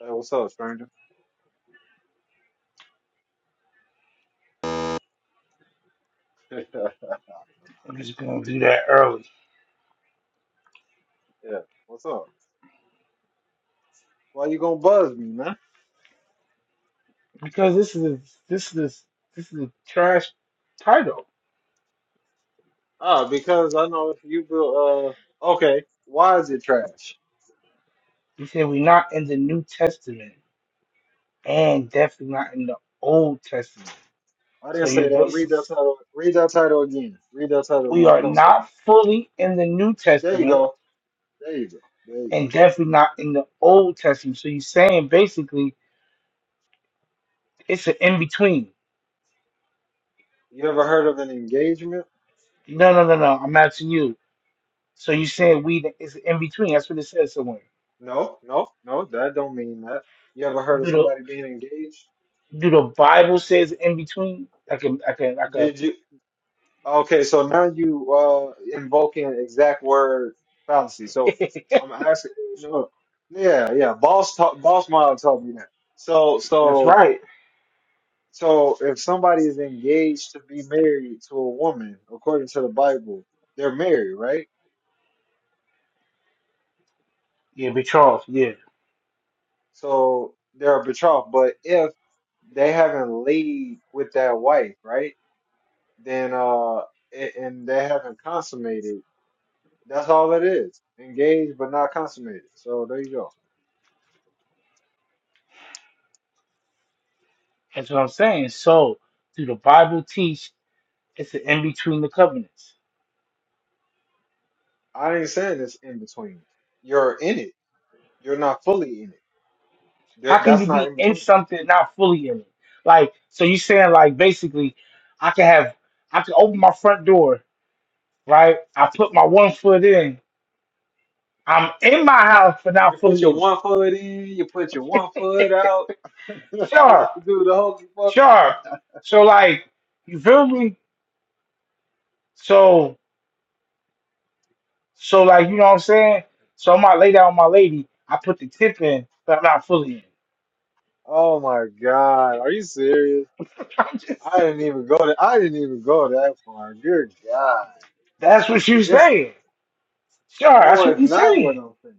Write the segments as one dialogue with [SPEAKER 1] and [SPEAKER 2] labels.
[SPEAKER 1] Hey, what's up, stranger? yeah,
[SPEAKER 2] I'm just gonna do that early
[SPEAKER 1] yeah. what's up? Why you gonna buzz me, man?
[SPEAKER 2] because this is a, this is a, this is a trash title.
[SPEAKER 1] Ah, because I know you will. Uh, okay. Why is it trash?
[SPEAKER 2] He said we're not in the New Testament and definitely not in the Old Testament.
[SPEAKER 1] I didn't
[SPEAKER 2] So
[SPEAKER 1] say
[SPEAKER 2] your
[SPEAKER 1] that. Read that
[SPEAKER 2] basis
[SPEAKER 1] title. Read that title again. Read that title
[SPEAKER 2] we
[SPEAKER 1] again.
[SPEAKER 2] are
[SPEAKER 1] Don't say that.
[SPEAKER 2] not fully in the New
[SPEAKER 1] There you
[SPEAKER 2] Testament
[SPEAKER 1] go. There you go. There you,
[SPEAKER 2] and definitely not in the Old Testament. So you're saying basically it's an in between.
[SPEAKER 1] you ever heard of an engagement?
[SPEAKER 2] No, no, no, no. I'm asking you. So you're saying we is in between. That's what it says somewhere.
[SPEAKER 1] No, no, no. That don't mean that. You ever heard of
[SPEAKER 2] Do
[SPEAKER 1] somebody
[SPEAKER 2] the
[SPEAKER 1] being engaged?
[SPEAKER 2] do the Bible says in between? Like a like a like a
[SPEAKER 1] Did you? Okay, so now you uh invoking an exact word fallacy. So I'm
[SPEAKER 2] That's
[SPEAKER 1] asking, no, yeah, yeah. Boss taught, boss mom taught me that. So, so,
[SPEAKER 2] right.
[SPEAKER 1] so if somebody is engaged to be married to a woman, according to the Bible, they're married, right?
[SPEAKER 2] Yeah, be Charles. Yeah,
[SPEAKER 1] So they're betrothed. But if they haven't laid with that wife, right? Then uh, a- and they haven't consummated. That's all it is. Engaged but not consummated. So there you go.
[SPEAKER 2] that's what I'm saying. So, do the Bible teach it's an in between the covenants?
[SPEAKER 1] I ain't saying it's in between. You're in it. You're not fully in it.
[SPEAKER 2] How
[SPEAKER 1] That,
[SPEAKER 2] can you
[SPEAKER 1] that's not
[SPEAKER 2] be
[SPEAKER 1] in
[SPEAKER 2] in
[SPEAKER 1] between.
[SPEAKER 2] something and not fully in it? Like, so you saying like basically, I can have I can open my front door, right? I put my one foot in. I'm in my house, but
[SPEAKER 1] You
[SPEAKER 2] not
[SPEAKER 1] put
[SPEAKER 2] fully
[SPEAKER 1] your
[SPEAKER 2] in
[SPEAKER 1] one foot in, you put your one
[SPEAKER 2] it.
[SPEAKER 1] foot out, do
[SPEAKER 2] Sure,
[SPEAKER 1] the hokey fuck.
[SPEAKER 2] sure. So like, you feel me? So So like you know what I'm saying? So I might lay down with my lady. I put the tip in, but I'm not fully in.
[SPEAKER 1] Oh my god, are you serious?
[SPEAKER 2] I'm just
[SPEAKER 1] I
[SPEAKER 2] saying.
[SPEAKER 1] didn't even go to, I didn't even go that far. Good god,
[SPEAKER 2] That's what she's
[SPEAKER 1] it's
[SPEAKER 2] saying. Sure,
[SPEAKER 1] no,
[SPEAKER 2] that's what
[SPEAKER 1] it's
[SPEAKER 2] he's
[SPEAKER 1] not what
[SPEAKER 2] saying.
[SPEAKER 1] I'm saying.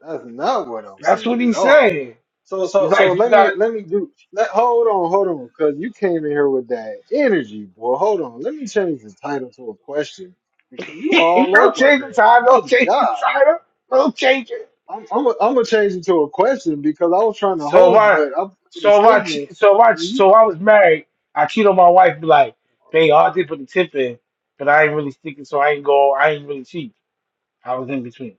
[SPEAKER 1] That's not what I'm
[SPEAKER 2] That's
[SPEAKER 1] saying
[SPEAKER 2] what
[SPEAKER 1] at
[SPEAKER 2] he's
[SPEAKER 1] all.
[SPEAKER 2] saying.
[SPEAKER 1] So
[SPEAKER 2] He's
[SPEAKER 1] so so
[SPEAKER 2] like, you
[SPEAKER 1] let me
[SPEAKER 2] got
[SPEAKER 1] let me do let hold on, hold on, cause you came in here with that energy, boy. Hold on. Let me change the title to a question. Because you all
[SPEAKER 2] don't
[SPEAKER 1] over my
[SPEAKER 2] change
[SPEAKER 1] girl.
[SPEAKER 2] the time, don't
[SPEAKER 1] Good
[SPEAKER 2] change the
[SPEAKER 1] God.
[SPEAKER 2] title, don't change it.
[SPEAKER 1] I'm I'm i I'm am going to change it to a question because I was trying to
[SPEAKER 2] So if
[SPEAKER 1] host,
[SPEAKER 2] I
[SPEAKER 1] but I made a
[SPEAKER 2] so if I che-
[SPEAKER 1] statement
[SPEAKER 2] so if I so if I was married, I cheat on my wife, be like, babe, I did put the tip in, but I ain't really sticking, so I ain't go I ain't really cheat. I was in between.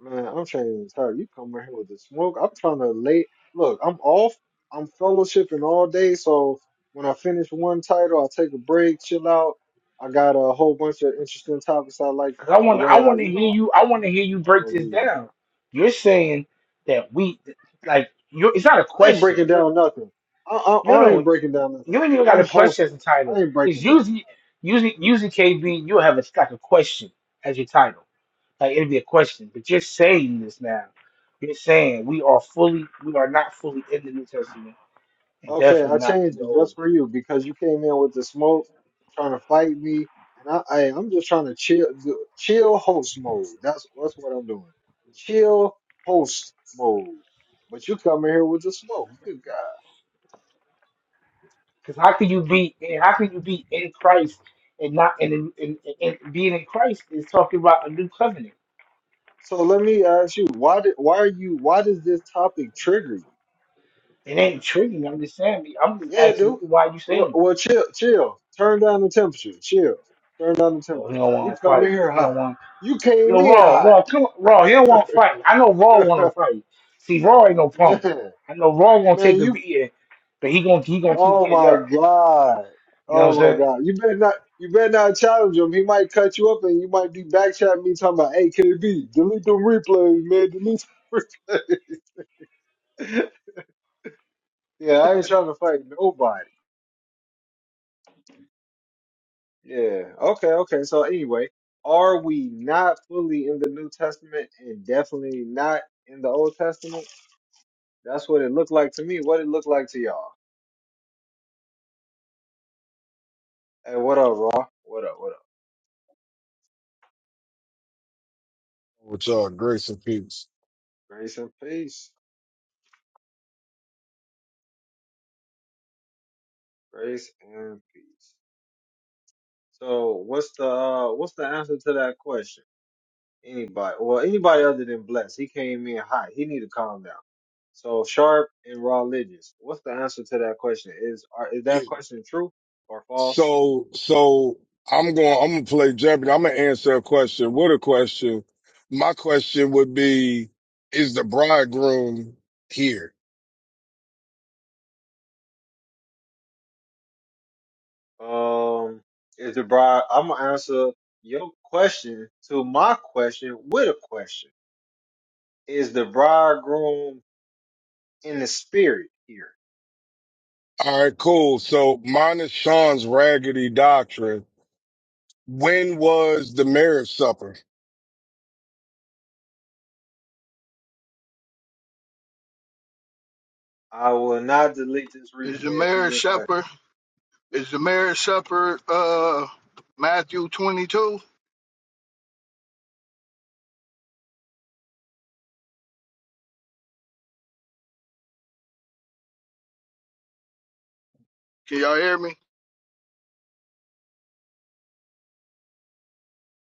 [SPEAKER 1] Man, I'm trying to tell you, come in here with the smoke. I'm trying to lay. Look, I'm off. I'm fellowshipping all day. So when I finish one title, I take a break, chill out. I got a whole bunch of interesting topics I like
[SPEAKER 2] Cause I
[SPEAKER 1] the
[SPEAKER 2] want
[SPEAKER 1] way
[SPEAKER 2] I
[SPEAKER 1] I,
[SPEAKER 2] want to
[SPEAKER 1] you
[SPEAKER 2] hear
[SPEAKER 1] know,
[SPEAKER 2] you. I want to hear you break
[SPEAKER 1] are
[SPEAKER 2] this
[SPEAKER 1] we
[SPEAKER 2] down.
[SPEAKER 1] not?
[SPEAKER 2] You're saying that we, like, you. It's not a
[SPEAKER 1] I ain't
[SPEAKER 2] question.
[SPEAKER 1] breaking
[SPEAKER 2] You're,
[SPEAKER 1] down nothing. I, I,
[SPEAKER 2] no,
[SPEAKER 1] I ain't
[SPEAKER 2] no.
[SPEAKER 1] breaking down nothing.
[SPEAKER 2] You ain't even got
[SPEAKER 1] I'm
[SPEAKER 2] a question as
[SPEAKER 1] hosting.
[SPEAKER 2] a
[SPEAKER 1] I
[SPEAKER 2] title.
[SPEAKER 1] ain't
[SPEAKER 2] Cause
[SPEAKER 1] breaking down.
[SPEAKER 2] usually, usually, usually, KB, you'll have a like a question as your title. Like it'll be a question. But you're saying this now. You're saying we are fully, we are not fully in the New Testament, and
[SPEAKER 1] Okay,
[SPEAKER 2] definitely
[SPEAKER 1] I
[SPEAKER 2] not in
[SPEAKER 1] changed
[SPEAKER 2] the
[SPEAKER 1] it
[SPEAKER 2] Old.
[SPEAKER 1] just for you because you came in with the smoke, trying to fight me, and I, I I'm just trying to chill, do, chill host mode. That's that's what I'm doing. Chill host mode. But you coming here with the smoke. Good God.
[SPEAKER 2] Cause how can you be, and how can you be in Christ and not in, in, in, in being in Christ is talking about a new covenant
[SPEAKER 1] So let me ask you, why did why are you why does this topic trigger you?
[SPEAKER 2] It ain't tricking. I'm just saying. I'm just
[SPEAKER 1] Yeah,
[SPEAKER 2] asking
[SPEAKER 1] dude.
[SPEAKER 2] you why you
[SPEAKER 1] Well,
[SPEAKER 2] saying it.
[SPEAKER 1] well, chill, chill. Turn down the temperature. Chill. Turn down the
[SPEAKER 2] Oh,
[SPEAKER 1] temperature.
[SPEAKER 2] he don't
[SPEAKER 1] You
[SPEAKER 2] want to
[SPEAKER 1] come in
[SPEAKER 2] fight.
[SPEAKER 1] here
[SPEAKER 2] He
[SPEAKER 1] hot.
[SPEAKER 2] don't want.
[SPEAKER 1] You came
[SPEAKER 2] Yo,
[SPEAKER 1] in
[SPEAKER 2] Raw,
[SPEAKER 1] hot,
[SPEAKER 2] Raw, come on, Raw. He don't want to fight. I know Raw want to fight. See, Raw ain't no punk.
[SPEAKER 1] man.
[SPEAKER 2] I know Raw gonna
[SPEAKER 1] Man,
[SPEAKER 2] take a
[SPEAKER 1] you
[SPEAKER 2] beating, but he gonna he gonna keep
[SPEAKER 1] Oh
[SPEAKER 2] getting
[SPEAKER 1] my
[SPEAKER 2] up.
[SPEAKER 1] god.
[SPEAKER 2] You know what I'm
[SPEAKER 1] Oh my
[SPEAKER 2] saying?
[SPEAKER 1] god. You better not you better not challenge him. He might cut you up and you might be back chatting me talking about hey KB, delete them replays, man. Delete them replays. yeah, I ain't trying to fight nobody. Yeah. Okay, okay. So anyway, are we not fully in the New Testament and definitely not in the Old Testament? That's what it looked like to me. What it looked like to y'all. Hey, what up, Raw? What up, what up?
[SPEAKER 3] with y'all. Grace and peace.
[SPEAKER 1] Grace and peace. Grace and peace. So what's the uh, what's the answer to that question? Anybody? Well, anybody other than Bless. He came in hot. He need to calm down. So sharp and religious. What's the answer to that question? Is are, is
[SPEAKER 3] Yeah,
[SPEAKER 1] that question true or false?
[SPEAKER 3] So, so I'm going. I'm gonna play Jeopardy. I'm gonna answer a question. What a question! My question would be: Is the bridegroom here?
[SPEAKER 1] Um, is the bride? I'm gonna answer your question to my question with a question. Is the bridegroom in the spirit here?
[SPEAKER 3] All right, cool. So, minus Sean's raggedy doctrine, when was the marriage supper?
[SPEAKER 1] I will not delete this
[SPEAKER 4] Is the
[SPEAKER 1] replay if you
[SPEAKER 4] marriage
[SPEAKER 1] request.
[SPEAKER 4] supper? Is the marriage supper? Uh, Matthew twenty-two. Can y'all hear me?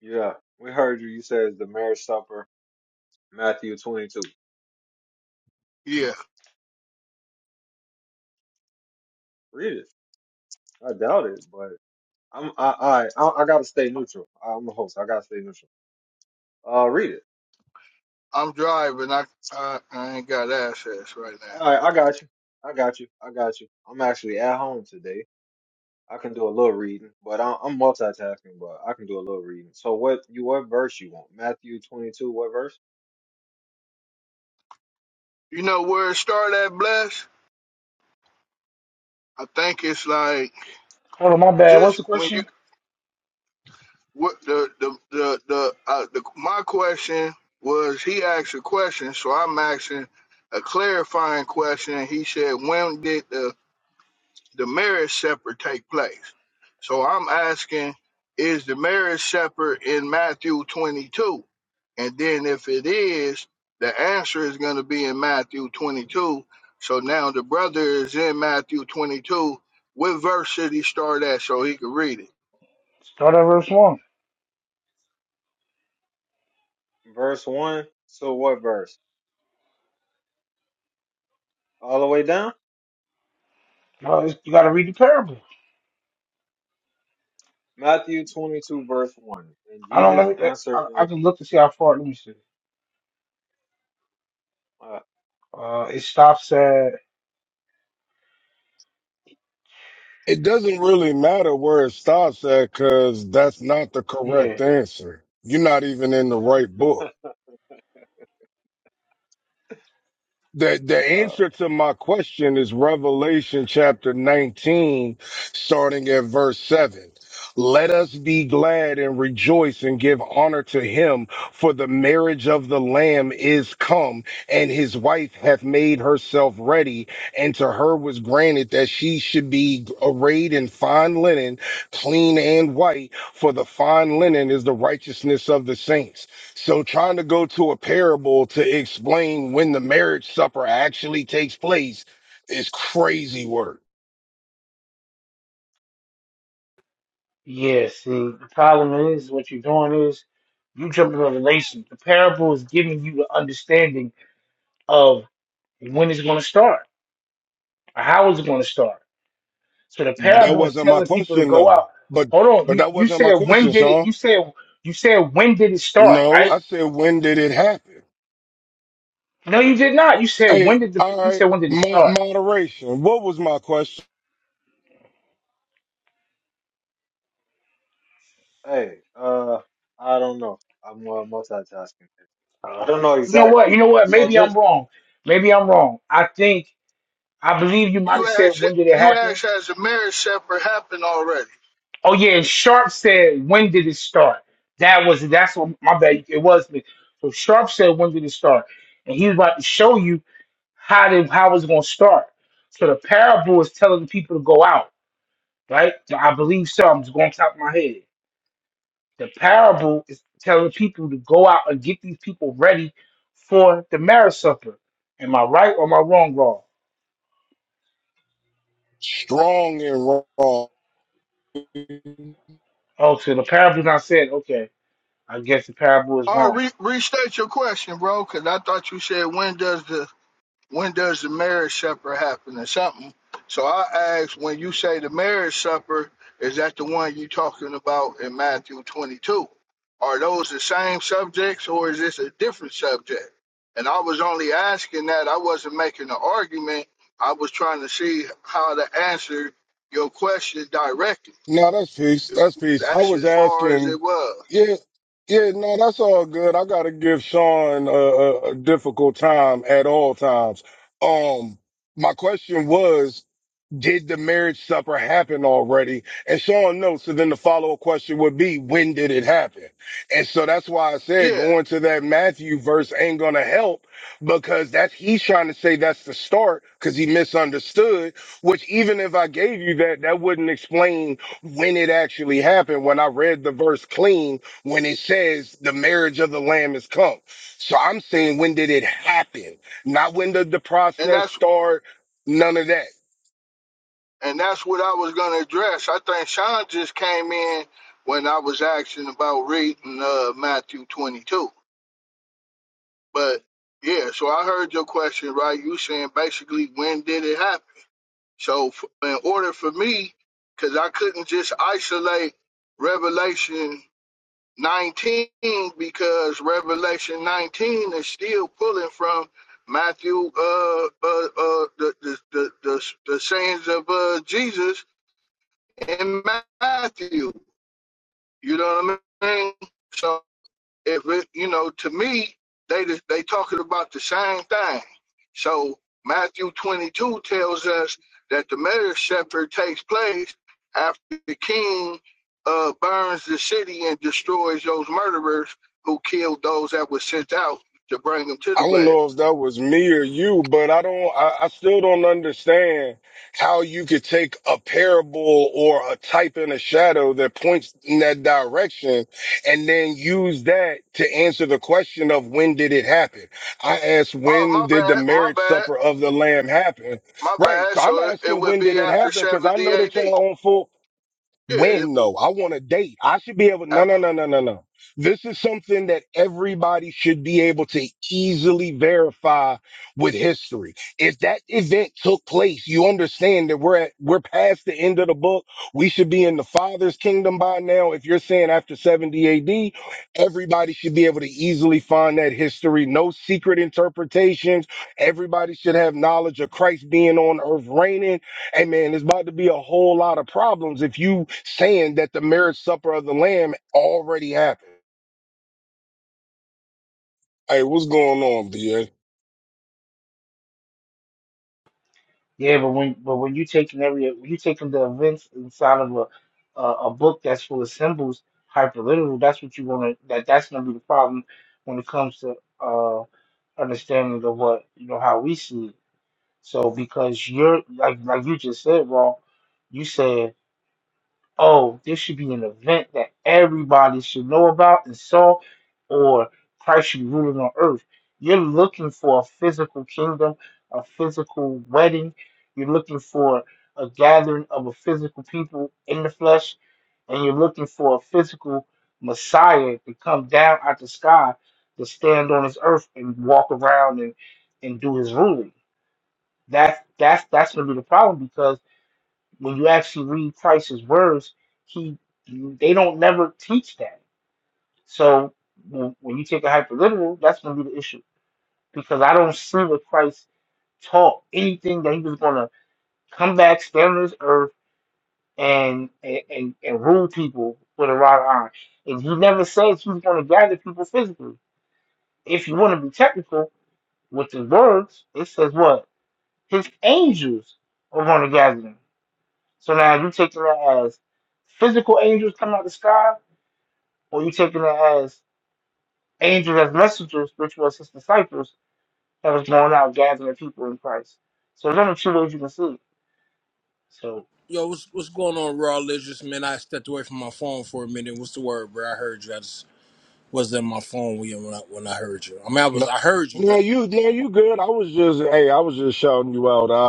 [SPEAKER 1] Yeah, we heard you. You said it's the marriage supper Matthew 22.
[SPEAKER 4] Yeah,
[SPEAKER 1] Read it. I doubt it, but I'm I I I, I gotta stay neutral. I'm the host. I gotta stay neutral. Uh, read it.
[SPEAKER 4] I'm driving. I I, I ain't got access right now.
[SPEAKER 1] All right, I got you. I got you. I got you. I'm actually at home today. I can do a little reading, but I'm, I'm multitasking. But I can do a little reading. So what you what verse you want? Matthew 22. What verse?
[SPEAKER 4] You know where it start at, bless? I think it's like
[SPEAKER 2] Hold on, my bad. What's
[SPEAKER 4] just
[SPEAKER 2] the
[SPEAKER 4] when you
[SPEAKER 2] question?
[SPEAKER 4] what the the the the, uh, the my question was he asked a question, so I'm asking a clarifying question. He said, "When did the the marriage supper take place. So I'm asking, is the marriage supper in Matthew 22? And then if it is, the answer is going to be in Matthew 22. So now the brother is in Matthew 22. What verse should he start at so he can read it?
[SPEAKER 2] Start at verse one.
[SPEAKER 1] Verse one. So what verse? All the way down.
[SPEAKER 2] No, it's- you gotta read the parable.
[SPEAKER 1] Matthew 22 verse one. And
[SPEAKER 2] I don't.
[SPEAKER 1] Jesus
[SPEAKER 2] Let
[SPEAKER 1] answered
[SPEAKER 2] I, I
[SPEAKER 1] and
[SPEAKER 2] can look to see how far. Let me see. Uh, it stops at
[SPEAKER 3] It doesn't really matter where it stops at, because that's not the
[SPEAKER 2] yeah.
[SPEAKER 3] correct answer. You're not even in the right book. The the
[SPEAKER 1] uh,
[SPEAKER 3] answer to my question is Revelation chapter 19, starting at verse 7. Let us be glad and rejoice and give honor to him, for the marriage of the Lamb is come, and his wife hath made herself ready. And to her was granted that she should be arrayed in fine linen, clean and white, for the fine linen is the righteousness of the saints. So trying to go to a parable to explain when the marriage supper actually takes place is crazy work.
[SPEAKER 2] Yeah, see, the problem is what you're doing is you jump in a relation. The parable is giving you the understanding of when it's going to start or how it's going to start. So the
[SPEAKER 3] But That
[SPEAKER 2] parable is
[SPEAKER 3] wasn't my
[SPEAKER 2] telling people to
[SPEAKER 3] question
[SPEAKER 2] go
[SPEAKER 3] though.
[SPEAKER 2] out.
[SPEAKER 3] But
[SPEAKER 2] Hold on,
[SPEAKER 3] but
[SPEAKER 2] you
[SPEAKER 3] that
[SPEAKER 2] you
[SPEAKER 3] wasn't my
[SPEAKER 2] said when
[SPEAKER 3] question,
[SPEAKER 2] did it?
[SPEAKER 3] Sean.
[SPEAKER 2] You said you said when did it start?
[SPEAKER 3] No,
[SPEAKER 2] Right?
[SPEAKER 3] I said when did it happen?
[SPEAKER 2] No, you did not. You said
[SPEAKER 3] Hey,
[SPEAKER 2] when did the?
[SPEAKER 3] all
[SPEAKER 2] You
[SPEAKER 3] right,
[SPEAKER 2] said when did it
[SPEAKER 3] mo-
[SPEAKER 2] start?
[SPEAKER 3] moderation. What was my question?
[SPEAKER 1] Hey, uh, I don't know. I'm uh, multitasking. I
[SPEAKER 2] Oh,
[SPEAKER 1] don't
[SPEAKER 2] okay.
[SPEAKER 1] know
[SPEAKER 2] You know what?
[SPEAKER 1] exactly.
[SPEAKER 2] You know what?
[SPEAKER 1] So
[SPEAKER 2] Maybe I'm
[SPEAKER 1] just
[SPEAKER 2] wrong. Maybe I'm wrong. I think I believe you might
[SPEAKER 4] You
[SPEAKER 2] have said
[SPEAKER 4] asked,
[SPEAKER 2] when did it
[SPEAKER 4] you
[SPEAKER 2] happen
[SPEAKER 4] asked, has the marriage supper happened already?
[SPEAKER 2] Oh yeah, Sharp said when did it start? That was that's what my bad. It was me. So Sharp said when did it start? And he was about to show you how to how it's going to start. So the parable is telling the people to go out, right? So I believe so. I'm just going top of my head. The parable is telling people to go out and get these people ready for the marriage supper. Am I right or am I wrong, wrong?
[SPEAKER 3] Strong and wrong.
[SPEAKER 2] Oh, so the parable's not said. Okay, I guess the parable is
[SPEAKER 4] Or
[SPEAKER 2] wrong.
[SPEAKER 4] re- restate your question, bro, because I thought you said, when does the when does the marriage supper happen or something. So I asked, when you say the marriage supper, is that the one you talking about in Matthew 22? Are those the same subjects or is this a different subject? And I was only asking that. I wasn't making an argument. I was trying to see how to answer your question directly.
[SPEAKER 3] No, that's peace. That's peace. I
[SPEAKER 4] That's
[SPEAKER 3] was
[SPEAKER 4] as far as it
[SPEAKER 3] asking,
[SPEAKER 4] was.
[SPEAKER 3] yeah, yeah, no, that's all good. I gotta give Sean a, a, a difficult time at all times. Um, my question was, did the marriage supper happen already? And Sean knows. So then the follow up question would be, when did it happen? And so that's why I said
[SPEAKER 4] Yeah.
[SPEAKER 3] going to that Matthew verse ain't going to help because that's he's trying to say that's the start because he misunderstood, which even if I gave you that, that wouldn't explain when it actually happened. When I read the verse clean, when it says the marriage of the lamb is come. So I'm saying, when did it happen? Not when did the
[SPEAKER 4] And
[SPEAKER 3] process
[SPEAKER 4] that's
[SPEAKER 3] start? None of that.
[SPEAKER 4] and that's what I was gonna address. I think Sean just came in when I was asking about reading uh, Matthew 22. But yeah, so I heard your question, right? You saying basically when did it happen? So f- in order for me, because I couldn't just isolate Revelation 19 because Revelation 19 is still pulling from Matthew, uh, uh, uh, the, the, the, the, the sayings of uh, Jesus in Matthew. You know what I mean? So if it, you know, to me, they they talking about the same thing. So Matthew 22 tells us that the marriage supper takes place after the king uh, burns the city and destroys those murderers who killed those that were sent out to bring them to
[SPEAKER 3] I
[SPEAKER 4] the
[SPEAKER 3] don't
[SPEAKER 4] wedding.
[SPEAKER 3] know if that was me or you, but I don't, I, I still don't understand how you could take a parable or a type in a shadow that points in that direction and then use that to answer the question of when did it happen? I asked,
[SPEAKER 4] Oh,
[SPEAKER 3] when
[SPEAKER 4] my
[SPEAKER 3] did the
[SPEAKER 4] bad, my
[SPEAKER 3] marriage
[SPEAKER 4] bad,
[SPEAKER 3] supper of the lamb happen?
[SPEAKER 4] my
[SPEAKER 3] Right.
[SPEAKER 4] bad.
[SPEAKER 3] So I'm
[SPEAKER 4] So it, it
[SPEAKER 3] asking,
[SPEAKER 4] would
[SPEAKER 3] when did
[SPEAKER 4] be
[SPEAKER 3] it
[SPEAKER 4] after
[SPEAKER 3] happen? Cause
[SPEAKER 4] 70
[SPEAKER 3] I know that
[SPEAKER 4] AD. Yeah,
[SPEAKER 3] y'all on full
[SPEAKER 4] it'd
[SPEAKER 3] when
[SPEAKER 4] be
[SPEAKER 3] though? I want to date. I should be able. No, no, no, no, no, no. This is something that everybody should be able to easily verify with history. If that event took place, you understand that we're at, we're past the end of the book. We should be in the Father's kingdom by now. If you're saying after 70 AD, everybody should be able to easily find that history. No secret interpretations. Everybody should have knowledge of Christ being on earth reigning Hey man, there's about to be a whole lot of problems if you saying that the marriage supper of the lamb already happened. Hey, what's going on, VA?
[SPEAKER 2] Yeah, but when but when you taking every when you taking the events inside of a a, a book that's full of symbols, hyperliteral, that's what you wanna that that's gonna be the problem when it comes to uh understanding of what you know how we see it. So because you're like like you just said, Ron, you said oh, this should be an event that everybody should know about and saw, or Christ should be ruling on earth. You're looking for a physical kingdom, a physical wedding. You're looking for a gathering of a physical people in the flesh, and you're looking for a physical Messiah to come down out the sky to stand on this earth and walk around and, and do his ruling. That's that's that's gonna be the problem because when you actually read Price's words, he they don't never teach that. So when, when you take a hyperliteral, that's going to be the issue because I don't see that Christ taught anything that he was going to come back, stand on this earth, and and and rule people with a rod of iron. And he never says he's going to gather people physically. If you want to be technical with his words, it says what his angels are going to gather them. So now you taking it as physical angels coming out the sky, or you taking it as angels as messengers, which was his disciples that was going out gathering people in Christ. So there's only two ways you can see. it. So
[SPEAKER 5] Yo, what's what's going on, Raw Legends? Man, I stepped away from my phone for a minute. What's the word, bro? I heard you. I just wasn't on my phone when you when I, when I heard you. I mean, I was
[SPEAKER 3] No,
[SPEAKER 5] I heard you, but
[SPEAKER 3] no,
[SPEAKER 5] I,
[SPEAKER 3] you, no, you good. I was just, hey, I was just shouting you out. I,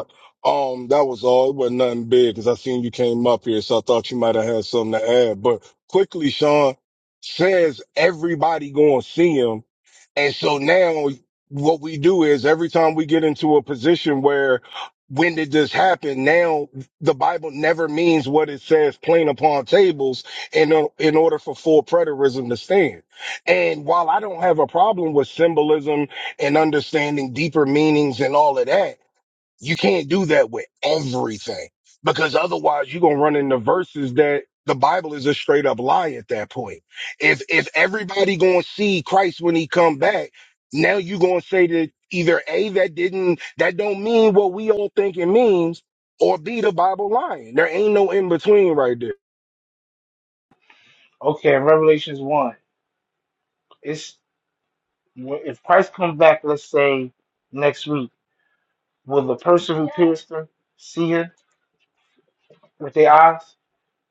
[SPEAKER 3] um, that was all. It wasn't nothing big because I seen you came up here, so I thought you might have had something to add. But quickly, Sean says everybody going to see him, and so now what we do is every time we get into a position where when did this happen? Now the Bible never means what it says plain upon tables in in order for full preterism to stand. And while I don't have a problem with symbolism and understanding deeper meanings and all of that, you can't do that with everything because otherwise you're going to run into verses that the Bible is a straight up lie at that point. If, if everybody going to see Christ when he come back, now you're going to say that either A, that didn't, that don't mean what we all think it means or B, the Bible lying. There ain't no in between right there.
[SPEAKER 2] okay, in Revelations one, it's if Christ comes back, let's say next week, will the person who pierced him see him with their eyes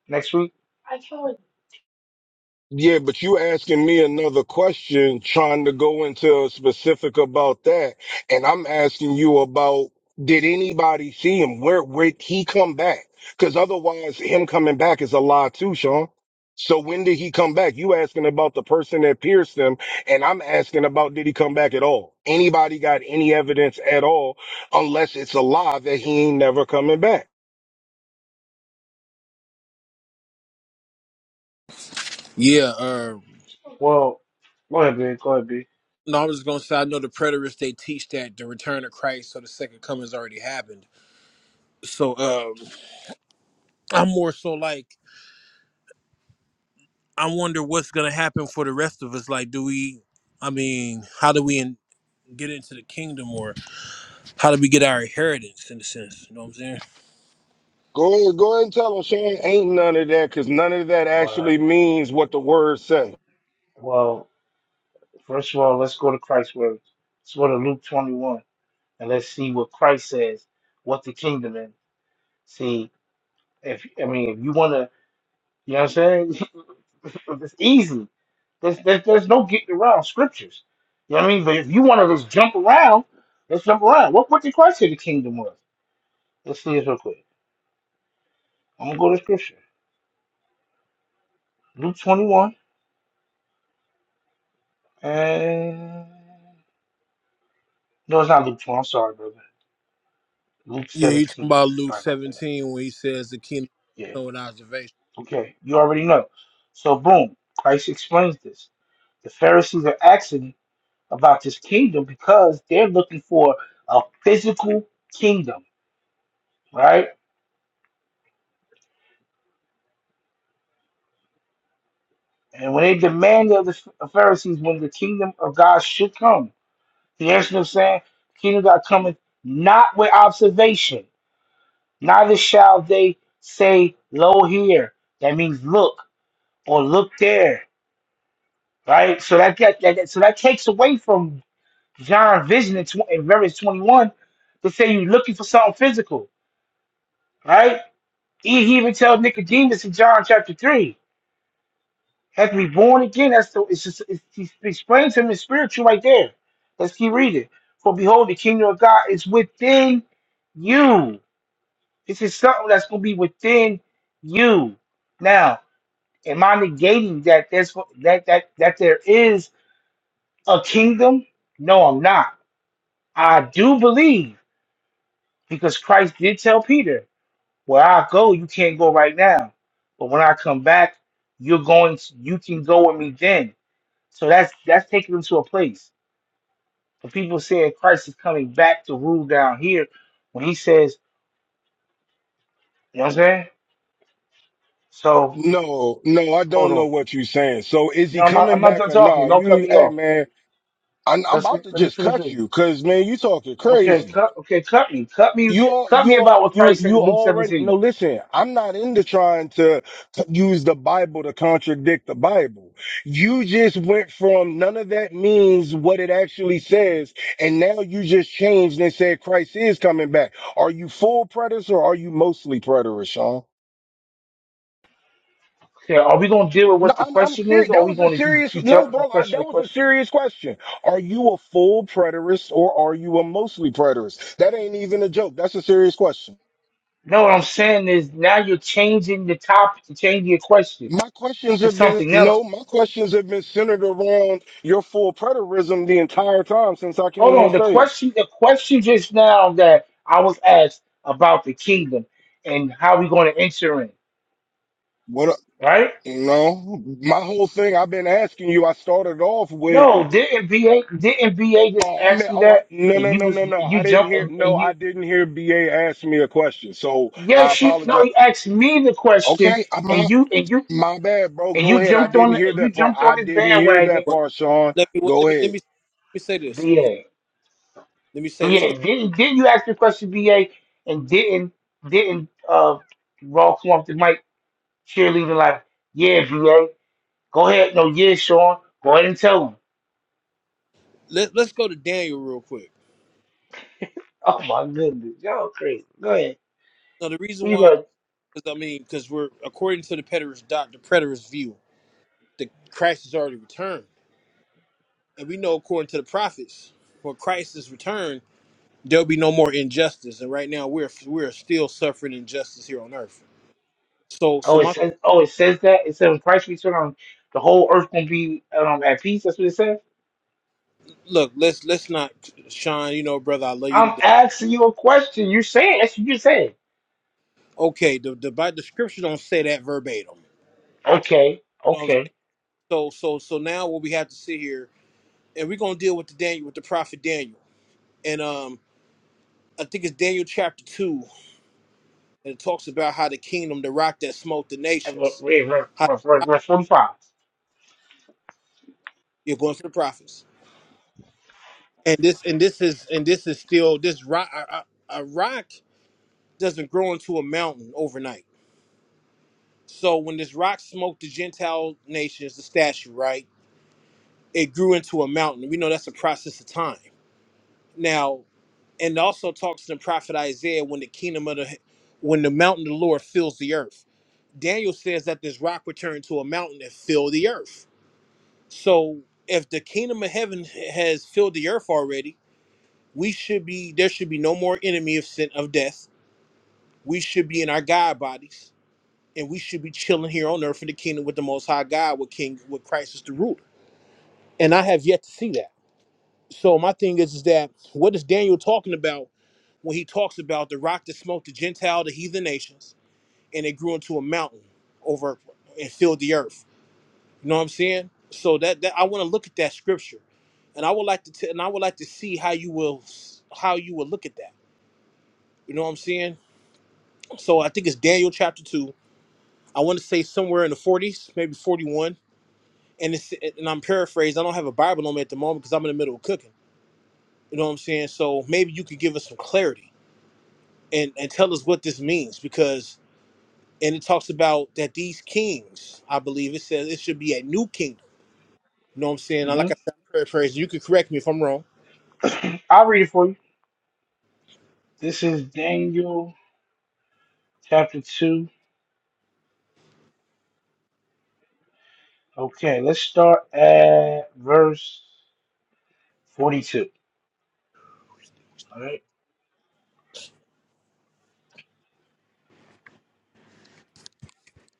[SPEAKER 2] next week?
[SPEAKER 3] Yeah, but you asking me another question, trying to go into a specific about that, and I'm asking you about did anybody see him? Where where he come back? Because otherwise, him coming back is a lie too, Sean. So when did he come back? You asking about the person that pierced him, and I'm asking about did he come back at all? Anybody got any evidence at all? Unless it's a lie that he ain't never coming back.
[SPEAKER 5] yeah. Uh,
[SPEAKER 2] Well, go ahead, B. Go ahead, B.
[SPEAKER 5] no, I was just gonna say I know the preterists they teach that the return of Christ, so the second coming's already happened. So um, I'm more so like I wonder what's gonna happen for the rest of us. Like, do we? I mean, how do we in, get into the kingdom, or how do we get our inheritance in a sense? You know what I'm saying?
[SPEAKER 3] Go ahead, go ahead and tell them, Shane. Ain't none of that, because none of that actually
[SPEAKER 2] Well,
[SPEAKER 3] means what the word say.
[SPEAKER 2] well, first of all, let's go to Christ's words. Let's go to Luke 21. and let's see what Christ says, what the kingdom is. See, if I mean, if you want to, you know what I'm saying? it's easy. There's, there's, there's no getting around scriptures. You know what I mean? But if you want to just jump around, let's jump around. What, what did Christ say the kingdom was? Let's see this real quick. I'm going to go to scripture. Luke 21. And no, it's not Luke 21. I'm sorry, brother. Luke
[SPEAKER 5] Yeah, you talking
[SPEAKER 2] 17.
[SPEAKER 5] about Luke
[SPEAKER 2] Sorry about that.
[SPEAKER 5] 17 when he says the kingdom
[SPEAKER 2] Yeah.
[SPEAKER 5] is an observation.
[SPEAKER 2] Okay. You already know. So, boom. Christ explains this. The Pharisees are asking about this kingdom because they're looking for a physical kingdom, right? And when they demanded of the Pharisees when the kingdom of God should come, the answer them saying, the kingdom of God cometh not with observation, neither shall they say, Lo here. That means look or look there, right? So that, that, that that- so that takes away from John's vision in, tw- in verse 21 to say you're looking for something physical, right? He, he even tells Nicodemus in John chapter 3, have to be born again. That's the, it's just, it's, he explains him in spiritual right there. Let's keep reading. For behold, the kingdom of God is within you. This is something that's going to be within you. Now, am I negating that there's that that that there is a kingdom? No, I'm not. I do believe because Christ did tell Peter. Where I go, you can't go right now. But when I come back, you're going to, you can go with me then. So that's that's taking them to a place. But people saying Christ is coming back to rule down here when he says, you know what I'm saying? So
[SPEAKER 3] No, no, I
[SPEAKER 2] hold
[SPEAKER 3] don't know
[SPEAKER 2] on.
[SPEAKER 3] what you're saying. So is
[SPEAKER 2] No,
[SPEAKER 3] he
[SPEAKER 2] I'm not,
[SPEAKER 3] coming
[SPEAKER 2] I'm not
[SPEAKER 3] back
[SPEAKER 2] done
[SPEAKER 3] or
[SPEAKER 2] talking.
[SPEAKER 3] not?
[SPEAKER 2] Don't cut
[SPEAKER 3] You,
[SPEAKER 2] me
[SPEAKER 3] hey
[SPEAKER 2] off.
[SPEAKER 3] man, I'm, I'm
[SPEAKER 2] Let's
[SPEAKER 3] about to
[SPEAKER 2] let me
[SPEAKER 3] just
[SPEAKER 2] finish
[SPEAKER 3] cut
[SPEAKER 2] reading.
[SPEAKER 3] you, cause man, you talking
[SPEAKER 2] Okay,
[SPEAKER 3] crazy.
[SPEAKER 2] cut okay, cut me. Cut me
[SPEAKER 3] You all,
[SPEAKER 2] cut
[SPEAKER 3] you
[SPEAKER 2] me
[SPEAKER 3] all,
[SPEAKER 2] about what
[SPEAKER 3] you
[SPEAKER 2] Christ said
[SPEAKER 3] you
[SPEAKER 2] in Luke
[SPEAKER 3] already
[SPEAKER 2] 17.
[SPEAKER 3] no. Listen, I'm not into trying to c- use the Bible to contradict the Bible. You just went from none of that means what it actually says, and now you just changed and said Christ is coming back. Are you full preterist or are you mostly preterist, Sean?
[SPEAKER 2] Okay, are we gonna deal with
[SPEAKER 3] No,
[SPEAKER 2] what the
[SPEAKER 3] I'm I'm
[SPEAKER 2] question is
[SPEAKER 3] serious.
[SPEAKER 2] or are
[SPEAKER 3] That
[SPEAKER 2] we
[SPEAKER 3] was a
[SPEAKER 2] gonna keep,
[SPEAKER 3] serious
[SPEAKER 2] keep
[SPEAKER 3] no,
[SPEAKER 2] jumping from
[SPEAKER 3] bro. I,
[SPEAKER 2] question
[SPEAKER 3] that
[SPEAKER 2] to
[SPEAKER 3] was a
[SPEAKER 2] question?
[SPEAKER 3] serious question. Are you a full preterist or are you a mostly preterist? That ain't even a joke. That's a serious question.
[SPEAKER 2] No, what I'm saying is now you're changing the topic to changing your question
[SPEAKER 3] My questions
[SPEAKER 2] to
[SPEAKER 3] have been
[SPEAKER 2] something else.
[SPEAKER 3] no, my questions have been centered around your full preterism the entire time since I came
[SPEAKER 2] Hold
[SPEAKER 3] on
[SPEAKER 2] on, the
[SPEAKER 3] stage.
[SPEAKER 2] question the question just now that I was asked about the kingdom and how we going to enter in,
[SPEAKER 3] What
[SPEAKER 2] right?
[SPEAKER 3] a- you know, my whole thing I've been asking you. I started off with,
[SPEAKER 2] No, didn't BA didn't BA just
[SPEAKER 3] oh, I
[SPEAKER 2] ask
[SPEAKER 3] meant,
[SPEAKER 2] me
[SPEAKER 3] oh, I,
[SPEAKER 2] that
[SPEAKER 3] no,
[SPEAKER 2] and
[SPEAKER 3] no,
[SPEAKER 2] you
[SPEAKER 3] no,
[SPEAKER 2] was
[SPEAKER 3] no, no,
[SPEAKER 2] you
[SPEAKER 3] I didn't
[SPEAKER 2] jumped
[SPEAKER 3] hear,
[SPEAKER 2] and,
[SPEAKER 3] no,
[SPEAKER 2] and
[SPEAKER 3] I
[SPEAKER 2] you
[SPEAKER 3] didn't hear BA ask me a question, so I
[SPEAKER 2] yes you no
[SPEAKER 3] apologize.
[SPEAKER 2] he asked me the question
[SPEAKER 3] Okay, I, my
[SPEAKER 2] and you and you
[SPEAKER 3] my bad, bro.
[SPEAKER 2] and
[SPEAKER 3] Go
[SPEAKER 2] you
[SPEAKER 3] ahead. I
[SPEAKER 2] jumped on
[SPEAKER 3] didn't
[SPEAKER 2] the,
[SPEAKER 3] hear
[SPEAKER 2] and you
[SPEAKER 3] that part.
[SPEAKER 2] jumped
[SPEAKER 3] I
[SPEAKER 2] on this
[SPEAKER 3] didn't hear
[SPEAKER 2] bandwagon
[SPEAKER 3] that
[SPEAKER 5] Well,
[SPEAKER 3] part, Sean.
[SPEAKER 5] let me well,
[SPEAKER 3] Go
[SPEAKER 5] let me let
[SPEAKER 3] ahead.
[SPEAKER 5] me let me say this because
[SPEAKER 2] BA.
[SPEAKER 5] let me say this.
[SPEAKER 2] Yeah, didn't didn't you ask the question, BA, and didn't didn't uh Raw come off the mic cheerleading like, yeah, BA, go ahead, no, yeah, Sean, go ahead and tell him.
[SPEAKER 5] Let Let's go to Daniel real quick.
[SPEAKER 2] Oh my goodness, y'all crazy. Go ahead.
[SPEAKER 5] Now the reason
[SPEAKER 2] Who you
[SPEAKER 5] why,
[SPEAKER 2] gonna?
[SPEAKER 5] because I mean, because we're according to the preterist doc, the preterist view, the Christ has already returned, and we know according to the prophets, when Christ is returned, there'll be no more injustice. And right now, we're we're still suffering injustice here on earth. So, so
[SPEAKER 2] Oh, it
[SPEAKER 5] my
[SPEAKER 2] says oh it says that it says when Christ returns, the whole earth gonna be um at peace. That's what it says.
[SPEAKER 5] look, let's let's not, Sean. You know, brother, I love you today.
[SPEAKER 2] I'm asking you a question. You're saying that's what you're saying.
[SPEAKER 5] Okay, the the, Bi- the scripture don't say that verbatim.
[SPEAKER 2] Okay,
[SPEAKER 5] You know what I'm
[SPEAKER 2] okay.
[SPEAKER 5] saying? So so so now what we have to see here, and we're gonna deal with the Daniel with the prophet Daniel. And um I think it's Daniel chapter two, and it talks about how the kingdom, the rock that smote the
[SPEAKER 2] I- Read
[SPEAKER 5] nations,
[SPEAKER 2] read-
[SPEAKER 5] how
[SPEAKER 2] read- read- read 45.
[SPEAKER 5] you're going to the prophets. And this and this is and this is still this rock a, a a rock doesn't grow into a mountain overnight. So when this rock smoked the Gentile nations, the statue, right? It grew into a mountain. We know that's a process of time. Now and also talks to the prophet Isaiah when the kingdom of the when the mountain of the Lord fills the earth. Daniel says that this rock will turn to a mountain and fill the earth. So if the kingdom of heaven has filled the earth already, we should be there should be no more enemy of sin of death. We should be in our God bodies and we should be chilling here on earth in the kingdom with the most high God with King with Christ as the ruler. And I have yet to see that. So my thing is, is that what is Daniel talking about when he talks about the rock that smote the Gentile, the heathen nations, and it grew into a mountain over and filled the earth. You know what I'm saying? So that, that I want to look at that scripture, and I would like to t- and I would like to see how you will how you will look at that. You know what I'm saying? So I think it's Daniel chapter two. I want to say somewhere in the 40s, maybe 41, and it's and I'm paraphrased. I don't have a Bible on me at the moment because I'm in the middle of cooking. You know what I'm saying? So maybe you could give us some clarity and and tell us what this means because and it talks about that these kings, I believe it says it should be a new kingdom. You know what I'm saying? Now, Like I said, I'm paraphrasing. You can correct me if I'm wrong.
[SPEAKER 2] Mm-hmm. I'll read it for you. This is Daniel chapter 2. Okay, let's start at verse 42. All right,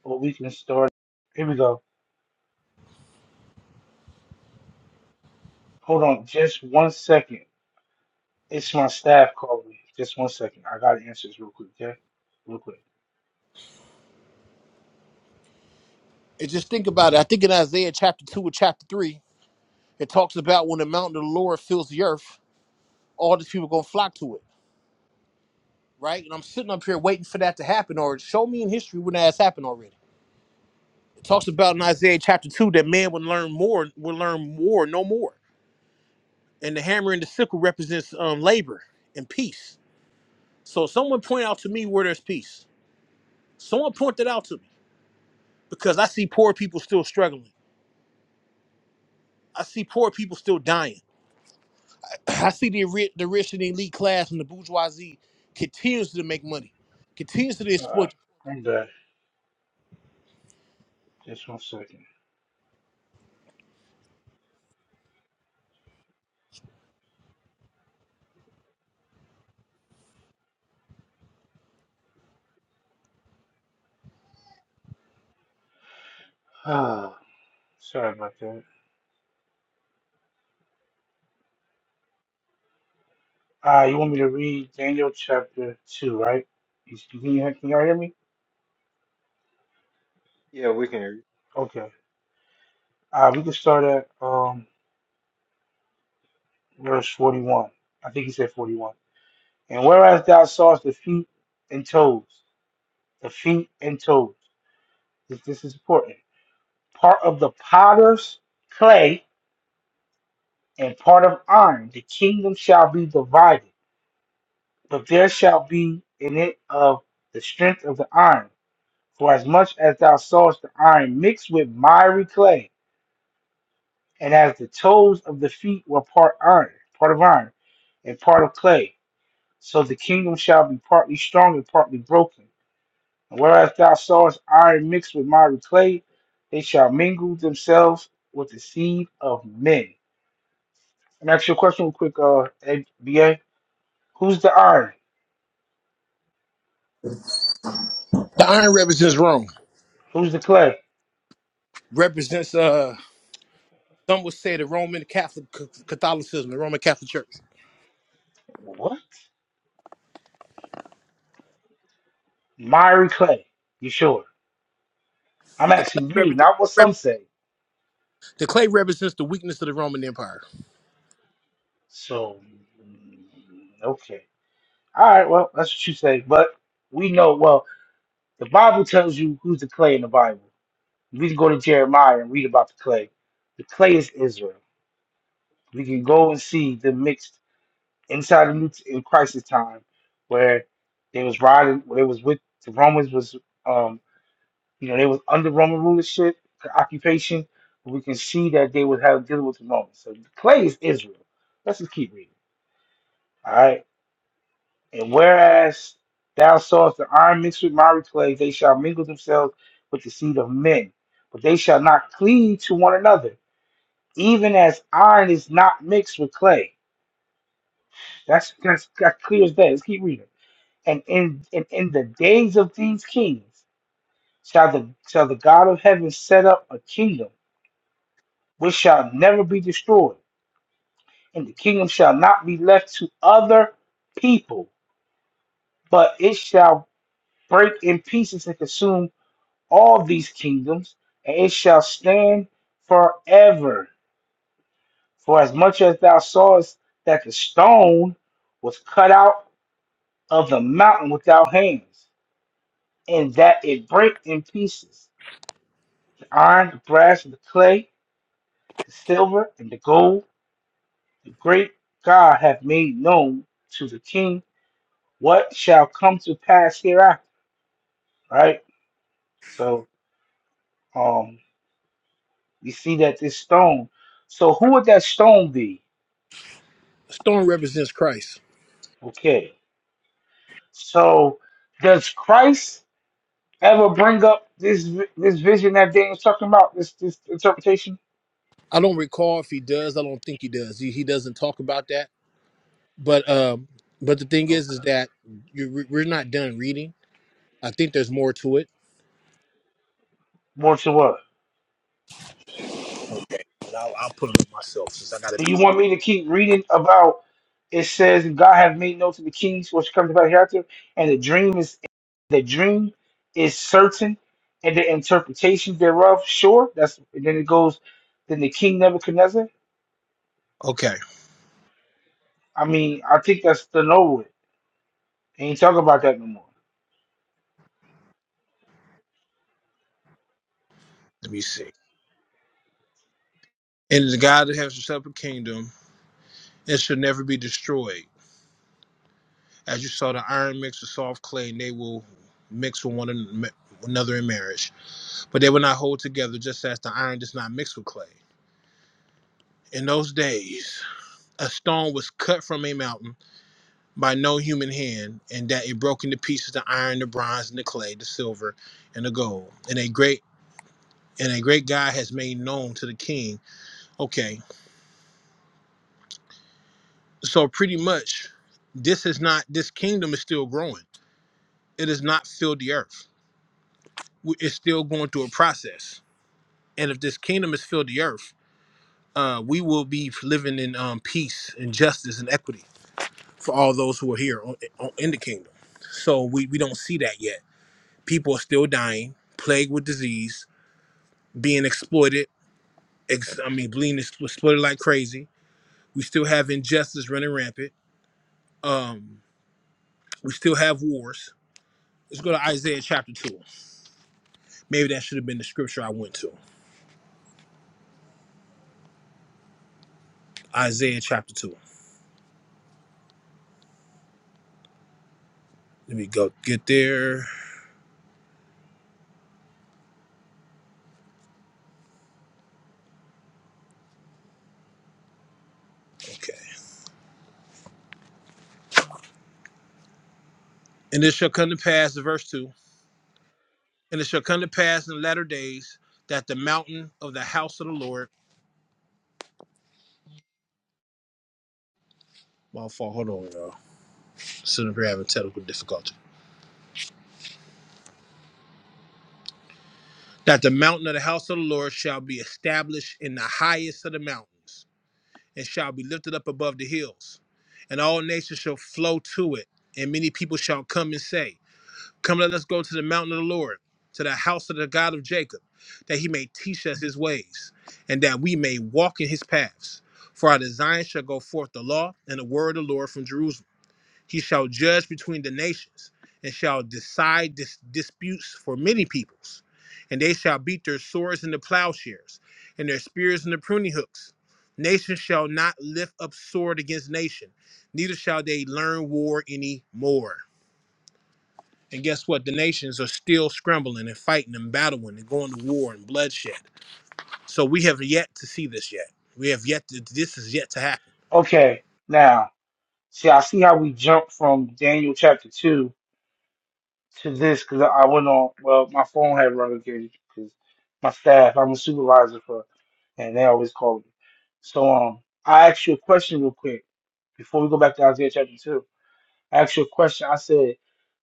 [SPEAKER 2] or we can start. Here we go. Hold on just one second. It's my staff calling me. Just one second. I got to answer this real quick, okay? Real quick.
[SPEAKER 5] And just think about it. I think in Isaiah chapter two or chapter three, it talks about when the mountain of the Lord fills the earth, all these people gonna flock to it, right? And I'm sitting up here waiting for that to happen, or show me in history when that has happened already. It talks about in Isaiah chapter two that man would learn more, would learn more, no more. And the hammer and the sickle represents um, labor and peace. So someone point out to me where there's peace. Someone point that out to me because I see poor people still struggling. I see poor people still dying. I see the, ri- the rich and elite class and the bourgeoisie continues to make money, continues to
[SPEAKER 2] All
[SPEAKER 5] exploit
[SPEAKER 2] right,
[SPEAKER 5] the
[SPEAKER 2] I'm back. Just one second. Ah, sorry about that. Ah, you want me to read Daniel chapter 2, right? You- Can you, can y'all hear me?
[SPEAKER 1] yeah, we can hear you.
[SPEAKER 2] Okay. Ah, we can start at um verse 41. I think he said 41. And whereas thou sawest the feet and toes, the feet and toes, this, this is important, part of the potter's clay and part of iron, the kingdom shall be divided. But there shall be in it of the strength of the iron. For as much as thou sawest the iron mixed with miry clay, and as the toes of the feet were part iron, part of iron, and part of clay, so the kingdom shall be partly strong and partly broken. And whereas thou sawest iron mixed with miry clay, they shall mingle themselves with the seed of men. I'm ask you a question real quick, uh, Ed- BA. Who's the iron?
[SPEAKER 5] poor people. The iron represents Rome,
[SPEAKER 2] Who's the clay?
[SPEAKER 5] represents, uh, some would say, the Roman Catholic Catholicism, the Roman Catholic Church.
[SPEAKER 2] What? Miry clay. You sure? I'm
[SPEAKER 5] The clay,
[SPEAKER 2] asking you,
[SPEAKER 5] represents
[SPEAKER 2] not what some say.
[SPEAKER 5] the clay represents the weakness of the Roman Empire.
[SPEAKER 2] So, mm, okay. All right, well, that's what you say. But we know, well, the Bible tells you who's the clay in the Bible. We can go to Jeremiah and read about the clay. The clay is Israel. We can go and see the mixed inside of New in crisis time where they was riding where they was with the Romans was um you know they was under Roman rulership occupation we can see that they would have dealing with the Romans so clay is Israel let's just keep reading all right and whereas thou sawest the iron mixed with miry clay they shall mingle themselves with the seed of men but they shall not cleave to one another even as iron is not mixed with clay that's that's, that's clear as day let's keep reading And in and in the days of these kings shall the shall the God of heaven set up a kingdom which shall never be destroyed, and the kingdom shall not be left to other people, but it shall break in pieces and consume all these kingdoms, and it shall stand forever. For as much as thou sawest that the stone was cut out of the mountain without hands, and that it brake in pieces iron, the brass, and the clay, the silver, and the gold, the great God hath made known to the king what shall come to pass hereafter. Right? So um we see that this stone. So who would that stone be?
[SPEAKER 5] The stone represents Christ.
[SPEAKER 2] Okay. So does Christ ever bring up this vi- this vision that Daniel's talking about, this this interpretation?
[SPEAKER 5] I don't recall if he does. I don't think he does. He, he doesn't talk about that but um but the thing is is
[SPEAKER 2] Okay.
[SPEAKER 5] that you we- are not done reading i think there's more to it
[SPEAKER 2] More to what?
[SPEAKER 5] Okay, but I'll, I'll put it up myself since I gotta
[SPEAKER 2] Do
[SPEAKER 5] be
[SPEAKER 2] you
[SPEAKER 5] the
[SPEAKER 2] want me to keep reading about it says God have made known to the kings which comes about hereafter, and the dream is the dream is certain, and the interpretation thereof sure. That's and then it goes. Then the king Nebuchadnezzar.
[SPEAKER 5] Okay,
[SPEAKER 2] I mean, I think that's the Norwood. Ain't talk about that no more.
[SPEAKER 5] let me see. And the God that has set up a kingdom, it should never be destroyed. As you saw, the iron mixed with soft clay, and they will mix with one an- another in marriage. But they will not hold together, just as the iron does not mix with clay. In those days, a stone was cut from a mountain by no human hand, and that it broke into pieces the iron, the bronze, and the clay, the silver, and the gold. And a great and a great God has made known to the king. Okay, so pretty much, this is not this kingdom is still growing. It has not filled the earth. We- It's still going through a process. And if this kingdom has filled the earth, uh, we will be living in um, peace and justice and equity for all those who are here on, on, in the kingdom. So we, we don't see that yet. People are still dying, plagued with disease, being exploited. Ex- I mean, being ex- exploited like crazy. We still have injustice running rampant. Um, we still have wars. Let's go to Isaiah chapter two. Maybe that should have been the scripture I went to. Isaiah chapter two. Let me go get there. Okay. And it shall come to pass, verse two. And it shall come to pass in the latter days that the mountain of the house of the Lord. My fault. Hold on, y'all. Sitting up here having technical difficulty. That the mountain of the house of the Lord shall be established in the highest of the mountains and shall be lifted up above the hills, and all nations shall flow to it, and many people shall come and say, Come, let us go to the mountain of the Lord, to the house of the God of Jacob, that he may teach us his ways, and that we may walk in his paths. For out of Zion shall go forth the law and the word of the Lord from Jerusalem. He shall judge between the nations and shall decide dis- disputes for many peoples. And they shall beat their swords into plowshares and their spears into pruning hooks. Nation shall not lift up sword against nation, neither shall they learn war any more. And guess what? The nations are still scrambling and fighting and battling and going to war and bloodshed. So we have yet to see this yet. We have yet to, this is yet to happen.
[SPEAKER 2] Okay, now see, I see how we jump from Daniel chapter two to this because I went on. Well, my phone had run again because my staff. I'm a supervisor for, and they always call me. So um, I asked you a question real quick before we go back to Isaiah chapter two. I asked you a question. I said,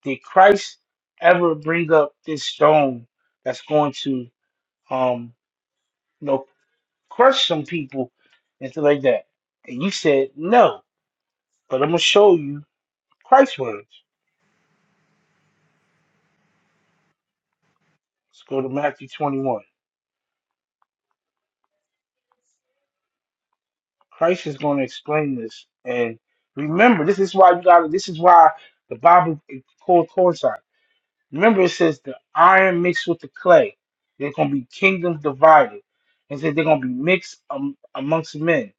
[SPEAKER 2] did Christ ever bring up this stone that's going to um, you know, crush some people and stuff like that? And you said no, but I'm gonna show you Christ's words. Let's go to Matthew 21. Christ is going to explain this. And remember, this is why you got to this is why the Bible is called coincide. Remember, it says the iron mixed with the clay. They're going to be kingdoms divided. And said they're going to be mixed um, amongst men.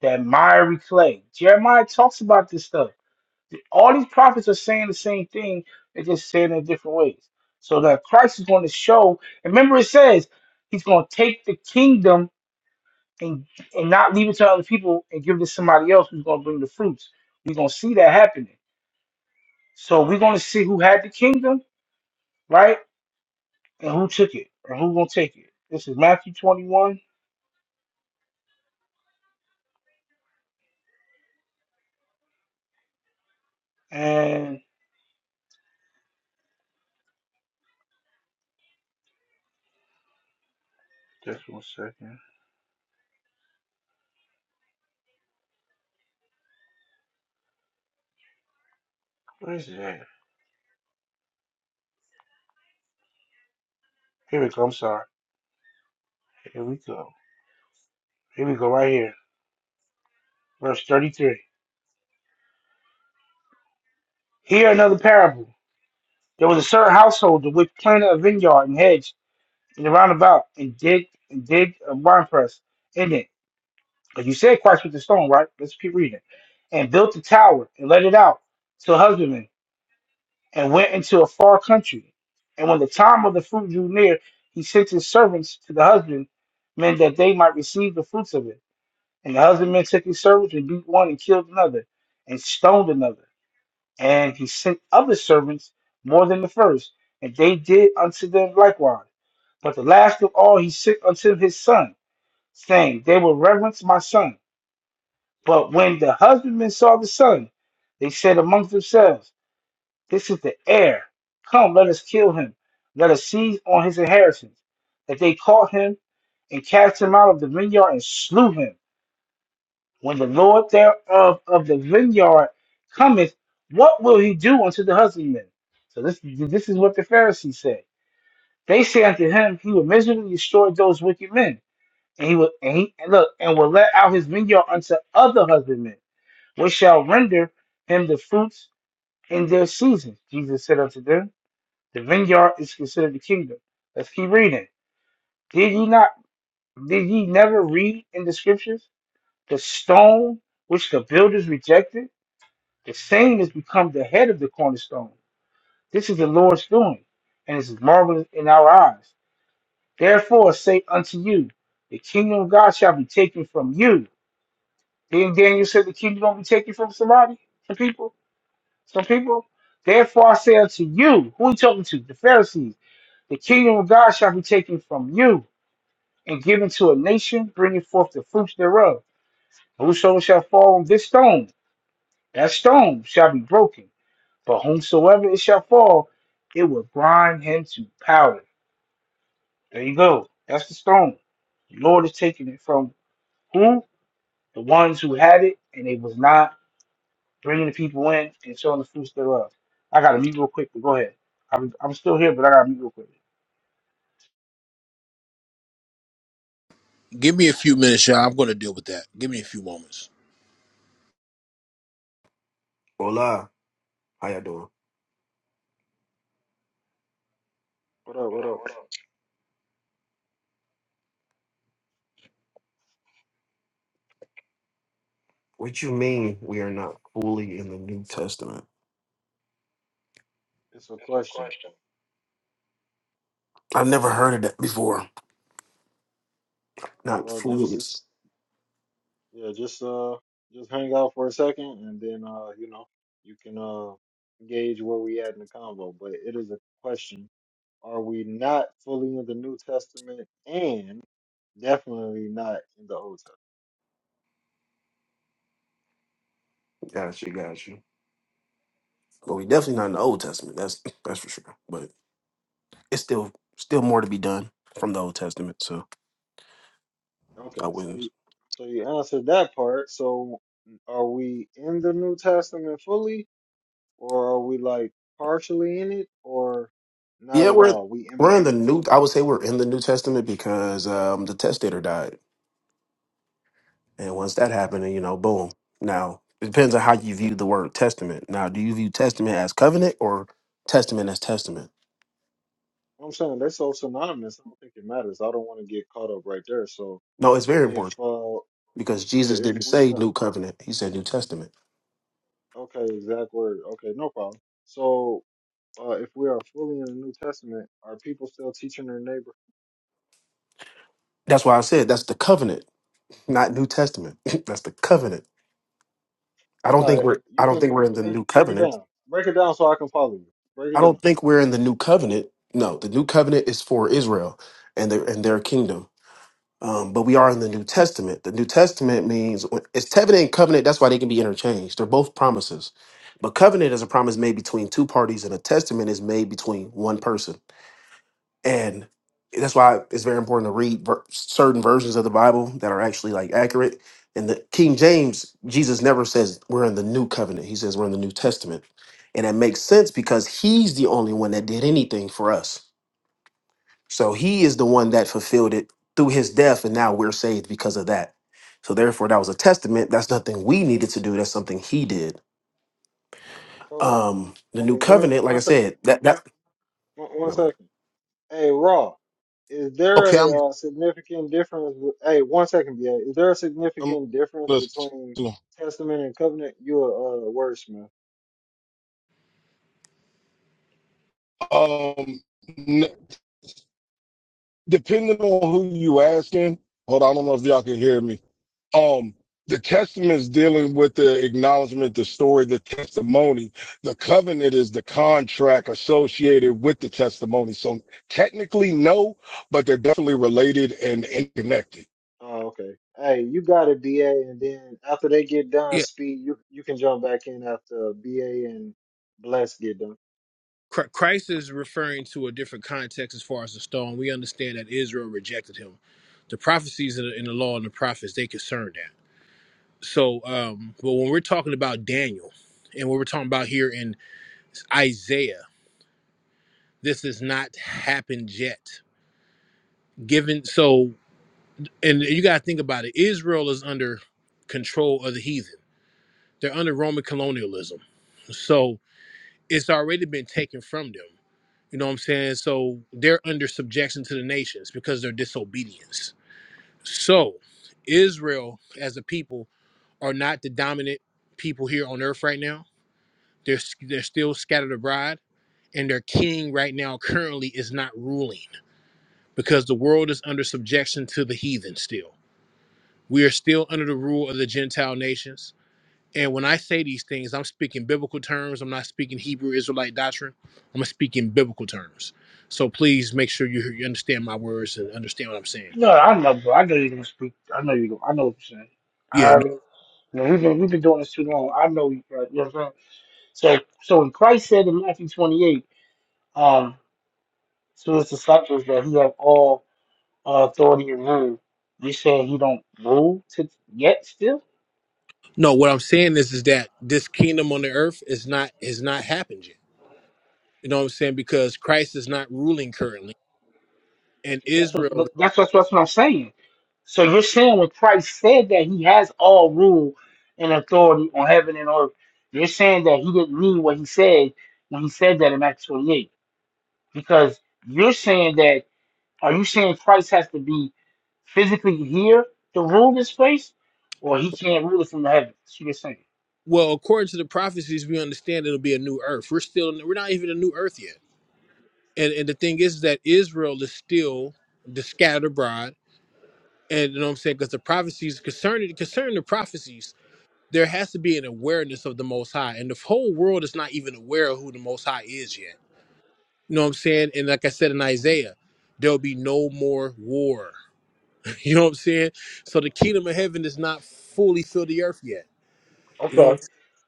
[SPEAKER 2] That miry clay. Jeremiah talks about this stuff. All these prophets are saying the same thing. They're just saying it in different ways. So that Christ is going to show. and Remember, it says he's going to take the kingdom and and not leave it to other people and give it to somebody else who's gonna bring the fruits. We're gonna see that happening. So we're gonna see who had the kingdom, right? And who took it or who gonna take it. This is Matthew twenty one and just one second. Where is that? Here we go, I'm sorry. Here we go. Here we go, right here. Verse thirty three. Here another parable. There was a certain household which planted a vineyard and hedge and round about and dig and dig a winepress in it Because you said Christ with the stone, right? Let's keep reading. And built a tower and let it out to husbandmen and went into a far country. And when the time of the fruit drew near, he sent his servants to the husbandmen that they might receive the fruits of it. And the husbandmen took his servants and beat one and killed another and stoned another. And he sent other servants more than the first, and they did unto them likewise. But the last of all he sent unto his son, saying, They will reverence my son. But when the husbandmen saw the son, they said among themselves, This is the heir. Come, let us kill him. Let us seize on his inheritance. That they caught him and cast him out of the vineyard and slew him. When the Lord thereof of the vineyard cometh, what will he do unto the husbandmen? So this this is what the Pharisees said. They say unto him, He will miserably destroy those wicked men, and he will and he and look and will let out his vineyard unto other husbandmen which shall render him the fruits in their season. Jesus said unto them, The vineyard is considered the kingdom. Let's keep reading. Did ye not did ye never read in the scriptures the stone which the builders rejected? The same has become the head of the cornerstone. This is the Lord's doing, and it is marvelous in our eyes. Therefore say unto you, the kingdom of God shall be taken from you. Then Daniel said the kingdom gonna be taken from somebody, from people. Some people, therefore I say unto you, who he talking to? The Pharisees. The kingdom of God shall be taken from you and given to a nation, bringing forth the fruits thereof. Whosoever shall fall on this stone, that stone shall be broken. But whomsoever it shall fall, it will grind him to powder. There you go. That's the stone. The Lord is taking it from who? The ones who had it and it was not bringing the people in and showing the fruits thereof. I got to mute real quick, but go ahead. I'm I'm still here, but I got to mute real quick.
[SPEAKER 5] Give me a few minutes, y'all. I'm going to deal with that. Give me a few moments.
[SPEAKER 6] Hola, how you doing?
[SPEAKER 1] What up? What up?
[SPEAKER 6] What you mean we are not fully in the New Testament?
[SPEAKER 1] It's a question.
[SPEAKER 6] I've never heard of that before. Not
[SPEAKER 1] Well,
[SPEAKER 6] fully.
[SPEAKER 1] just yeah, just uh, just hang out for a second, and then uh, you know, you can uh gauge where we at in the convo. But it is a question: Are we not fully in the New Testament, and definitely not in the Old Testament?
[SPEAKER 6] Got you, got you. But we definitely not in the Old Testament. That's that's for sure. But it's still still more to be done from the Old Testament. So I
[SPEAKER 1] Okay, so
[SPEAKER 6] wouldn't.
[SPEAKER 1] you so you answered that part. So are we in the New Testament fully? or are we like partially in it or not
[SPEAKER 6] Yeah,
[SPEAKER 1] at
[SPEAKER 6] we're
[SPEAKER 1] all? We in
[SPEAKER 6] we're in the
[SPEAKER 1] between.
[SPEAKER 6] new. I would say we're in the New Testament because um, the testator died, and once that happened, then, you know, boom. Now it depends on how you view the word testament. Now, do you view testament as covenant or testament as testament?
[SPEAKER 1] I'm saying they're so synonymous. I don't think it matters. I don't want to get caught up right there. So
[SPEAKER 6] No, it's very
[SPEAKER 1] if
[SPEAKER 6] important
[SPEAKER 1] uh
[SPEAKER 6] because
[SPEAKER 1] i-
[SPEAKER 6] Jesus
[SPEAKER 1] if
[SPEAKER 6] didn't
[SPEAKER 1] we
[SPEAKER 6] say
[SPEAKER 1] are-
[SPEAKER 6] New Covenant. He said New Testament.
[SPEAKER 1] okay exact word okay no problem. So uh, if we are fully in the New Testament, are people still teaching their neighbor?
[SPEAKER 6] That's why I said that's the covenant, not New Testament. that's the covenant. I don't
[SPEAKER 1] All
[SPEAKER 6] think
[SPEAKER 1] right,
[SPEAKER 6] we're I
[SPEAKER 1] you
[SPEAKER 6] don't
[SPEAKER 1] can
[SPEAKER 6] think we're in the new
[SPEAKER 1] break break it
[SPEAKER 6] covenant.
[SPEAKER 1] down. Break it down so I can follow you. Break it
[SPEAKER 6] I
[SPEAKER 1] down.
[SPEAKER 6] don't think we're in the new covenant. No, the new covenant is for Israel and their and their kingdom. Um, but we are in the New Testament. The New Testament means it's covenant and covenant. That's why they can be interchanged. They're both promises. But covenant is a promise made between two parties, and a testament is made between one person. and that's why it's very important to read ver- certain versions of the bible that are actually like accurate in the king james jesus never says we're in the new covenant he says we're in the new testament and that makes sense because he's the only one that did anything for us so he is the one that fulfilled it through his death and now we're saved because of that so therefore that was a testament that's nothing we needed to do that's something he did
[SPEAKER 1] So,
[SPEAKER 6] um the new
[SPEAKER 1] hey, one
[SPEAKER 6] covenant like
[SPEAKER 1] one
[SPEAKER 6] i
[SPEAKER 1] sec,
[SPEAKER 6] said that that
[SPEAKER 1] one, one
[SPEAKER 6] my bad.
[SPEAKER 1] second. Hey, Raw, is there
[SPEAKER 5] Okay, I'm.
[SPEAKER 1] a uh, significant difference? With, hey, one second, BA. Is there a
[SPEAKER 3] Um,
[SPEAKER 1] significant difference
[SPEAKER 3] let's-
[SPEAKER 1] between testament and covenant? You a uh, wordsmith.
[SPEAKER 3] um, n- depending on who you asking, hold on, I don't know if y'all can hear me. Um, the testament is dealing with the acknowledgement, the story, the testimony. The covenant is the contract associated with the testimony. So technically, no, but they're definitely related and, and connected.
[SPEAKER 1] Oh, okay. Hey, you got it, BA, and then after they get done, speed, you you can jump back in after BA and Bless get done.
[SPEAKER 5] Chr- Christ is referring to a different context as far as the stone. We understand that Israel rejected him. The prophecies in the, in the law and the prophets they concern that. So, um, but when we're talking about Daniel, and what we're talking about here in Isaiah, this has not happened yet. Given so, and you got to think about it. Israel is under control of the heathen. They're under Roman colonialism. So it's already been taken from them. You know what I'm saying? So they're under subjection to the nations because they're disobedience. So Israel as a people are not the dominant people here on earth right now. They're they're still scattered abroad and their king right now currently is not ruling because the world is under subjection to the heathen still. We are still under the rule of the Gentile nations and when I say these things, I'm speaking biblical terms. I'm not speaking Hebrew Israelite doctrine. I'm speaking biblical terms. So please make sure you, you understand my words and understand what I'm saying.
[SPEAKER 2] No, I know, bro. I know you're gonna speak. I know you. I know what you're saying. I
[SPEAKER 5] Yeah, no,
[SPEAKER 2] you know, we've been we've been doing this too long. I know you. Bro. You know what I'm saying? So so when Christ said in Matthew 28, um, to his disciples that he have all uh, authority and rule. You saying he don't rule to yet still?
[SPEAKER 5] no. What I'm saying is, is that this kingdom on the earth is not has not happened yet. You know what I'm saying? Because Christ is not ruling currently, and
[SPEAKER 2] That's
[SPEAKER 5] Israel.
[SPEAKER 2] what that's that's what I'm saying. So you're saying when Christ said that he has all rule and authority on heaven and earth, you're saying that he didn't mean what he said when he said that in Acts 28. Because you're saying that, are you saying Christ has to be physically here to rule this place, or he can't rule it from the heavens? That's what you're saying.
[SPEAKER 5] Well, according to the prophecies, we understand it'll be a new earth. We're still we're not even a new earth yet. And and the thing is that Israel is still the scattered abroad and you know what I'm saying because the prophecies concerning concerning the prophecies, there has to be an awareness of the Most High, and the whole world is not even aware of who the Most High is yet. You know what I'm saying? And like I said in Isaiah, there'll be no more war. you know what I'm saying? So the kingdom of heaven is not fully filled the earth yet. You know what I'm
[SPEAKER 2] Okay.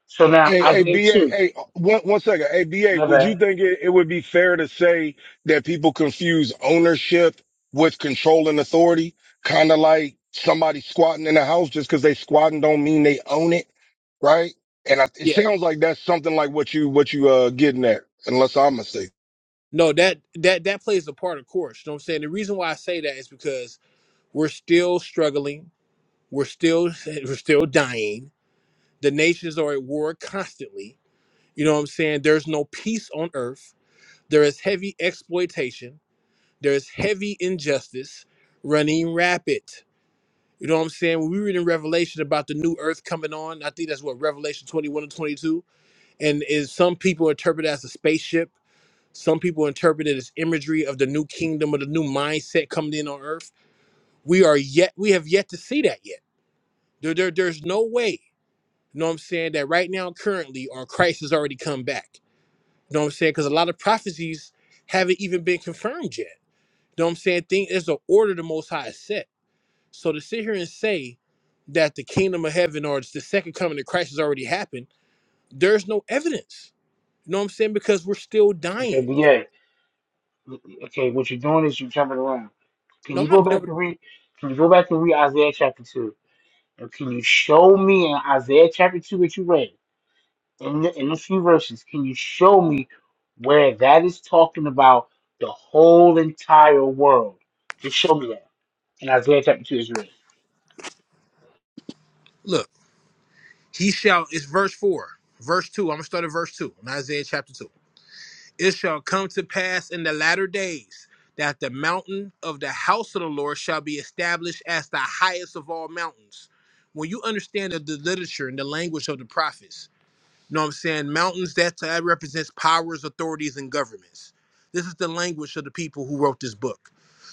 [SPEAKER 2] So now
[SPEAKER 3] Hey, hey,
[SPEAKER 2] Isaiah
[SPEAKER 3] BA,
[SPEAKER 2] 2.
[SPEAKER 3] hey, one, one second. Hey, BA,
[SPEAKER 2] My
[SPEAKER 3] would you
[SPEAKER 2] bad.
[SPEAKER 3] think it, it would be fair to say that people confuse ownership with control and authority? Kind of like somebody squatting in a house just because they squatting don't mean they own it, right? And I, it
[SPEAKER 5] saying? Yeah.
[SPEAKER 3] sounds like that's something like what you, what you, uh, getting at, unless I'm mistaken.
[SPEAKER 5] No, that that that plays a part, of course. You know what I'm saying? The reason why I say that is because we're still struggling. We're still we're still dying. The nations are at war constantly You know what I'm saying? There's no peace on earth. There is heavy exploitation. There is heavy injustice running rapid. You know what I'm saying? When we read in Revelation about the new earth coming on, I think that's what Revelation 21 and 22. And is some people interpret it as a spaceship. Some people interpret it as imagery of the new kingdom or the new mindset coming in on earth. We are yet, we have yet to see that yet. There, there, there's no way, you know what I'm saying, that right now, currently, our Christ has already come back You know what I'm saying? Because a lot of prophecies haven't even been confirmed yet. You know what I'm saying? Thing is the order the most high has set. So to sit here and say that the kingdom of heaven or the second coming of Christ has already happened, there's no evidence. You know what I'm saying? Because we're still
[SPEAKER 2] Okay,
[SPEAKER 5] dying.
[SPEAKER 2] but yeah. Okay, what you're doing is you're jumping around. Can
[SPEAKER 5] No, I'm
[SPEAKER 2] you go
[SPEAKER 5] not
[SPEAKER 2] back
[SPEAKER 5] jumping.
[SPEAKER 2] and read? Can you go back and read Isaiah chapter 2? And can you show me in Isaiah chapter 2 that you read, in, the, in a few verses, can you show me where that is talking about the whole entire world? Just show me that in Isaiah chapter 2 is read.
[SPEAKER 5] Look, he shall it's verse four. Verse two. I'm gonna start at verse two in Isaiah chapter two. It shall come to pass in the latter days that the mountain of the house of the Lord shall be established as the highest of all mountains. When you understand the, the literature and the language of the prophets, you know what I'm saying? Mountains, that, that represents powers, authorities, and governments. This is the language of the people who wrote this book.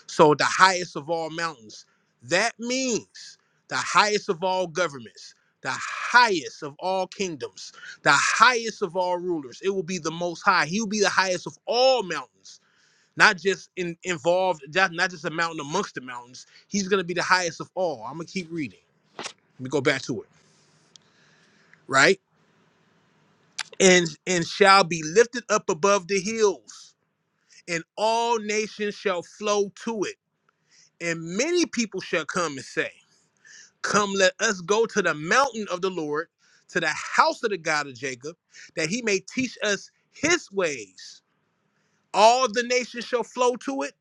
[SPEAKER 5] So the highest of all mountains. That means the highest of all governments, the highest of all kingdoms, the highest of all rulers. It will be the most high. He will be the highest of all mountains, not just in, involved, not not just a mountain amongst the mountains. He's going to be the highest of all. I'm going to keep reading. Let me go back to it, right? and and shall be lifted up above the hills and all nations shall flow to it and many people shall come and say come let us go to the mountain of the lord to the house of the god of jacob that he may teach us his ways all the nations shall flow to it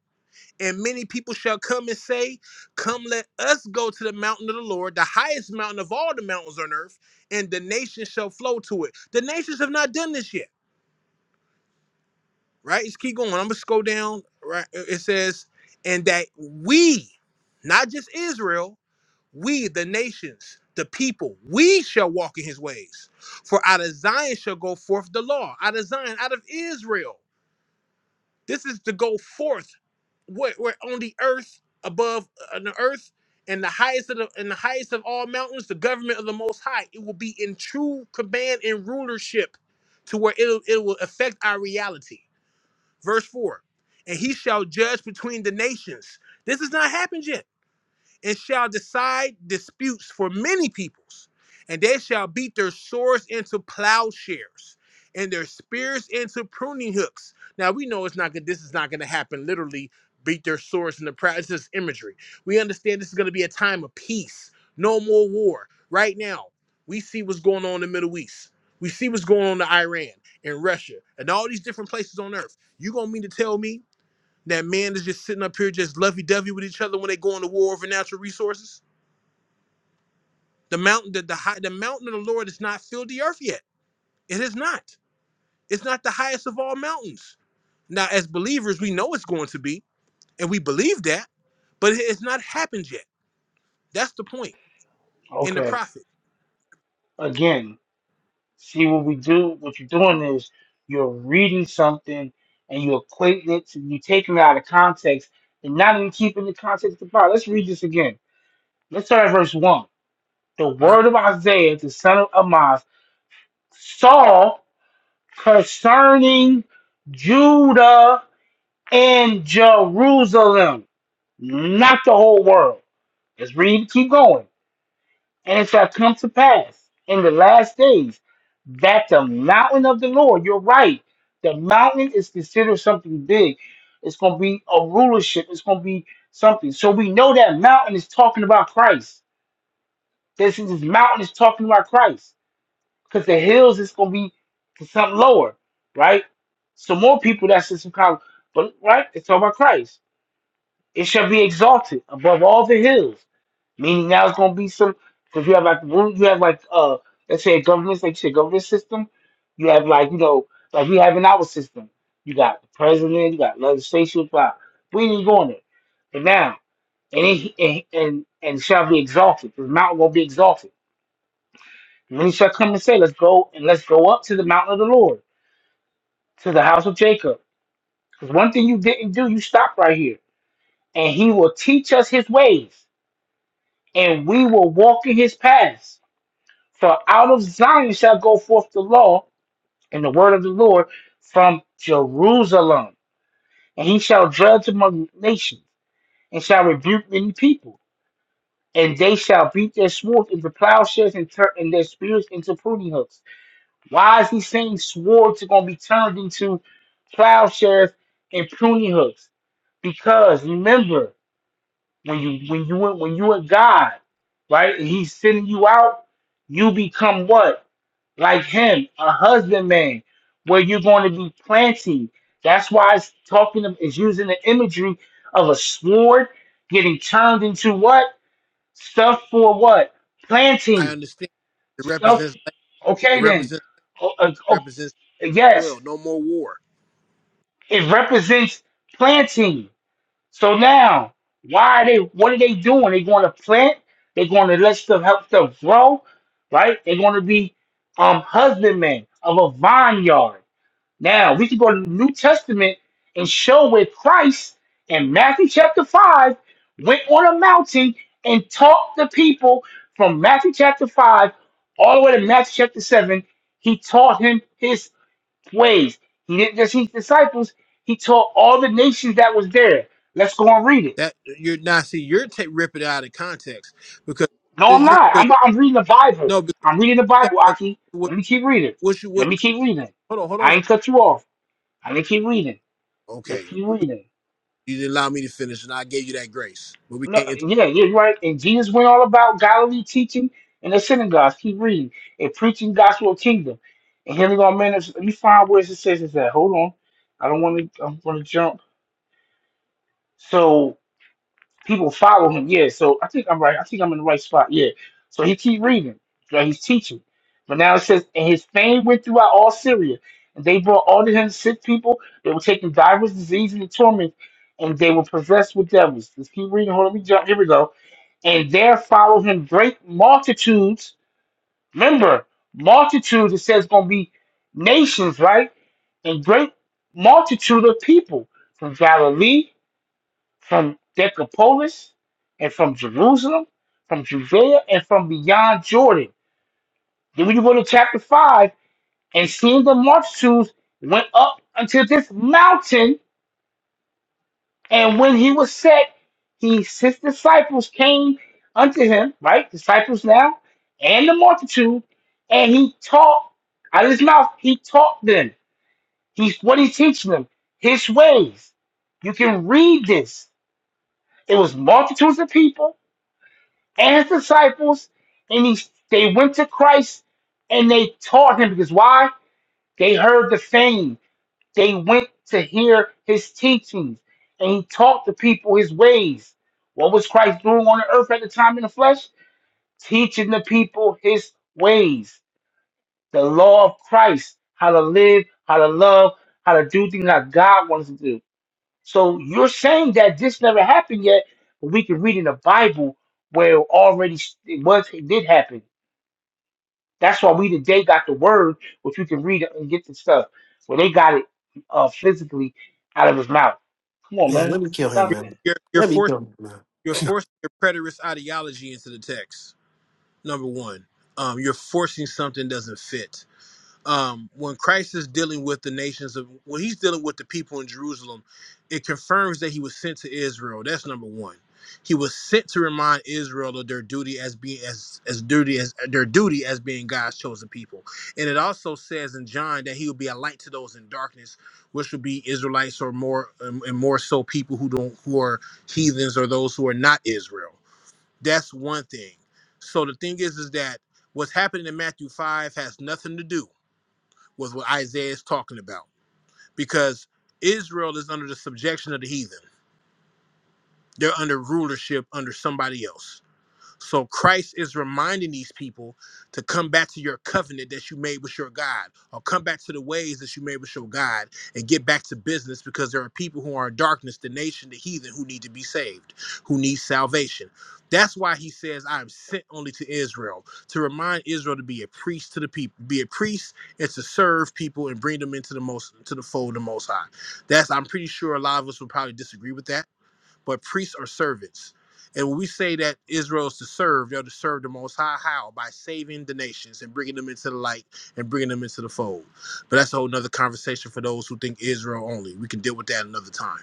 [SPEAKER 5] and many people shall come and say come let us go to the mountain of the lord the highest mountain of all the mountains on earth and the nations shall flow to it the nations have not done this yet right? Just keep going. I'm gonna scroll down. Right, it says, and that we, not just Israel, we the nations, the people, we shall walk in His ways. For out of Zion shall go forth the law. Out of Zion, out of Israel, this is to go forth. Where, where on the earth, above uh, on the earth, and the highest of the and the highest of all mountains, the government of the Most High, it will be in true command and rulership, to where it'll it will affect our reality Verse 4 And he shall judge between the nations. This has not happened yet. It shall decide disputes for many peoples, and they shall beat their swords into plowshares and their spears into pruning hooks. Now we know it's not good. This is not going to happen literally. Beat their swords into plow. It's just imagery. We understand this is going to be a time of peace, no more war. Right now, we see what's going on in the Middle East. We see what's going on in Iran and Russia and all these different places on earth. You gonna mean to tell me that man is just sitting up here just lovey dovey with each other when they go into war over natural resources. The mountain, the, the high, the mountain of the Lord has not filled the earth yet. It is not. It's not the highest of all mountains. Now, as believers, we know it's going to be, and we believe that, but it has not happened yet. That's the point in the
[SPEAKER 2] Okay.
[SPEAKER 5] prophet.
[SPEAKER 2] Again, see what we do, what you're doing is you're reading something and you're equating it, to, you're taking it out of context and not even keeping the context of the Bible. Let's read this again. Let's start at verse 1. The
[SPEAKER 5] Now
[SPEAKER 2] word of Isaiah, the son of Amoz, saw. concerning Judah and Jerusalem, not the whole world. Let's read, keep going. And it shall come to pass in the last days that the mountain of the Lord, you're right, the mountain is considered something big. It's going to be a rulership, it's going to be something. So we know that mountain is talking about Christ. This is this mountain is talking about Christ because the hills is gonna be something lower, right? So more people that's in some kind, but right, it's all about Christ. It shall be exalted above all the hills. Meaning now it's gonna be some because you have like one- you have like uh let's say a government like you said government system, you have like you know like we have in our system. You got the president, you got legislation, blah. We ain't even going there. But now and it, and and and shall be exalted. The mountain will be exalted. Many shall come and say, Let's go and let's go up to the mountain of the Lord to the house of Jacob. Because one thing you didn't do, you stopped right here. And he will teach us his ways, and we will walk in his paths. For out of Zion shall go forth the law and the word of the Lord from Jerusalem. And he shall judge among nations, and shall rebuke many people. And they shall beat their swords into plowshares and turn and their spears into pruning hooks Why is he saying swords are going to be turned into plowshares and pruning hooks? Because remember, when you when you when you are God, right? And He's sending you out. You become what? Like Him, a husbandman, where you're going to be planting. That's why it's talking. of- It's using the imagery of a sword getting turned into what stuff for what
[SPEAKER 5] I
[SPEAKER 2] planting
[SPEAKER 5] understand. It
[SPEAKER 2] stuff.
[SPEAKER 5] represents it
[SPEAKER 2] Okay, then.
[SPEAKER 5] represents
[SPEAKER 2] O- o-
[SPEAKER 5] represents well.
[SPEAKER 2] Yes,
[SPEAKER 5] No more war.
[SPEAKER 2] it represents planting. So now, why are they? What are they doing? They going to plant. They're going to let stuff help stuff grow, right? They're going to be um husbandmen of a vineyard. Now we can go to the New Testament and show where Christ in Matthew chapter five went on a mountain and taught the people from Matthew chapter five all the way to Matthew chapter seven. He taught him his ways. He didn't just teach disciples, he taught all the nations that was there. Let's go and read it.
[SPEAKER 5] That you're now see you're ta ripping it out of context because
[SPEAKER 2] No, I'm not.
[SPEAKER 5] 'cause-
[SPEAKER 2] I'm not, I'm reading the Bible.
[SPEAKER 5] no because
[SPEAKER 2] I'm reading the
[SPEAKER 5] no,
[SPEAKER 2] Bible,
[SPEAKER 5] no,
[SPEAKER 2] Aki.
[SPEAKER 5] what,
[SPEAKER 2] Let me keep reading.
[SPEAKER 5] what you- what
[SPEAKER 2] Let me keep reading.
[SPEAKER 5] Hold on, hold on.
[SPEAKER 2] I ain't cut you off. I'm gonna keep reading. Let's
[SPEAKER 5] Okay,
[SPEAKER 2] keep reading.
[SPEAKER 5] you didn't allow me to finish, and I gave you that grace. But we
[SPEAKER 2] No,
[SPEAKER 5] can't. Inter-
[SPEAKER 2] yeah, yeah, you're right. And Jesus went all about Galilee teaching in the synagogues. Keep reading and preaching gospel of kingdom. And here we go, man. Let me find where it says it's at. Hold on. I don't want to. I want to jump. So people follow him. Yeah, so I think I'm right. I think I'm in the right spot. Yeah. So he keep reading. Right? He's teaching. But now it says, and his fame went throughout all Syria. And they brought all to him sick people. They were taking divers diseases and torments, and they were possessed with devils. Let's keep reading. Hold on, let me jump. Here we go. And there followed him great multitudes. Remember, multitudes, it says, going to be nations, right? And great multitude of people from Galilee from Decapolis and from Jerusalem, from Judea and from beyond Jordan. Then when you go to chapter 5, and seeing the multitudes went up unto this mountain, and when he was set, he his disciples came unto him, right? Disciples now, and the multitude, and he taught out of his mouth, he taught them. He's what he's teaching them, his ways. You can read this. It was multitudes of people and his disciples, and he, they went to Christ and they taught him because why? They heard the fame. They went to hear his teachings, and he taught the people his ways. What was Christ doing on the earth at the time in the flesh? Teaching the people his ways, the law of Christ, how to live, how to love, how to do things that God wants us to do. So you're saying that this never happened yet, but we can read in the Bible where it already it was it did happen That's why we today got the word, which we can read it and get the stuff. Well, they got it uh, physically out of his mouth. Come on,
[SPEAKER 6] man let
[SPEAKER 2] man.
[SPEAKER 6] me kill him
[SPEAKER 2] Stop
[SPEAKER 5] you're,
[SPEAKER 6] man
[SPEAKER 2] it.
[SPEAKER 5] you're you're
[SPEAKER 6] let me
[SPEAKER 5] forcing
[SPEAKER 6] kill him man
[SPEAKER 5] you're forcing your preterist ideology into the text. Number one, um, you're forcing something doesn't fit. um, when Christ is dealing with the nations of when he's dealing with the people in Jerusalem, it confirms that he was sent to Israel. That's number one. He was sent to remind Israel of their duty as being as as duty as their duty as being God's chosen people. And it also says in John that he will be a light to those in darkness, which would be Israelites or more and and more so people who don't who are heathens or those who are not Israel. That's one thing. So the thing is is that what's happening in Matthew 5 has nothing to do was what Isaiah is talking about because Israel is under the subjection of the heathen. They're under rulership under somebody else so Christ is reminding these people to come back to your covenant that you made with your God, or come back to the ways that you made with your God, and get back to business because there are people who are in darkness, the nation, the heathen, who need to be saved, who need salvation. That's why he says, "I am sent only to Israel to remind Israel to be a priest to the people, be a priest, and to serve people and bring them into the most to the fold of the Most High." That's I'm pretty sure a lot of us would probably disagree with that but priests are servants. And when we say that Israel's to serve, they're to serve the Most High how? By saving the nations and bringing them into the light and bringing them into the fold. But that's a whole nother conversation for those who think Israel only. We can deal with that another time.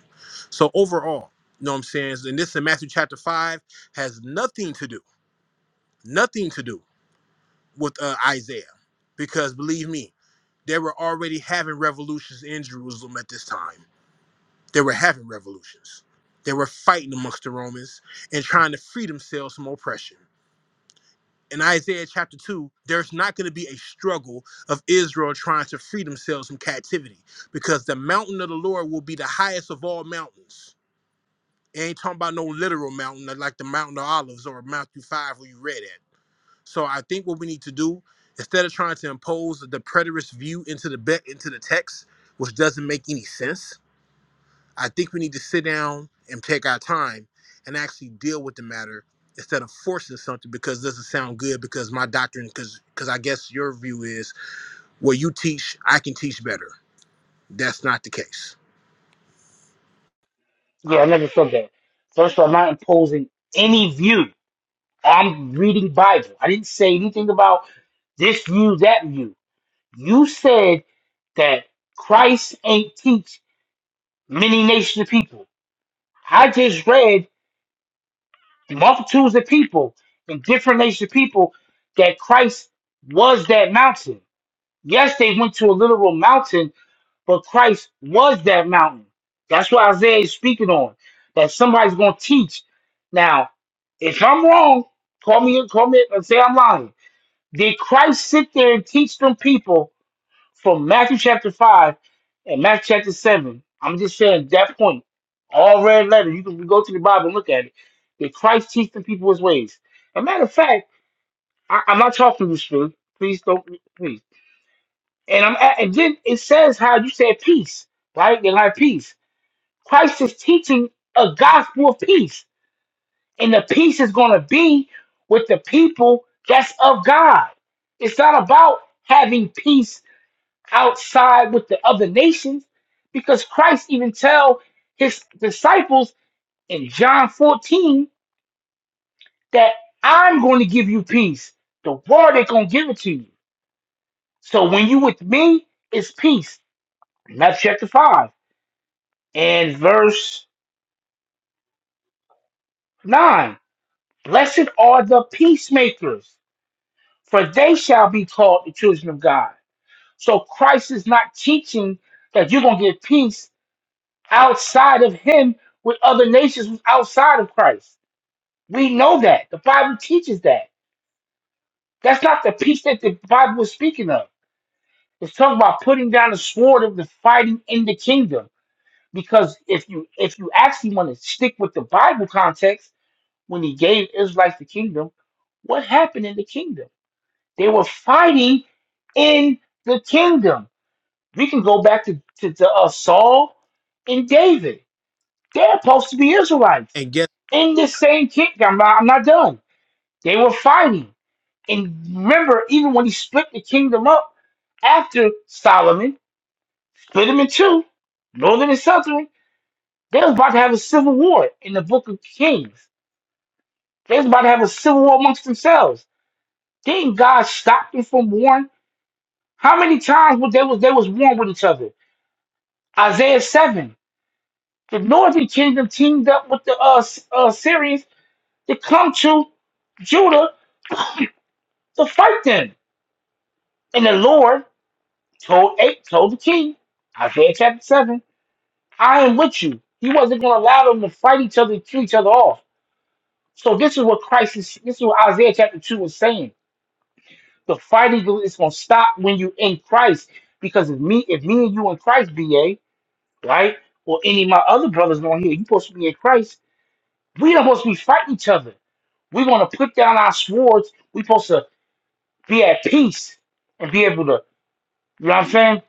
[SPEAKER 5] So overall, you know what I'm saying? And this in Matthew chapter 5 has nothing to do, nothing to do with uh, Isaiah. Because believe me, they were already having revolutions in Jerusalem at this time they were having revolutions. They were fighting amongst the Romans and trying to free themselves from oppression. In Isaiah chapter 2, there's not going to be a struggle of Israel trying to free themselves from captivity because the mountain of the Lord will be the highest of all mountains. It ain't talking about no literal mountain like the Mountain of Olives or Matthew 5 where you read at. So I think what we need to do, instead of trying to impose the preterist view into the, be- into the text, which doesn't make any sense, I think we need to sit down and take our time and actually deal with the matter instead of forcing something because it doesn't sound good because my doctrine because because I guess your view is where you teach I can teach better. That's not the case.
[SPEAKER 2] Yeah, I never said that. First of all, I'm not imposing any view. I'm reading Bible. I didn't say anything about this view, that view. You said that Christ ain't teach many nations of people. I just read multitudes of people in different nations of people that Christ was that mountain. Yes, they went to a literal mountain, but Christ was that mountain. That's what Isaiah is speaking on. That somebody's going to teach. Now, if I'm wrong, call me, call me, and say I'm lying. Did Christ sit there and teach them people from Matthew chapter five and Matthew chapter seven? I'm just saying that point. All red letter. You can go to the Bible and look at it. Did Christ teach them people his ways? a matter of fact, I, I'm not talking to you, Spirit. Please don't. Please. And I'm at, and then it says how you said peace, right? They like peace. Christ is teaching a gospel of peace, and the peace is going to be with the people that's of God. It's not about having peace outside with the other nations, because Christ even tell his disciples in John 14 that I'm going to give you peace. The world ain't going to give it to you. So when you with me, it's peace. And that's chapter 5. And verse 9 Blessed are the peacemakers, for they shall be called the children of God. So Christ is not teaching that you're going to get peace outside of Him with other nations who's outside of Christ. We know that. The Bible teaches that. That's not the peace that the Bible is speaking of. It's talking about putting down the sword of the fighting in the kingdom. Because if you if you actually want to stick with the Bible context, when he gave Israelites the kingdom, what happened in the kingdom? They were fighting in the kingdom. We can go back to, to, to uh, Saul and David. They're supposed to be Israelites
[SPEAKER 5] And guess
[SPEAKER 2] in the same kingdom. I'm not, I'm not done. They were fighting. And remember, even when he split the kingdom up after Solomon, split him in two, northern and southern, they was about to have a civil war in the book of Kings. They was about to have a civil war amongst themselves Didn't God stop them from warring? How many times was they was they was warring with each other? Isaiah seven. The northern kingdom teamed up with the uh, S- uh Syrians to come to Judah to fight them. And the Lord told eight told the king, Isaiah chapter seven, I am with you. He wasn't gonna allow them to fight each other and kill each other off. So this is what Christ is this is what Isaiah chapter two was saying. The fighting is gonna stop when you in Christ. Because if me if me and you in Christ, BA, right? Or any of my other brothers on here, you supposed to be in Christ. We don't supposed to be fighting each other. We want to put down our swords. We supposed to be at peace and be able to, you know what I'm saying?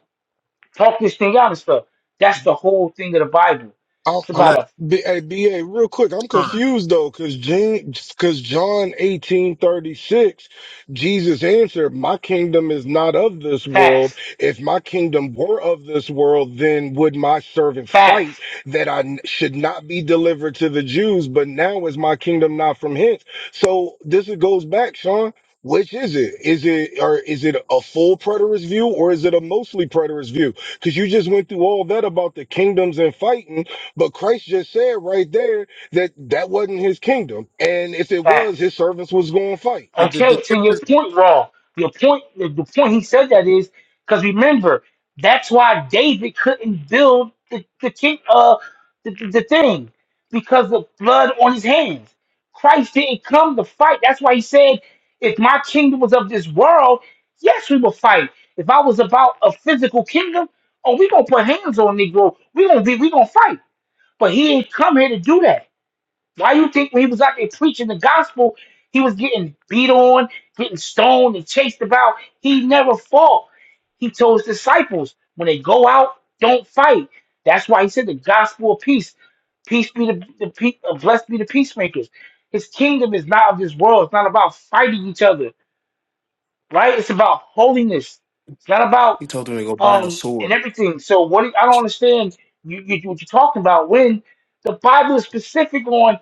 [SPEAKER 2] Talk this thing out and stuff. That's the whole thing of the Bible.
[SPEAKER 3] I,
[SPEAKER 2] It's
[SPEAKER 3] I,
[SPEAKER 2] about
[SPEAKER 5] bless
[SPEAKER 2] a
[SPEAKER 3] B, hey, BA, real quick, I'm
[SPEAKER 5] Sean.
[SPEAKER 3] confused though, because because John 18:36, Jesus answered, "My kingdom is not of this world.
[SPEAKER 2] facts,
[SPEAKER 3] If my kingdom were of this world, then would my servants
[SPEAKER 2] facts,
[SPEAKER 3] fight that I n- should not be delivered to the Jews? But now is my kingdom not from hence." So this is- goes back, Sean. Which is it? Is it or is it a full preterist view or is it a mostly preterist view? Because you just went through all that about the kingdoms and fighting, but Christ just said right there that that wasn't his kingdom. And if it was,
[SPEAKER 2] facts.
[SPEAKER 3] his servants was going to fight.
[SPEAKER 5] The, the, the
[SPEAKER 2] Okay, to your
[SPEAKER 5] difference
[SPEAKER 2] point, Raw. Your point, the the point he said that is because remember that's why David couldn't build the the king, uh, the, the, the thing because of blood on his hands. Christ didn't come to fight. That's why he said, "If my kingdom was of this world, yes, we will fight. If I was about a physical kingdom, oh, we gonna put hands on Negro. We gonna be, we gonna fight." But he ain't come here to do that. Why you think when he was out there preaching the gospel, he was getting beat on, getting stoned, and chased about? He never fought. He told his disciples, when they go out, don't fight. That's why he said the gospel of peace. Peace be the, the pe- uh, blessed be the peacemakers. His kingdom is not of this world. It's not about fighting each other, right? It's about holiness. It's not about
[SPEAKER 6] He told him to go buy a
[SPEAKER 2] um and
[SPEAKER 6] sword.
[SPEAKER 2] everything. So what I don't understand you, you what you're talking about when the Bible is specific on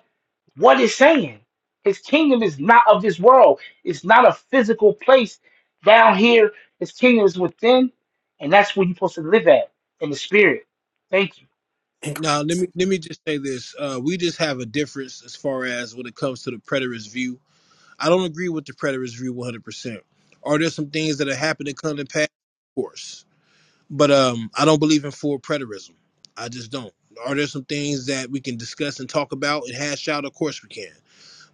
[SPEAKER 2] what it's saying. His kingdom is not of this world. It's not a physical place down here. His kingdom is within, and that's where you're supposed to live at in the spirit. Thank you.
[SPEAKER 5] now let me let me just say this. Uh, we just have a difference as far as when it comes to the preterist view. I don't agree with the preterist view one hundred percent. Are there some things that have happened that come to pass? Of course. but um, I don't believe in full preterism. I just don't. Are there some things that we can discuss and talk about and hash out? Of course we can.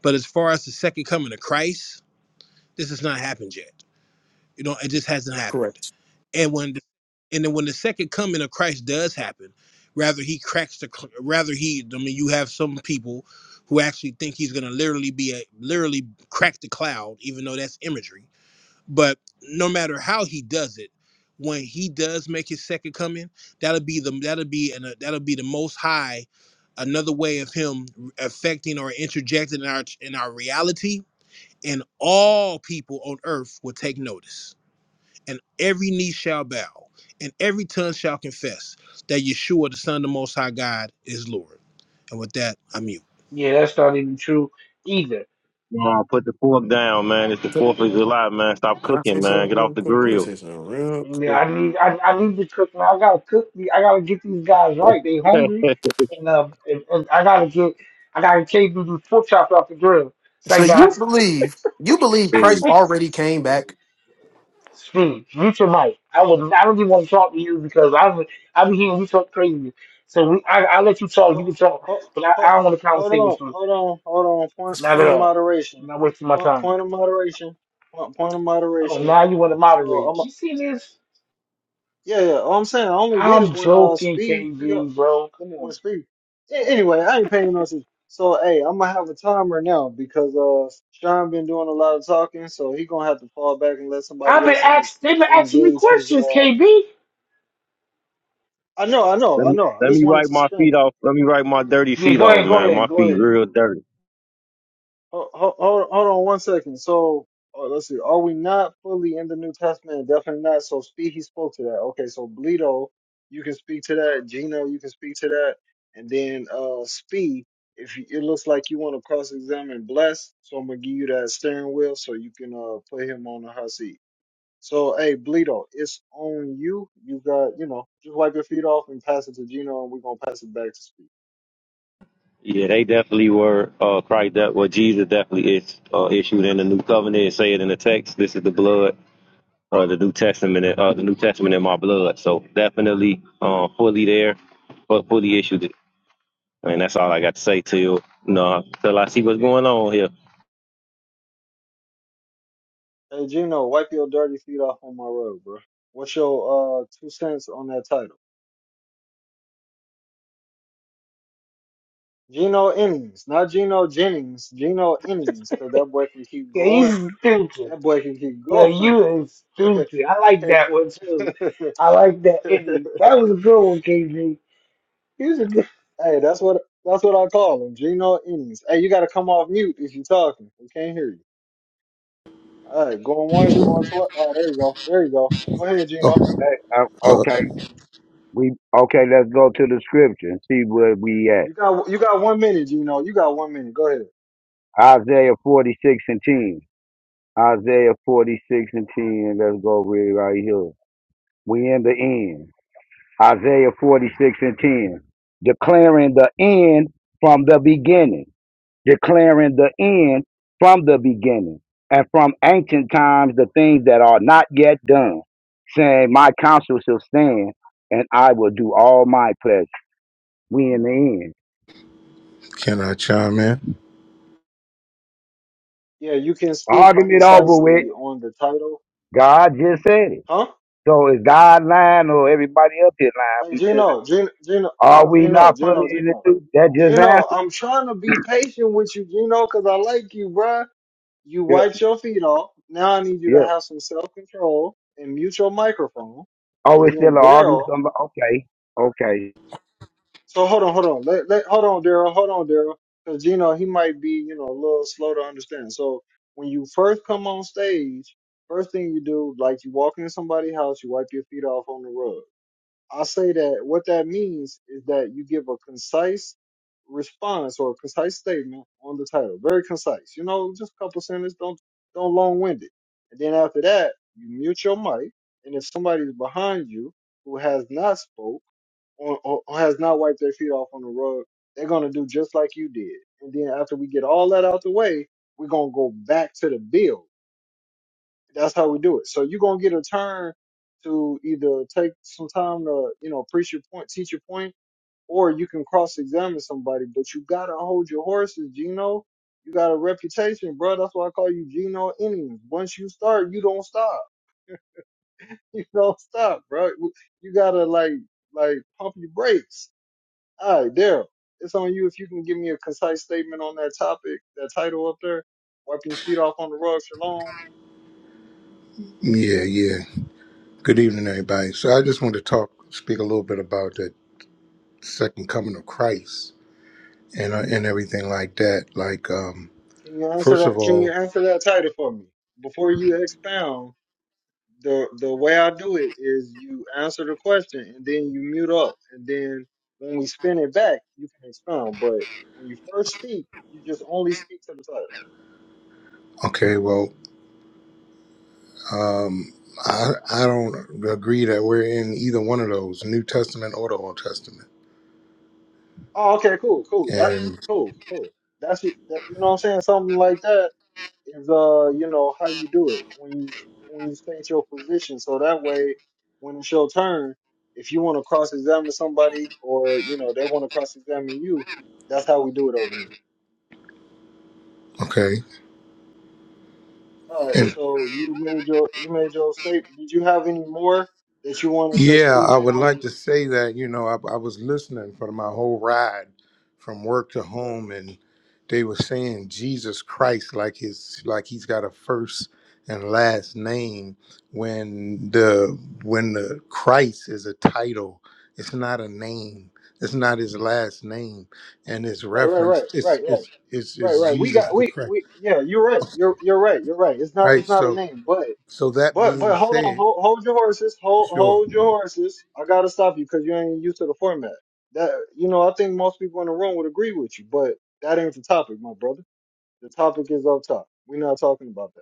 [SPEAKER 5] But as far as the second coming of Christ, this has not happened yet. You know, it just hasn't happened.
[SPEAKER 6] Correct.
[SPEAKER 5] And when, and then when the second coming of Christ does happen, rather he cracks the, cl- rather he. I mean, you have some people who actually think he's going to literally be a literally crack the cloud, even though that's imagery but no matter how he does it, when he does make his second coming, that'll be the that'll be an, that'll be the most high another way of him affecting or interjecting in our in our reality and all people on earth will take notice and every knee shall bow and every tongue shall confess that Yeshua the son of the most high God is Lord. And with that, I'm mute.
[SPEAKER 2] Yeah, that's not even true either.
[SPEAKER 7] Come on, put the fork down, man. It's the
[SPEAKER 6] So,
[SPEAKER 7] 4th of July, man. Stop
[SPEAKER 6] Can I
[SPEAKER 7] cooking,
[SPEAKER 6] say
[SPEAKER 7] man.
[SPEAKER 6] something
[SPEAKER 7] Get off
[SPEAKER 6] real
[SPEAKER 7] the
[SPEAKER 6] quick? Let me
[SPEAKER 7] grill.
[SPEAKER 6] say something real
[SPEAKER 2] Yeah,
[SPEAKER 6] quick.
[SPEAKER 2] I need I, I need to cook now. I gotta cook. the- I gotta get these guys right. They hungry, and uh, and, and I gotta get I gotta take these pork chops off the grill.
[SPEAKER 6] So
[SPEAKER 2] Say
[SPEAKER 6] you
[SPEAKER 2] that.
[SPEAKER 6] believe you believe Christ
[SPEAKER 7] let
[SPEAKER 6] already came back?
[SPEAKER 2] Speak. Mute your mic. I would. I don't even want to talk to you because I'm. i be hearing you talk crazy. So we, I, i let you talk. You
[SPEAKER 1] Ho
[SPEAKER 2] can talk,
[SPEAKER 1] ho
[SPEAKER 2] but I,
[SPEAKER 1] ho
[SPEAKER 2] I don't want to
[SPEAKER 1] hold
[SPEAKER 2] conversate
[SPEAKER 1] on,
[SPEAKER 2] with you.
[SPEAKER 1] hold on, hold on. Point
[SPEAKER 6] That's
[SPEAKER 2] Not at
[SPEAKER 1] point
[SPEAKER 6] crazy.
[SPEAKER 1] of
[SPEAKER 2] all. I'm
[SPEAKER 1] moderation.
[SPEAKER 2] not wasting my
[SPEAKER 1] Point
[SPEAKER 2] time.
[SPEAKER 1] point of moderation. Point point of
[SPEAKER 2] Oh,
[SPEAKER 1] moderation.
[SPEAKER 2] now you want to moderate?
[SPEAKER 1] So
[SPEAKER 2] You see this?
[SPEAKER 1] Yeah, yeah. I'm saying I only did it
[SPEAKER 2] I'm
[SPEAKER 1] when uh
[SPEAKER 2] joking,
[SPEAKER 1] Speed he uh,
[SPEAKER 2] KB, bro. Come on.
[SPEAKER 1] was Speed. A- Anyway, I ain't paying no attention. So hey, I'm gonna have a timer now because uh Sean been doing a lot of talking, so he gonna have to fall back and let somebody
[SPEAKER 2] I've been
[SPEAKER 1] else in
[SPEAKER 2] asked. They've been asking me
[SPEAKER 1] engage his
[SPEAKER 2] questions,
[SPEAKER 1] uh.
[SPEAKER 2] KB.
[SPEAKER 1] I know, I know, I
[SPEAKER 7] me
[SPEAKER 1] know. I
[SPEAKER 7] let
[SPEAKER 1] just
[SPEAKER 7] me
[SPEAKER 1] wanted
[SPEAKER 7] wipe
[SPEAKER 1] to
[SPEAKER 7] my
[SPEAKER 1] scream.
[SPEAKER 7] feet off. Let me wipe my dirty
[SPEAKER 2] Yeah,
[SPEAKER 7] feet
[SPEAKER 2] go
[SPEAKER 7] off,
[SPEAKER 2] ahead. Go
[SPEAKER 7] man.
[SPEAKER 2] ahead.
[SPEAKER 7] My
[SPEAKER 2] Go
[SPEAKER 7] feet
[SPEAKER 2] ahead.
[SPEAKER 7] real dirty.
[SPEAKER 1] Hold, hold, hold on one second. So uh, let's see. Are we not fully in the New Testament? Definitely not. So speak. He spoke to that. Okay. So Bleedo, you can speak to that. Gino, you can speak to that. And then uh, Spee, if you, it looks like you want to cross-examine Bless, so I'm gonna give you that steering wheel so you can uh, put him on the hot seat. So hey, Bleedo, it's on you. You got you know just wipe your feet off and pass it to Gino, and we're gonna pass it back to Spee.
[SPEAKER 7] Yeah, they definitely were uh Christ that well Jesus definitely is uh issued in the new covenant. It Say it in the text. This is the blood, uh the New Testament uh the New Testament in my blood. So definitely uh fully there, but fully issued it. And that's all I got to say to you. No, till I see what's going on here.
[SPEAKER 1] Hey Gino, wipe your dirty feet off on my road, bro. What's your uh two cents on that title? Gino Innings, not Gino Jennings, Gino Innings, because that boy can keep
[SPEAKER 2] Yeah,
[SPEAKER 1] going.
[SPEAKER 2] he's stupid.
[SPEAKER 1] That boy can keep
[SPEAKER 2] Yeah,
[SPEAKER 1] going.
[SPEAKER 2] you is stupid. I like
[SPEAKER 1] hey,
[SPEAKER 2] that one too. I like that ending. That was a good one, KB.
[SPEAKER 1] hey, that's what that's what I call him, Gino Innings. Hey, you got to come off mute if you're talking. We can't hear you. All right, going once, going twice. Oh, there you go, there you go. Go ahead,
[SPEAKER 8] Oh,
[SPEAKER 1] Gino.
[SPEAKER 9] Hey, uh,
[SPEAKER 8] uh,
[SPEAKER 9] okay, we okay. Let's go to the scripture and see where we at.
[SPEAKER 1] You got you got one minute, Gino. You got one minute. Go ahead.
[SPEAKER 9] Isaiah forty six and ten. Isaiah forty six and ten. Let's go read right here. We in the end. Isaiah forty six and ten, declaring the end from the beginning, declaring the end from the beginning, and from ancient times the things that are not yet done, saying, "My counsel shall stand, and I will do all my pleasure." We in the end.
[SPEAKER 8] can I chime in?
[SPEAKER 1] Yeah, you can speak
[SPEAKER 9] Arguing it over with.
[SPEAKER 1] concisely on the title.
[SPEAKER 9] God just said it.
[SPEAKER 1] Huh?
[SPEAKER 9] So is God lying or everybody up here lying?
[SPEAKER 1] Hey,
[SPEAKER 9] We just
[SPEAKER 1] Gino, Gino, Gino,
[SPEAKER 9] are we
[SPEAKER 1] Gino,
[SPEAKER 9] not fully
[SPEAKER 1] Gino,
[SPEAKER 9] in the
[SPEAKER 1] Gino.
[SPEAKER 9] truth? That just answered.
[SPEAKER 1] Gino,
[SPEAKER 9] it.
[SPEAKER 1] I'm trying to be patient with you, Gino, because I like you, bruh. You
[SPEAKER 9] Yeah,
[SPEAKER 1] wiped your feet off. Now I need you to
[SPEAKER 9] yeah.
[SPEAKER 1] have some self control and mute your microphone.
[SPEAKER 9] Oh,
[SPEAKER 1] And
[SPEAKER 9] it's still an
[SPEAKER 1] then
[SPEAKER 9] argument.
[SPEAKER 1] Daryl.
[SPEAKER 9] Somebody, okay, okay.
[SPEAKER 1] So hold on, hold on. Let, let, hold on, Daryl. Hold on, Daryl. Because Gino, he might be, you know, a little slow to understand. So when you first come on stage, first thing you do, like you walk into somebody's house, you wipe your feet off on the rug. I say that what that means is that you give a concise response or a concise statement on the title, very concise. You know, just a couple sentences. Don't don't long wind it. And then after that, you mute your mic, and if somebody's behind you who has not spoke or, or, or has not wiped their feet off on the rug, they're gonna do just like you did. And then after we get all that out the way, we're gonna go back to the bill that's how we do it. So you're gonna get a turn to either take some time to, you know, preach your point, teach your point, or you can cross examine somebody, but you gotta hold your horses, Gino. You got a reputation, bro. That's why I call you Gino Innings. Once you start, you don't stop. You don't stop, bro. You gotta like like pump your brakes. All right, Daryl. It's on you if you can give me a concise statement on that topic, that title up there, wiping feet off on the rug, shalom
[SPEAKER 8] Yeah, yeah. Good evening, everybody. So I just want to talk, speak a little bit about the second coming of Christ and uh, and everything like that. Like, um,
[SPEAKER 1] Can you answer
[SPEAKER 8] first of
[SPEAKER 1] that? Can you
[SPEAKER 8] all,
[SPEAKER 1] answer that title for me? Before you expound, the the way I do it is you answer the question and then you mute up, and then when we spin it back, you can expound. But when you first speak, you just only speak to the title.
[SPEAKER 8] okay, well, um, I I don't agree that we're in either one of those, New Testament or the Old Testament.
[SPEAKER 1] Oh, okay, cool, cool. That
[SPEAKER 8] And
[SPEAKER 1] cool, cool. That's it. That, you know what I'm saying? Something like that. is uh you know how you do it when you when you state your position so that way when it's your turn if you want to cross examine somebody or you know they want to cross examine you that's how we do it over here
[SPEAKER 8] okay,
[SPEAKER 1] all right
[SPEAKER 8] and
[SPEAKER 1] so you made your you made your state did you have any more that you wanted to
[SPEAKER 8] Yeah,
[SPEAKER 1] speak
[SPEAKER 8] I would like
[SPEAKER 1] on
[SPEAKER 8] to say that, you know, I, I was listening for my whole ride from work to
[SPEAKER 1] right
[SPEAKER 8] home and they were saying Jesus Christ like his like he's got a first and last name when the when the Christ is a title, it's not a name. It's not his last name and it's
[SPEAKER 1] right right right
[SPEAKER 8] referenced it's
[SPEAKER 1] right right
[SPEAKER 8] it's it's,
[SPEAKER 1] right
[SPEAKER 8] it's
[SPEAKER 1] right we
[SPEAKER 8] Jesus
[SPEAKER 1] got
[SPEAKER 8] the
[SPEAKER 1] we
[SPEAKER 8] Christ.
[SPEAKER 1] we yeah you're right you're you're right you're right it's not
[SPEAKER 8] Right?
[SPEAKER 1] it's not a
[SPEAKER 8] So
[SPEAKER 1] name but
[SPEAKER 8] so that
[SPEAKER 1] But
[SPEAKER 8] being
[SPEAKER 1] but hold on,
[SPEAKER 8] said,
[SPEAKER 1] hold, hold your horses, hold
[SPEAKER 8] sure.
[SPEAKER 1] hold your horses. I gotta stop you because you ain't used to the format. That you know, I think most people in the room would agree with you, but that ain't the topic, my brother. The topic is up top. We're not talking about that.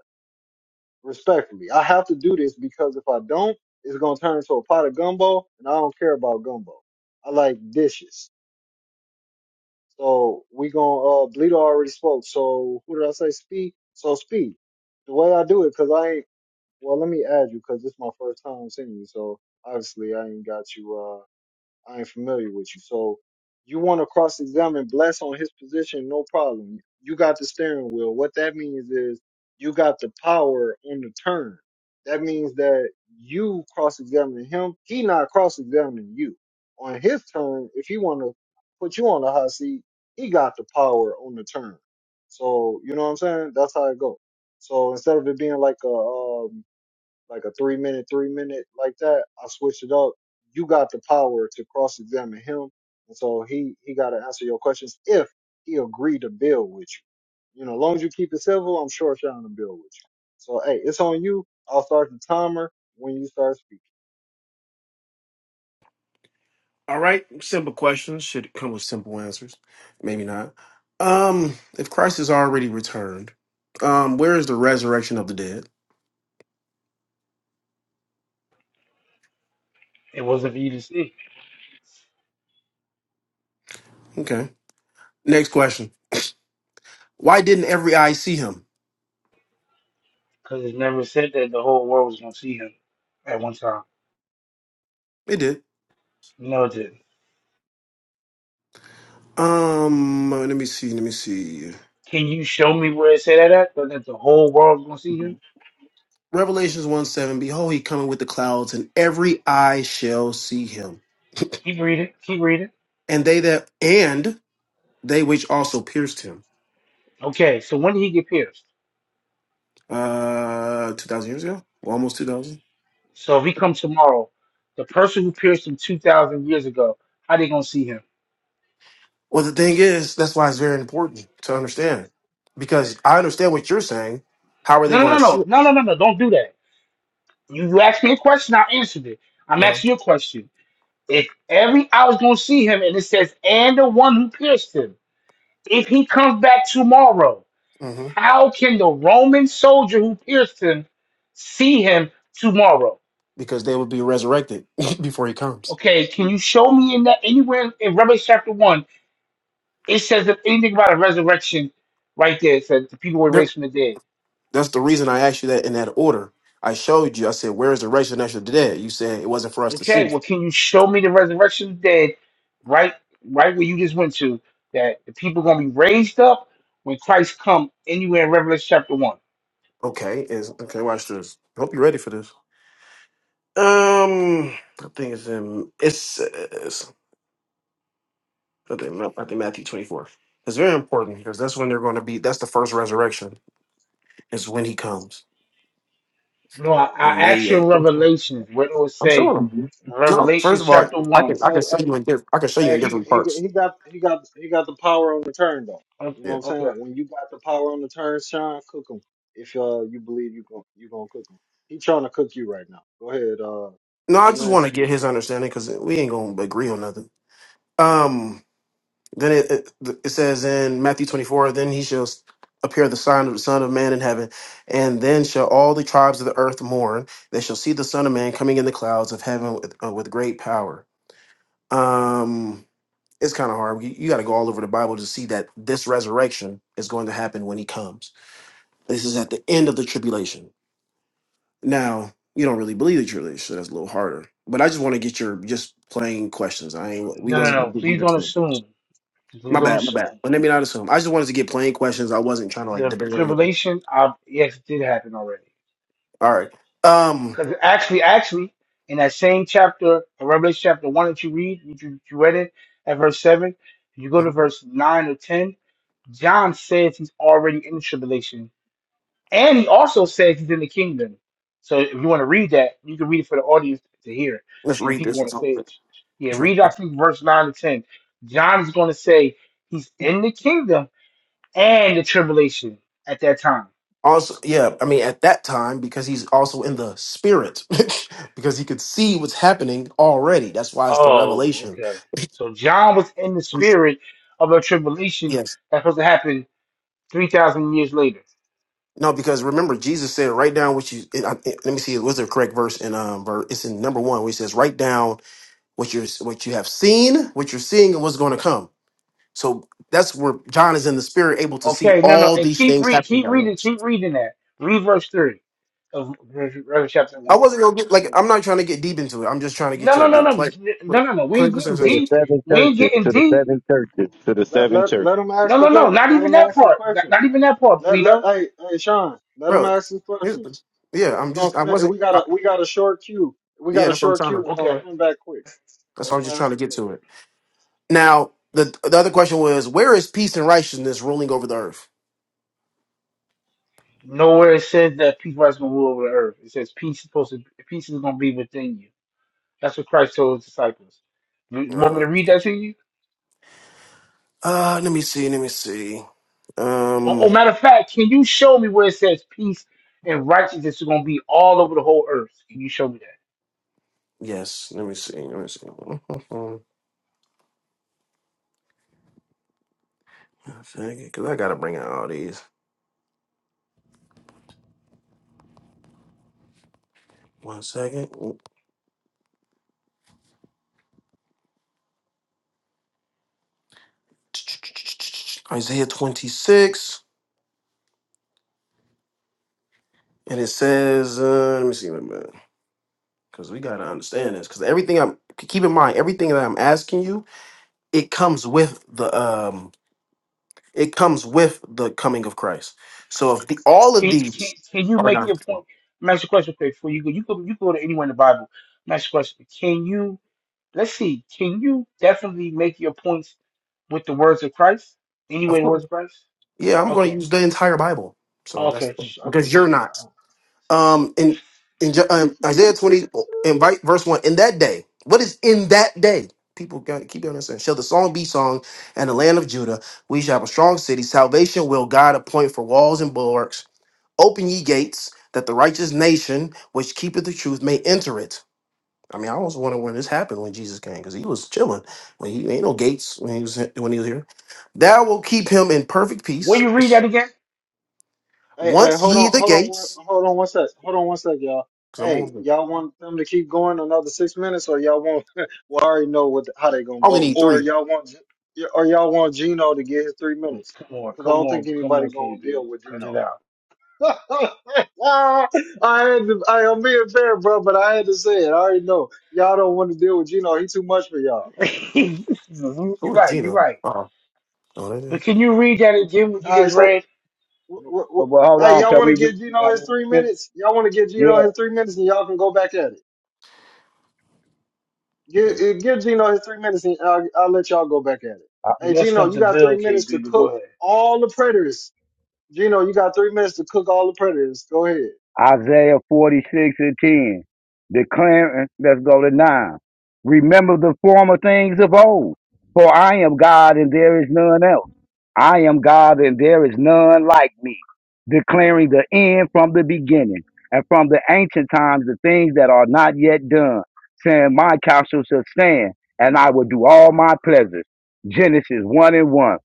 [SPEAKER 1] Respectfully, I have to do this because if I don't, it's gonna turn into a pot of gumbo, and I don't care about gumbo. I like dishes. So we gonna uh, Bleeder already spoke. So who did I say speed? So speed. The way I do it, cause I ain't. Well, let me add you because this is my first time seeing you, so obviously I ain't got you. Uh, I ain't familiar with you, so you want to cross-examine Bless on his position? No problem. You got the steering wheel. What that means is you got the power on the turn. That means that you cross-examine him. He not cross-examining you on his turn. If he want to put you on the hot seat, he got the power on the turn. So you know what I'm saying? That's how it goes. So instead of it being like a um, like a three minute, three minute like that, I switched it up. You got the power to cross examine him, and so he he got to answer your questions if he agreed to build with you. You know, as long as you keep it civil, I'm sure Sean will build with you. So hey, it's on you. I'll start the timer when you start speaking.
[SPEAKER 6] All right, simple questions should come with simple answers. Maybe not. Um, if Christ is already returned, um, where is the resurrection of the dead?
[SPEAKER 2] It wasn't for you to see
[SPEAKER 6] Okay. Next question. Why didn't every eye see him?
[SPEAKER 2] because it never said that the whole world was going to see him at one time.
[SPEAKER 6] It did.
[SPEAKER 2] No, it didn't.
[SPEAKER 6] Um, let me see. Let me see.
[SPEAKER 2] Can you show me where it said that at? That that the whole world was going to see him?
[SPEAKER 6] Revelations 1 7, behold, he coming with the clouds, and every eye shall see him.
[SPEAKER 2] Keep reading. Keep reading.
[SPEAKER 6] And they that and they which also pierced him.
[SPEAKER 2] Okay, so when did he get pierced?
[SPEAKER 6] Uh two thousand years ago? Well, almost two thousand.
[SPEAKER 2] So if he comes tomorrow, the person who pierced him 2,000 years ago, how they going to see him?
[SPEAKER 6] Well, the thing is, that's why it's very important to understand. Because I understand what you're saying. How are they
[SPEAKER 2] No,
[SPEAKER 6] gonna
[SPEAKER 2] no,
[SPEAKER 6] see
[SPEAKER 2] no,
[SPEAKER 6] it?
[SPEAKER 2] no, no, no, no, no. Don't do that. You asked me a question, I answered it. I'm
[SPEAKER 6] I know.
[SPEAKER 2] asking you a question. If every I was going to see him, and it says, and the one who pierced him, if he comes back tomorrow,
[SPEAKER 6] hmm
[SPEAKER 2] How can the Roman soldier who pierced him see him tomorrow?
[SPEAKER 6] Because they would be resurrected before he comes.
[SPEAKER 2] Okay, can you show me in that anywhere in, Revelation chapter one? It says if anything about a resurrection right there. It says the people were
[SPEAKER 6] Yep.
[SPEAKER 2] raised from the dead.
[SPEAKER 6] That's the reason I asked you that in that order. I showed you, I said, Where is the resurrection of the dead? You said it wasn't for us to see.
[SPEAKER 2] Okay, well, can you show me the resurrection of the dead right right where you just went to? That the people are gonna be raised up when Christ come anywhere in Revelation chapter one.
[SPEAKER 6] Okay, is okay. Watch this. I hope you're ready for this. Um, I think it's in. It's, it's I think I think Matthew 24. It's very important because that's when they're going to be. That's the first resurrection. Is when he comes
[SPEAKER 2] No, I, I
[SPEAKER 6] and they.
[SPEAKER 2] asked you in
[SPEAKER 6] ate.
[SPEAKER 2] Revelations what it will
[SPEAKER 6] I'm showing
[SPEAKER 2] say
[SPEAKER 6] them.
[SPEAKER 2] in
[SPEAKER 6] No,
[SPEAKER 2] Revelation
[SPEAKER 6] first of all,
[SPEAKER 2] chapter
[SPEAKER 6] I
[SPEAKER 2] one.
[SPEAKER 6] can I
[SPEAKER 1] Hey,
[SPEAKER 6] can show
[SPEAKER 1] hey,
[SPEAKER 6] you in diff- I can show you in
[SPEAKER 1] hey he
[SPEAKER 6] different
[SPEAKER 1] he
[SPEAKER 6] parts.
[SPEAKER 1] he got he got he got the power on the turn though. You know what
[SPEAKER 6] Yeah.
[SPEAKER 1] I'm saying?
[SPEAKER 2] Okay,
[SPEAKER 1] When you got the power on the turn, Sean, cook him. If uh you believe you gon' you gonna cook him, he trying to cook you right now. Go ahead, uh,
[SPEAKER 6] No,
[SPEAKER 1] what's
[SPEAKER 6] I
[SPEAKER 1] his
[SPEAKER 6] just
[SPEAKER 1] name?
[SPEAKER 6] want to
[SPEAKER 1] Speak.
[SPEAKER 6] get his understanding because we ain't gonna agree on nothing. Um. Then it, it, it says in Matthew 24, then he shall appear the sign of the Son of Man in heaven. And then shall all the tribes of the earth mourn. They shall see the Son of Man coming in the clouds of heaven with, uh, with great power. Um, it's kind of hard. You, you got to go all over the Bible to see that this resurrection is going to happen when he comes. This is at the end of the tribulation. Now, you don't really believe the tribulation, so that's a little harder. But I just want to get your just plain questions. I ain't, we
[SPEAKER 2] No, no,
[SPEAKER 6] wasn't
[SPEAKER 2] no.
[SPEAKER 6] going to
[SPEAKER 2] Please
[SPEAKER 6] do
[SPEAKER 2] don't
[SPEAKER 6] this.
[SPEAKER 2] assume. Please
[SPEAKER 6] My
[SPEAKER 2] don't
[SPEAKER 6] bad, my bad.
[SPEAKER 2] assume.
[SPEAKER 6] Well, Let me not assume. I just wanted to get plain questions. I wasn't trying to like
[SPEAKER 2] The
[SPEAKER 6] debate or anything.
[SPEAKER 2] tribulation, uh, yes, it did happen already.
[SPEAKER 6] All right. Um,
[SPEAKER 2] Because actually, actually, in that same chapter, or Revelation chapter 1 that you read, you, you you read it at verse 7, you go to verse 9 or 10, John says he's already in the tribulation. And he also says he's in the kingdom. So if you want to read that, you can read it for the audience to hear
[SPEAKER 6] let's
[SPEAKER 2] and the
[SPEAKER 6] read
[SPEAKER 2] people
[SPEAKER 6] this.
[SPEAKER 2] on the
[SPEAKER 6] Let's let's
[SPEAKER 2] stage. Yeah,
[SPEAKER 6] read.
[SPEAKER 2] read, I
[SPEAKER 6] This.
[SPEAKER 2] think, verse 9 to 10. John is going to say he's in the kingdom and the tribulation at that time.
[SPEAKER 6] Also, yeah. I mean, at that time, because he's also in the spirit, because he could see what's happening already. That's why it's the
[SPEAKER 2] Oh,
[SPEAKER 6] revelation.
[SPEAKER 2] okay. So John was in the spirit of a tribulation
[SPEAKER 6] Yes.
[SPEAKER 2] that's supposed to happen three thousand years later.
[SPEAKER 6] No, because remember, Jesus said, "Write down what you." I, I- let me see. What's the correct verse? In um, ver, it's in number one, where he says, "Write down what you're what you have seen, what you're seeing, and what's going to come." So that's where John is in the spirit, able to see
[SPEAKER 2] Okay, no, no,
[SPEAKER 6] all
[SPEAKER 2] and
[SPEAKER 6] these
[SPEAKER 2] keep
[SPEAKER 6] things
[SPEAKER 2] read,
[SPEAKER 6] happening
[SPEAKER 2] keep
[SPEAKER 6] at
[SPEAKER 2] reading,
[SPEAKER 6] once.
[SPEAKER 2] keep reading that. Read verse three of Revelation chapter
[SPEAKER 6] I
[SPEAKER 2] one.
[SPEAKER 6] wasn't gonna get like I'm not trying to get deep into it. I'm just trying to
[SPEAKER 2] No,
[SPEAKER 6] get your
[SPEAKER 2] no, no,
[SPEAKER 6] the
[SPEAKER 2] no,
[SPEAKER 6] play.
[SPEAKER 2] no,
[SPEAKER 6] Look,
[SPEAKER 2] no, no. We ain't
[SPEAKER 6] clinical
[SPEAKER 2] getting
[SPEAKER 7] to the
[SPEAKER 6] sensations,
[SPEAKER 2] deep.
[SPEAKER 7] seven
[SPEAKER 2] We ain't
[SPEAKER 7] churches,
[SPEAKER 2] getting
[SPEAKER 7] to the
[SPEAKER 2] deep.
[SPEAKER 7] seven churches, to the
[SPEAKER 1] Let
[SPEAKER 7] seven
[SPEAKER 1] let
[SPEAKER 7] churches.
[SPEAKER 1] let him ask
[SPEAKER 2] No,
[SPEAKER 1] the
[SPEAKER 2] no, no.
[SPEAKER 1] que-
[SPEAKER 2] Not
[SPEAKER 1] let
[SPEAKER 2] even
[SPEAKER 1] him
[SPEAKER 2] that
[SPEAKER 1] ask his
[SPEAKER 2] part. Not,
[SPEAKER 1] questions.
[SPEAKER 2] not even that part,
[SPEAKER 1] Let let
[SPEAKER 2] Pluto.
[SPEAKER 1] hey hey Sean, let him
[SPEAKER 6] bro.
[SPEAKER 1] ask his
[SPEAKER 6] Here's,
[SPEAKER 1] questions.
[SPEAKER 6] yeah,
[SPEAKER 1] It's
[SPEAKER 6] I'm
[SPEAKER 1] gonna
[SPEAKER 6] just I
[SPEAKER 1] spin.
[SPEAKER 6] wasn't.
[SPEAKER 1] We got
[SPEAKER 6] I,
[SPEAKER 1] a we got a short queue. We got
[SPEAKER 6] yeah,
[SPEAKER 1] a
[SPEAKER 6] that's what I'm
[SPEAKER 1] short
[SPEAKER 6] trying
[SPEAKER 1] queue.
[SPEAKER 6] to.
[SPEAKER 1] It's gonna
[SPEAKER 2] Okay.
[SPEAKER 1] spin back quick.
[SPEAKER 6] That's
[SPEAKER 1] Let
[SPEAKER 6] what
[SPEAKER 1] him
[SPEAKER 6] I'm just trying
[SPEAKER 1] ask
[SPEAKER 6] to
[SPEAKER 1] his
[SPEAKER 6] get
[SPEAKER 1] questions.
[SPEAKER 6] to it. Now the the other question was where is peace and righteousness ruling over the earth?
[SPEAKER 2] Nowhere it says that peace is gonna rule over the earth. It says peace is supposed to peace is gonna be within you. That's what Christ told his disciples. You want
[SPEAKER 6] Uh,
[SPEAKER 2] me to read that to you?
[SPEAKER 6] uh let me see. Let me see.
[SPEAKER 2] Oh,
[SPEAKER 6] Um.
[SPEAKER 2] oh, matter of fact, can you show me where it says peace and righteousness are going to be all over the whole earth? Can you show me that?
[SPEAKER 6] Yes. Let me see. Let me see. One second, Because I gotta bring out all these. One second. Isaiah 26, and it says, uh, let me see, wait a minute, because we gotta understand this. Because everything I'm keep in mind, everything that I'm asking you, it comes with the um, it comes with the coming of Christ. So if the all of
[SPEAKER 2] Can
[SPEAKER 6] these
[SPEAKER 2] can, can you
[SPEAKER 6] are
[SPEAKER 2] make your
[SPEAKER 6] not,
[SPEAKER 2] point? Let me ask you a question quick before you go. You go you go to anywhere in the Bible. Let me ask you a question. Can you? Let's see. Can you definitely make your points with the words of Christ?
[SPEAKER 6] of
[SPEAKER 2] Anyway, the
[SPEAKER 6] course,
[SPEAKER 2] words of Christ.
[SPEAKER 6] yeah, I'm going to
[SPEAKER 2] Okay.
[SPEAKER 6] use the entire Bible. So that's
[SPEAKER 2] Okay. sh- Okay.
[SPEAKER 6] because
[SPEAKER 2] sh-
[SPEAKER 6] you're
[SPEAKER 2] uh,
[SPEAKER 6] not.
[SPEAKER 2] uh.
[SPEAKER 6] um in in Jo- um, Isaiah 20 oh, and right verse 1 in that day what is in that day people gotta keep on understanding shall the song be sung and the land of Judah we shall have a strong city salvation will God appoint for walls and bulwarks open ye gates that the righteous nation which keepeth the truth may enter it I mean I almost wonder when this happened when Jesus came because he was chilling when he ain't no gates when he was when he was here thou will keep him in perfect
[SPEAKER 2] Will
[SPEAKER 6] peace
[SPEAKER 2] you read that again?
[SPEAKER 1] Hey hey,
[SPEAKER 6] once
[SPEAKER 1] hold
[SPEAKER 6] ye
[SPEAKER 1] on
[SPEAKER 6] the
[SPEAKER 1] hold on one,
[SPEAKER 6] gates
[SPEAKER 1] hold on one sec. Hold on one sec, y'all.
[SPEAKER 6] because I'm
[SPEAKER 1] Hey,
[SPEAKER 6] only
[SPEAKER 1] y'all want them to keep going another six minutes, or y'all want? well, I already know what how they gonna
[SPEAKER 6] I only
[SPEAKER 1] vote,
[SPEAKER 6] need
[SPEAKER 1] or
[SPEAKER 6] three
[SPEAKER 1] y'all want G- or y'all want Gino to get his three
[SPEAKER 2] Come
[SPEAKER 1] minutes?
[SPEAKER 2] on.
[SPEAKER 1] Because I
[SPEAKER 2] Come
[SPEAKER 1] don't think
[SPEAKER 2] on. Come
[SPEAKER 1] anybody
[SPEAKER 2] on,
[SPEAKER 1] gonna
[SPEAKER 2] KB.
[SPEAKER 1] deal with
[SPEAKER 2] Cut
[SPEAKER 1] Gino.
[SPEAKER 2] it out.
[SPEAKER 1] I had to, I, I'm being fair, bro, but I had to say it. I already know y'all don't want to deal with Gino. He too much for y'all.
[SPEAKER 2] you, you're
[SPEAKER 6] Who's
[SPEAKER 2] right. You're
[SPEAKER 6] Gina?
[SPEAKER 2] right.
[SPEAKER 6] Uh-uh. Oh, that is
[SPEAKER 2] But can you read that again? What you
[SPEAKER 1] All right,
[SPEAKER 2] just
[SPEAKER 1] so
[SPEAKER 2] read?
[SPEAKER 1] w- w-
[SPEAKER 9] But,
[SPEAKER 1] w-
[SPEAKER 9] but hold
[SPEAKER 1] hey,
[SPEAKER 9] on,
[SPEAKER 1] y'all
[SPEAKER 9] cause we
[SPEAKER 1] want to
[SPEAKER 9] we-
[SPEAKER 1] give
[SPEAKER 9] you know, we-
[SPEAKER 1] Gino
[SPEAKER 9] got
[SPEAKER 1] his
[SPEAKER 9] more
[SPEAKER 1] three
[SPEAKER 9] script.
[SPEAKER 1] minutes? Y'all want to give Gino
[SPEAKER 9] yeah.
[SPEAKER 1] his three minutes, and y'all can go back at it. Give,
[SPEAKER 6] good.
[SPEAKER 1] eh, give Gino his three minutes, and I'll, I'll let y'all go back at it. Hey,
[SPEAKER 2] You messed
[SPEAKER 1] Gino,
[SPEAKER 2] up
[SPEAKER 1] you
[SPEAKER 2] the
[SPEAKER 1] got
[SPEAKER 2] bill,
[SPEAKER 1] three minutes
[SPEAKER 2] KB.
[SPEAKER 1] to
[SPEAKER 2] But go
[SPEAKER 1] cook
[SPEAKER 2] ahead.
[SPEAKER 1] all the predators. Gino, you got three minutes to cook all the predators. Go ahead.
[SPEAKER 9] Isaiah 46 and 10. Declaring, let's go to 9. Remember the former things of old. For I am God and there is none else. I am God and there is none like me. Declaring the end from the beginning and from the ancient times the things that are not yet done. Saying, My counsel shall stand and I will do all my pleasures. Genesis 1 and 1.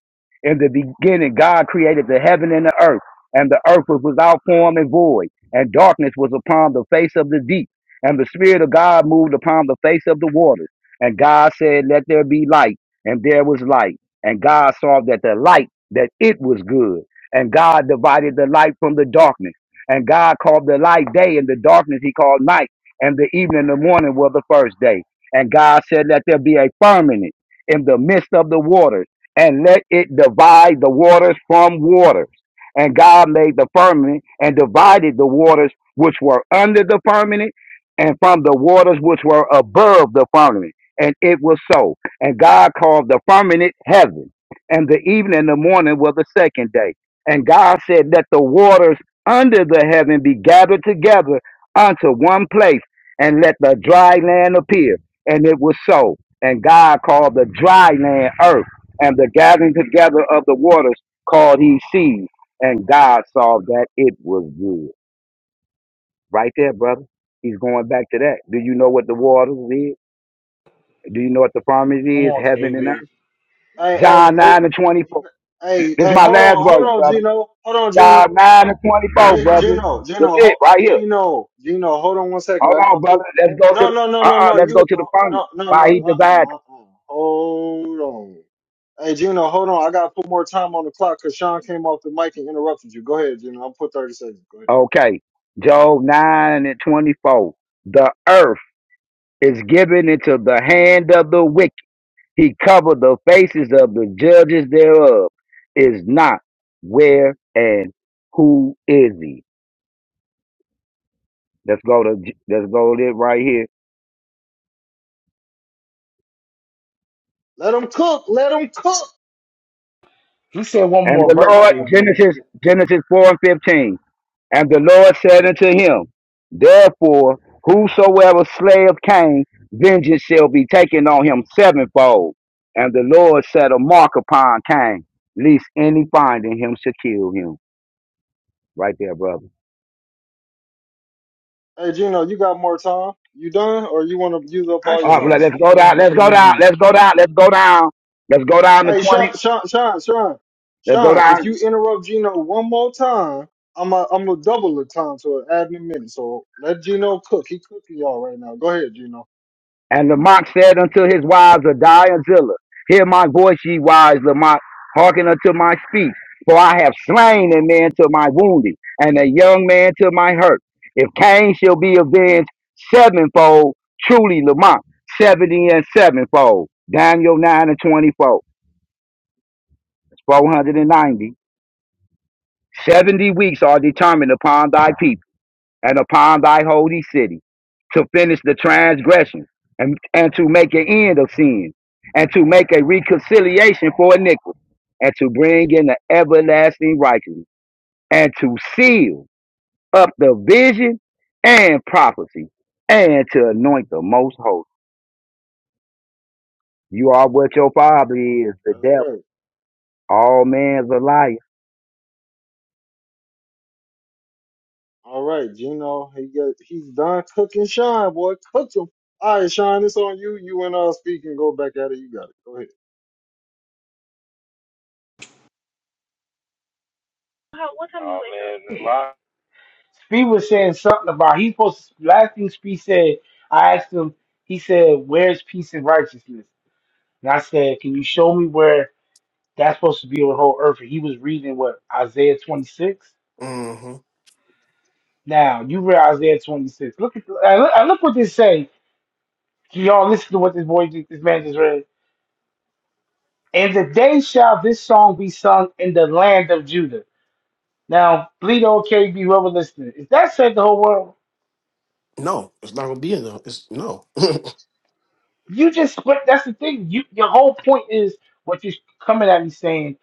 [SPEAKER 9] In the beginning, God created the heaven and the earth, and the earth was without form and void and darkness was upon the face of the deep, and the Spirit of God moved upon the face of the waters. And God said, Let there be light, and there was light. And God saw that the light, that it was good. And God divided the light from the darkness. And God called the light day, and the darkness he called night. And the evening and the morning were the first day. And God said, Let there be a firmament in the midst of the waters, and let it divide the waters from water. And God made the firmament and divided the waters which were under the firmament and from the waters which were above the firmament. And it was so. And God called the firmament heaven. And the evening and the morning were the second day. And God said, Let the waters under the heaven be gathered together unto one place, and let the dry land appear. And it was so. And God called the dry land earth, and the gathering together of the waters called he seas. And God saw that it was good. Right there, brother. He's going back to that. Do you know what the waters is? Do you know what the promise
[SPEAKER 2] Come
[SPEAKER 9] is?
[SPEAKER 2] on,
[SPEAKER 9] Heaven and
[SPEAKER 2] KB.
[SPEAKER 9] earth.
[SPEAKER 1] Hey, hey,
[SPEAKER 9] John 9 and 24.
[SPEAKER 1] hey, hey,
[SPEAKER 9] This is
[SPEAKER 1] hey
[SPEAKER 9] my
[SPEAKER 1] hold
[SPEAKER 9] last
[SPEAKER 1] on, hold
[SPEAKER 9] verse,
[SPEAKER 1] on,
[SPEAKER 9] brother.
[SPEAKER 1] Gino, hold on, Gino.
[SPEAKER 9] John 9 and 24,
[SPEAKER 1] G-
[SPEAKER 9] brother.
[SPEAKER 1] Gino,
[SPEAKER 9] That's
[SPEAKER 1] Gino,
[SPEAKER 9] it,
[SPEAKER 1] ho,
[SPEAKER 9] right here.
[SPEAKER 1] Gino, Gino, hold on one second.
[SPEAKER 9] Hold
[SPEAKER 1] I
[SPEAKER 9] on,
[SPEAKER 1] gotta
[SPEAKER 9] brother.
[SPEAKER 1] put.
[SPEAKER 9] Let's go to
[SPEAKER 1] No,
[SPEAKER 9] the
[SPEAKER 1] no, no, no,
[SPEAKER 9] uh-uh,
[SPEAKER 1] no.
[SPEAKER 9] let's go
[SPEAKER 1] You,
[SPEAKER 9] to the promise.
[SPEAKER 1] no, no,
[SPEAKER 9] Why
[SPEAKER 1] no.
[SPEAKER 9] he
[SPEAKER 1] Uh,
[SPEAKER 9] divided.
[SPEAKER 1] uh-uh, uh, uh. Hold on. Hey, Gino, hold on. I gotta put more time on the clock because Sean came off the mic and interrupted you. Go ahead, Gino. I'll put thirty seconds. Go ahead.
[SPEAKER 9] Okay. Job 9 and 24. The earth is given into the hand of the wicked He covered the faces of the judges thereof. Is not where and who is he? Let's go to let's go to it right here.
[SPEAKER 1] Let him cook. Let him cook.
[SPEAKER 2] You said one
[SPEAKER 9] And
[SPEAKER 2] more
[SPEAKER 9] the
[SPEAKER 2] verse,
[SPEAKER 9] Lord
[SPEAKER 2] KB.
[SPEAKER 9] Genesis Genesis four and fifteen. And the Lord said unto him, Therefore, whosoever slayeth Cain, vengeance shall be taken on him sevenfold. And the Lord set a mark upon Cain, lest any finding him should kill him. Right there, brother.
[SPEAKER 1] Hey, Gino, you got more time. You done, or you want to use up
[SPEAKER 2] I
[SPEAKER 1] all your
[SPEAKER 9] All right,
[SPEAKER 1] time?
[SPEAKER 9] well,
[SPEAKER 2] can't
[SPEAKER 9] let's go down.
[SPEAKER 2] stand
[SPEAKER 9] Let's go down.
[SPEAKER 2] KB.
[SPEAKER 9] Let's go down. Let's go down. Let's go down to
[SPEAKER 1] Hey, Sean,
[SPEAKER 9] 20.
[SPEAKER 1] Sean, Sean, Sean,
[SPEAKER 9] Let's go
[SPEAKER 1] Sean, if
[SPEAKER 9] down.
[SPEAKER 1] you interrupt Gino one more time, I'm a, I'm gonna double the time to add in a minute. So let Gino cook. He cooking y'all right now. Go ahead, Gino.
[SPEAKER 9] And Lamont said unto his wives, Adiah and Zillah, Hear my voice, ye wives, Lamont, hearken unto my speech. For I have slain a man to my wounding, and a young man to my hurt. If Cain shall be avenged sevenfold, truly Lamont, seventy and sevenfold. Daniel 9 and 24. It's 490. Seventy weeks are determined upon thy people. and upon thy holy city to finish the transgression and, and to make an end of sin and to make a reconciliation for iniquity and to bring in the everlasting righteousness and to seal up the vision and prophecy and to anoint the most holy. You are what your father is, the
[SPEAKER 1] That's
[SPEAKER 9] devil.
[SPEAKER 1] right.
[SPEAKER 9] All man's a liar.
[SPEAKER 1] All right, Gino. He got he's done cooking Sean, boy. Cook him. All right, Sean, it's on you. You and uh speak and go back at it. You got it. Go ahead.
[SPEAKER 2] Speed was saying something about he supposed to, last thing Speed said. I asked him. He said, "Where's peace and righteousness?" And I said, "Can you show me where that's supposed to be on the whole earth?" And he was reading what Isaiah 26.
[SPEAKER 6] hmm
[SPEAKER 2] Now you read Isaiah 26. Look at I look, and look what they say. So, Y'all listen to what this boy, this man just read. And the day shall this song be sung in the land of Judah. Now, Bleedo, KB, whoever listening, if that said the whole world,
[SPEAKER 6] No, it's not gonna be in though. It's no.
[SPEAKER 2] you just split. That's the thing. You, your whole point is what you're coming at me saying.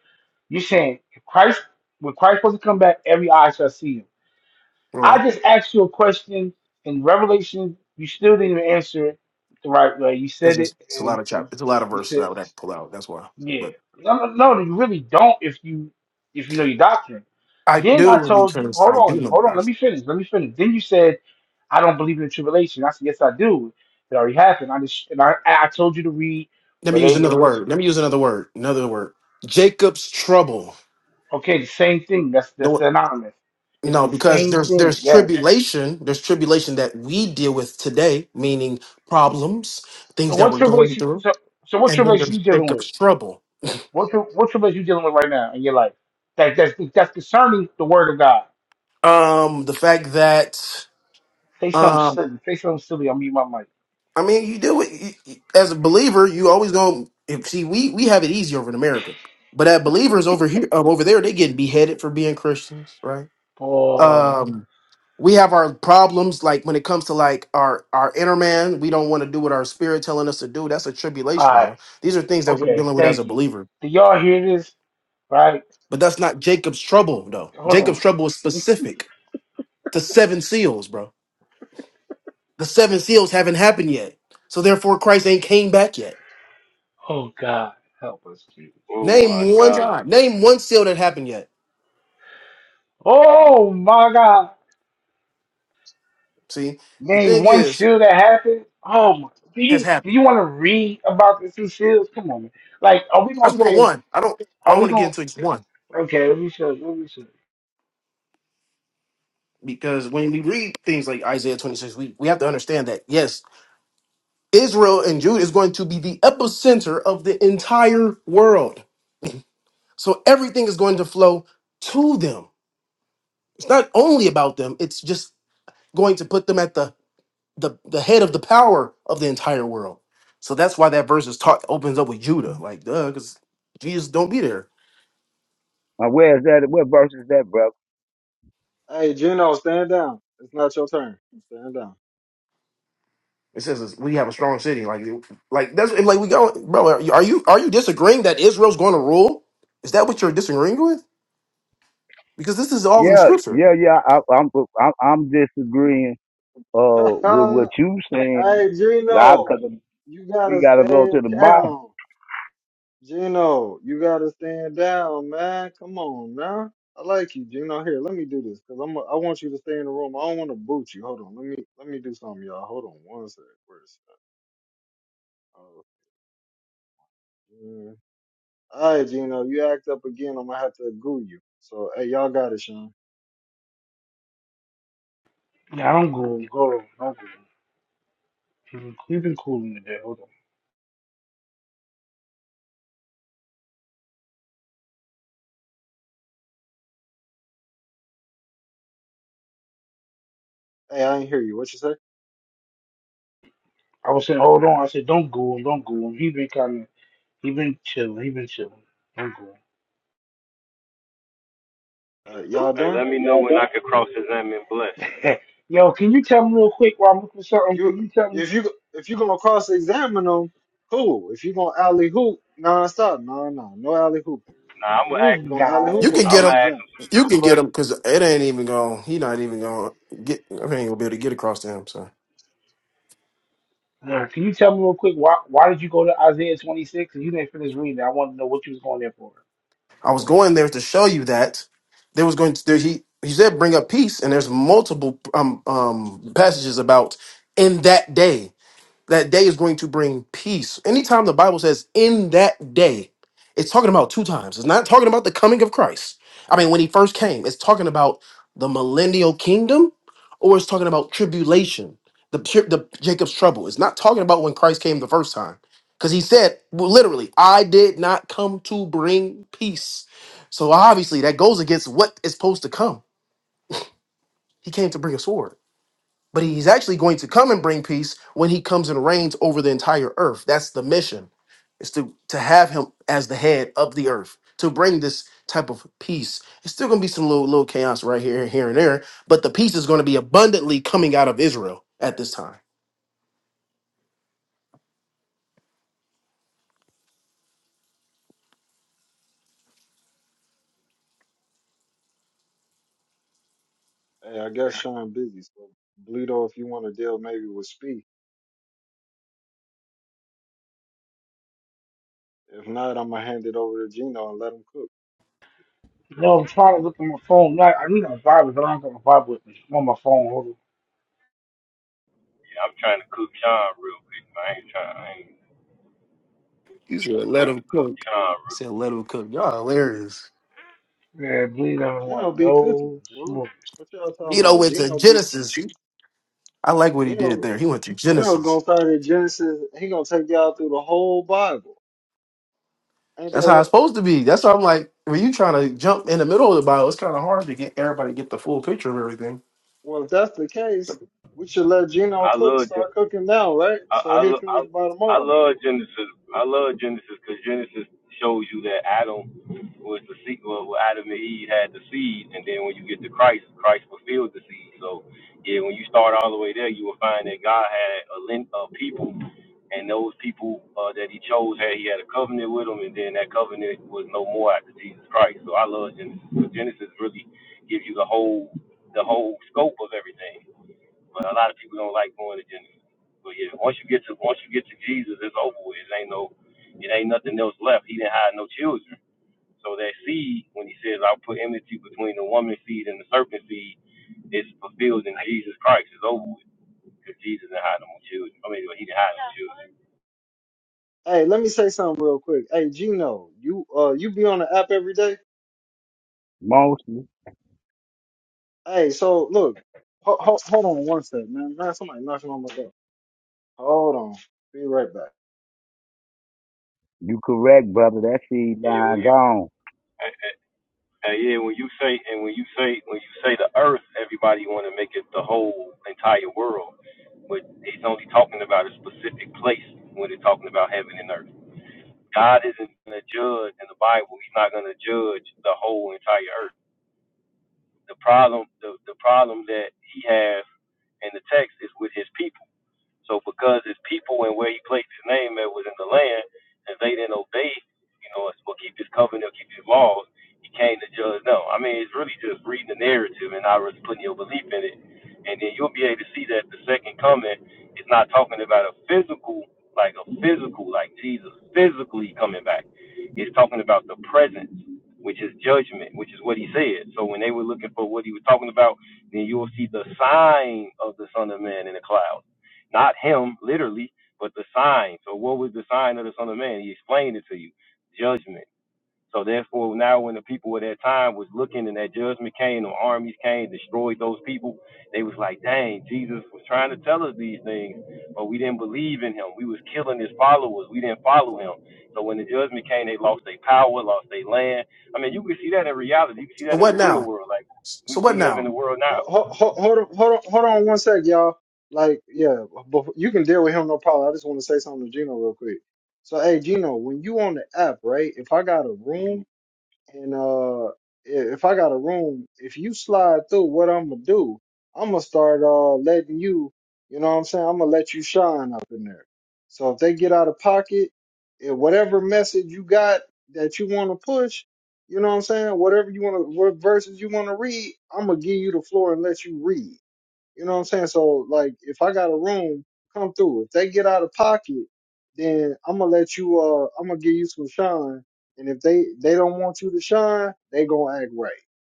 [SPEAKER 2] You're saying if Christ, when Christ was to come back, every eye shall see him.
[SPEAKER 6] All right,
[SPEAKER 2] I just asked you a question in Revelation. You still didn't even answer it the right way. You
[SPEAKER 6] because
[SPEAKER 2] said
[SPEAKER 6] it's,
[SPEAKER 2] it,
[SPEAKER 6] it's a lot
[SPEAKER 2] and
[SPEAKER 6] of chap. It's a lot of
[SPEAKER 2] you
[SPEAKER 6] verses
[SPEAKER 2] said,
[SPEAKER 6] I would have to pull out. That's why.
[SPEAKER 2] "Yeah,
[SPEAKER 6] But
[SPEAKER 2] no, no, no." You really don't if you if you know your doctrine.
[SPEAKER 6] I
[SPEAKER 2] Then I
[SPEAKER 6] do
[SPEAKER 2] told you,
[SPEAKER 6] because
[SPEAKER 2] hold
[SPEAKER 6] I do
[SPEAKER 2] on,
[SPEAKER 6] know the
[SPEAKER 2] hold on, let
[SPEAKER 6] doctrine.
[SPEAKER 2] me finish, let me finish. Then you said, I don't believe in the tribulation. I said, yes, I do. It already happened. I just and I, I told you to read
[SPEAKER 6] Let me use another word.
[SPEAKER 2] Revelation.
[SPEAKER 6] Let me use another word. Another word. Jacob's trouble.
[SPEAKER 2] Okay, the same thing. That's that's
[SPEAKER 6] No,
[SPEAKER 2] synonymous. It's
[SPEAKER 6] no,
[SPEAKER 2] the
[SPEAKER 6] because
[SPEAKER 2] same
[SPEAKER 6] there's
[SPEAKER 2] thing.
[SPEAKER 6] there's
[SPEAKER 2] Yes.
[SPEAKER 6] tribulation. There's tribulation that we deal with today, meaning problems,
[SPEAKER 2] So
[SPEAKER 6] things that
[SPEAKER 2] what
[SPEAKER 6] we're going
[SPEAKER 2] tribulation?
[SPEAKER 6] through,
[SPEAKER 2] So so what
[SPEAKER 6] and then
[SPEAKER 2] tribulation
[SPEAKER 6] there's
[SPEAKER 2] you dealing with?
[SPEAKER 6] Jacob's trouble.
[SPEAKER 2] What tri- what tribulation you dealing with right now in your life? That that's that's concerning the word of God.
[SPEAKER 6] Um, the fact that.
[SPEAKER 2] Say something
[SPEAKER 6] um,
[SPEAKER 2] silly. Say something silly. I'll mute my mic.
[SPEAKER 6] I mean, you do it you- as a believer. You always gonna see, we we have it easy over in America, but at believers over here, um, over there, they getting beheaded for being Christians, right?
[SPEAKER 2] Oh, all
[SPEAKER 6] Um, we have our problems like when it comes to like our our inner man. We don't want to do what our spirit telling us to do. That's a tribulation,
[SPEAKER 2] right.
[SPEAKER 6] bro. These are things that we're
[SPEAKER 2] Okay.
[SPEAKER 6] dealing with as a
[SPEAKER 2] Thank you.
[SPEAKER 6] believer.
[SPEAKER 2] Do y'all hear this? Right.
[SPEAKER 6] But that's not Jacob's trouble, though. Jacob's
[SPEAKER 2] Oh,
[SPEAKER 6] trouble is specific. to seven seals, bro. The seven seals haven't happened yet, so therefore Christ ain't came back yet.
[SPEAKER 2] oh God, help us, Jesus.
[SPEAKER 7] Oh my
[SPEAKER 6] Name one
[SPEAKER 7] God.
[SPEAKER 6] time. Name one sale that happened yet.
[SPEAKER 2] Oh my God,
[SPEAKER 6] See, the
[SPEAKER 2] man,
[SPEAKER 6] thing
[SPEAKER 2] one
[SPEAKER 6] is,
[SPEAKER 2] seal that happened. Oh, my. do
[SPEAKER 6] has
[SPEAKER 2] you do
[SPEAKER 6] happened.
[SPEAKER 2] you want to read about the two seals? Come on, man. Like, are we
[SPEAKER 6] I
[SPEAKER 2] gonna
[SPEAKER 6] just want
[SPEAKER 2] say?
[SPEAKER 6] one. I don't. I
[SPEAKER 2] Are
[SPEAKER 6] don't
[SPEAKER 2] we
[SPEAKER 6] want to get
[SPEAKER 2] gonna?
[SPEAKER 6] into just one
[SPEAKER 2] Okay, let me show. you, Let me show. you.
[SPEAKER 6] because when we read things like Isaiah twenty six, we we have to understand that yes, Israel and Judah is going to be the epicenter of the entire world. So everything is going to flow to them. It's not only about them. It's just going to put them at the the, the head of the power of the entire world. So that's why that verse is taught opens up with Judah, like duh, because Jesus don't be there.
[SPEAKER 9] Now, where is that? What verse is that, brother?
[SPEAKER 1] Hey, Gino, stand down. It's not your turn. Stand down.
[SPEAKER 6] It says we have a strong city. Like, like that's like we go, bro. Are you are you are you disagreeing that Israel's going to rule? Is that what you're disagreeing with? Because this is all in
[SPEAKER 9] Yeah,
[SPEAKER 6] Scripture.
[SPEAKER 9] yeah, yeah. I, I'm, I'm I'm disagreeing uh with what you saying,
[SPEAKER 1] hey,
[SPEAKER 9] well,
[SPEAKER 1] Gino,
[SPEAKER 9] because
[SPEAKER 1] you
[SPEAKER 9] we
[SPEAKER 1] gotta
[SPEAKER 9] gotta go to
[SPEAKER 1] stand
[SPEAKER 9] the Bible.
[SPEAKER 1] down. Gino, you gotta stand down, man. Come on, man. I like you, Gino. Here, let me do this because I'm. A, I want you to stay in the room. I don't want to boot you. Hold on. Let me let me do something, y'all. Hold on one sec. Where's that? Oh, yeah. All right, Gino. You act up again. I'm gonna have to goo you. So, hey, y'all got it, Sean.
[SPEAKER 2] Yeah, I don't go, go, don't go. He have been, he been cooling today. Hold on.
[SPEAKER 1] Hey, I ain't hear you. What you say?
[SPEAKER 2] I was saying, hold on. I said, don't go, him. don't go. him. He been kind of, he been chilling, he been chilling. Don't go.
[SPEAKER 1] Uh, y'all done?
[SPEAKER 2] him. Yo, can you tell me real quick while I'm looking for something? Can
[SPEAKER 1] You
[SPEAKER 2] you tell me
[SPEAKER 1] if you if you gonna cross examine them, cool. If you gonna alley hoop, nah, stop. Nah, nah, no alley hooping.
[SPEAKER 2] this
[SPEAKER 1] You gonna alley
[SPEAKER 6] You
[SPEAKER 1] hoop or
[SPEAKER 6] can get
[SPEAKER 2] guy?
[SPEAKER 1] cross
[SPEAKER 6] him,
[SPEAKER 1] examine?
[SPEAKER 6] You can get him, because it ain't even going. He not even going to get. I ain't gonna be able to get across to him. So
[SPEAKER 2] Yeah, can you tell me real quick why why did you go to Isaiah 26 and you didn't finish reading? it? I want to know what you was going there for.
[SPEAKER 6] I was going there to show you that there was going to there, he he said bring up peace, and there's multiple um um passages about in that day. That day is going to bring peace. Anytime the Bible says in that day, it's talking about two times. It's not talking about the coming of Christ. I mean, when he first came, it's talking about the millennial kingdom or it's talking about tribulation, the, tri- the Jacob's trouble. It's not talking about when Christ came the first time. Because he said, well, literally, I did not come to bring peace. So obviously, that goes against what is supposed to come. He came to bring a sword. But he's actually going to come and bring peace when he comes and reigns over the entire earth. That's the mission, is to, to have him as the head of the earth, to bring this type of peace. It's still gonna be some little little chaos right here, here and there, but the peace is gonna be abundantly coming out of Israel at this time.
[SPEAKER 1] Hey, I guess Sean busy, so Bleedo, if you want to deal maybe with Speed. If not, I'm gonna hand it over to Gino and let him cook.
[SPEAKER 2] No, I'm trying to look at my phone. No, I I need my Bible, but I don't got my Bible with me. I'm on my phone. Hold
[SPEAKER 6] He said, let him cook. He said, let him cook. Y'all hilarious.
[SPEAKER 2] on. Yeah, believe I don't want
[SPEAKER 1] Gino be cooking,
[SPEAKER 2] no
[SPEAKER 1] bro.
[SPEAKER 2] smoke.
[SPEAKER 1] What y'all talking
[SPEAKER 6] You know,
[SPEAKER 1] about?
[SPEAKER 6] it's a
[SPEAKER 1] Gino be
[SPEAKER 6] Genesis. I like what he did
[SPEAKER 1] Gino
[SPEAKER 6] there. He went to
[SPEAKER 1] Gino
[SPEAKER 6] Genesis.
[SPEAKER 1] gonna start at Genesis. He gonna take y'all through the whole Bible. Ain't
[SPEAKER 6] That's
[SPEAKER 1] that
[SPEAKER 6] how
[SPEAKER 1] right?
[SPEAKER 6] it's supposed to be. That's why I'm like, when you trying to jump in the middle of the Bible, it's kind of hard to get everybody to get the full picture of everything.
[SPEAKER 1] Well, if that's the
[SPEAKER 6] So,
[SPEAKER 1] case, we should let Gino cook. Start cooking now, right? So he'll finish by tomorrow. Hey, let me say something real quick. Hey, Gino, you uh you be on the app every day?
[SPEAKER 9] Mostly,
[SPEAKER 1] Hey, so look, ho- ho- hold on one second, man. Man, somebody knocking on my door. Hold on, be right back.
[SPEAKER 9] you correct, brother. That seed line gone.
[SPEAKER 6] so what now? So what now?
[SPEAKER 1] Ho- ho- ho- hold on, hold on, hold on one sec, y'all. Like, yeah, bef- you can deal with him, no problem. I just want to say something to Gino real quick. So, hey, Gino, when you on the app, right? If I got a room And uh, i- if I got a room, if you slide through, what I'm gonna do, I'm gonna start uh letting you, you know what I'm saying? I'm gonna let you shine up in there. So if they get out of pocket, if whatever message you got that you want to push, you know what I'm saying? Whatever you want to, what verses you want to read, I'm gonna give you the floor and let you read. You know what I'm saying? So like if I got a room, come through. If they get out of pocket, then I'm gonna let you uh I'm gonna give you some shine. And if they they don't want you to shine, they gonna act right.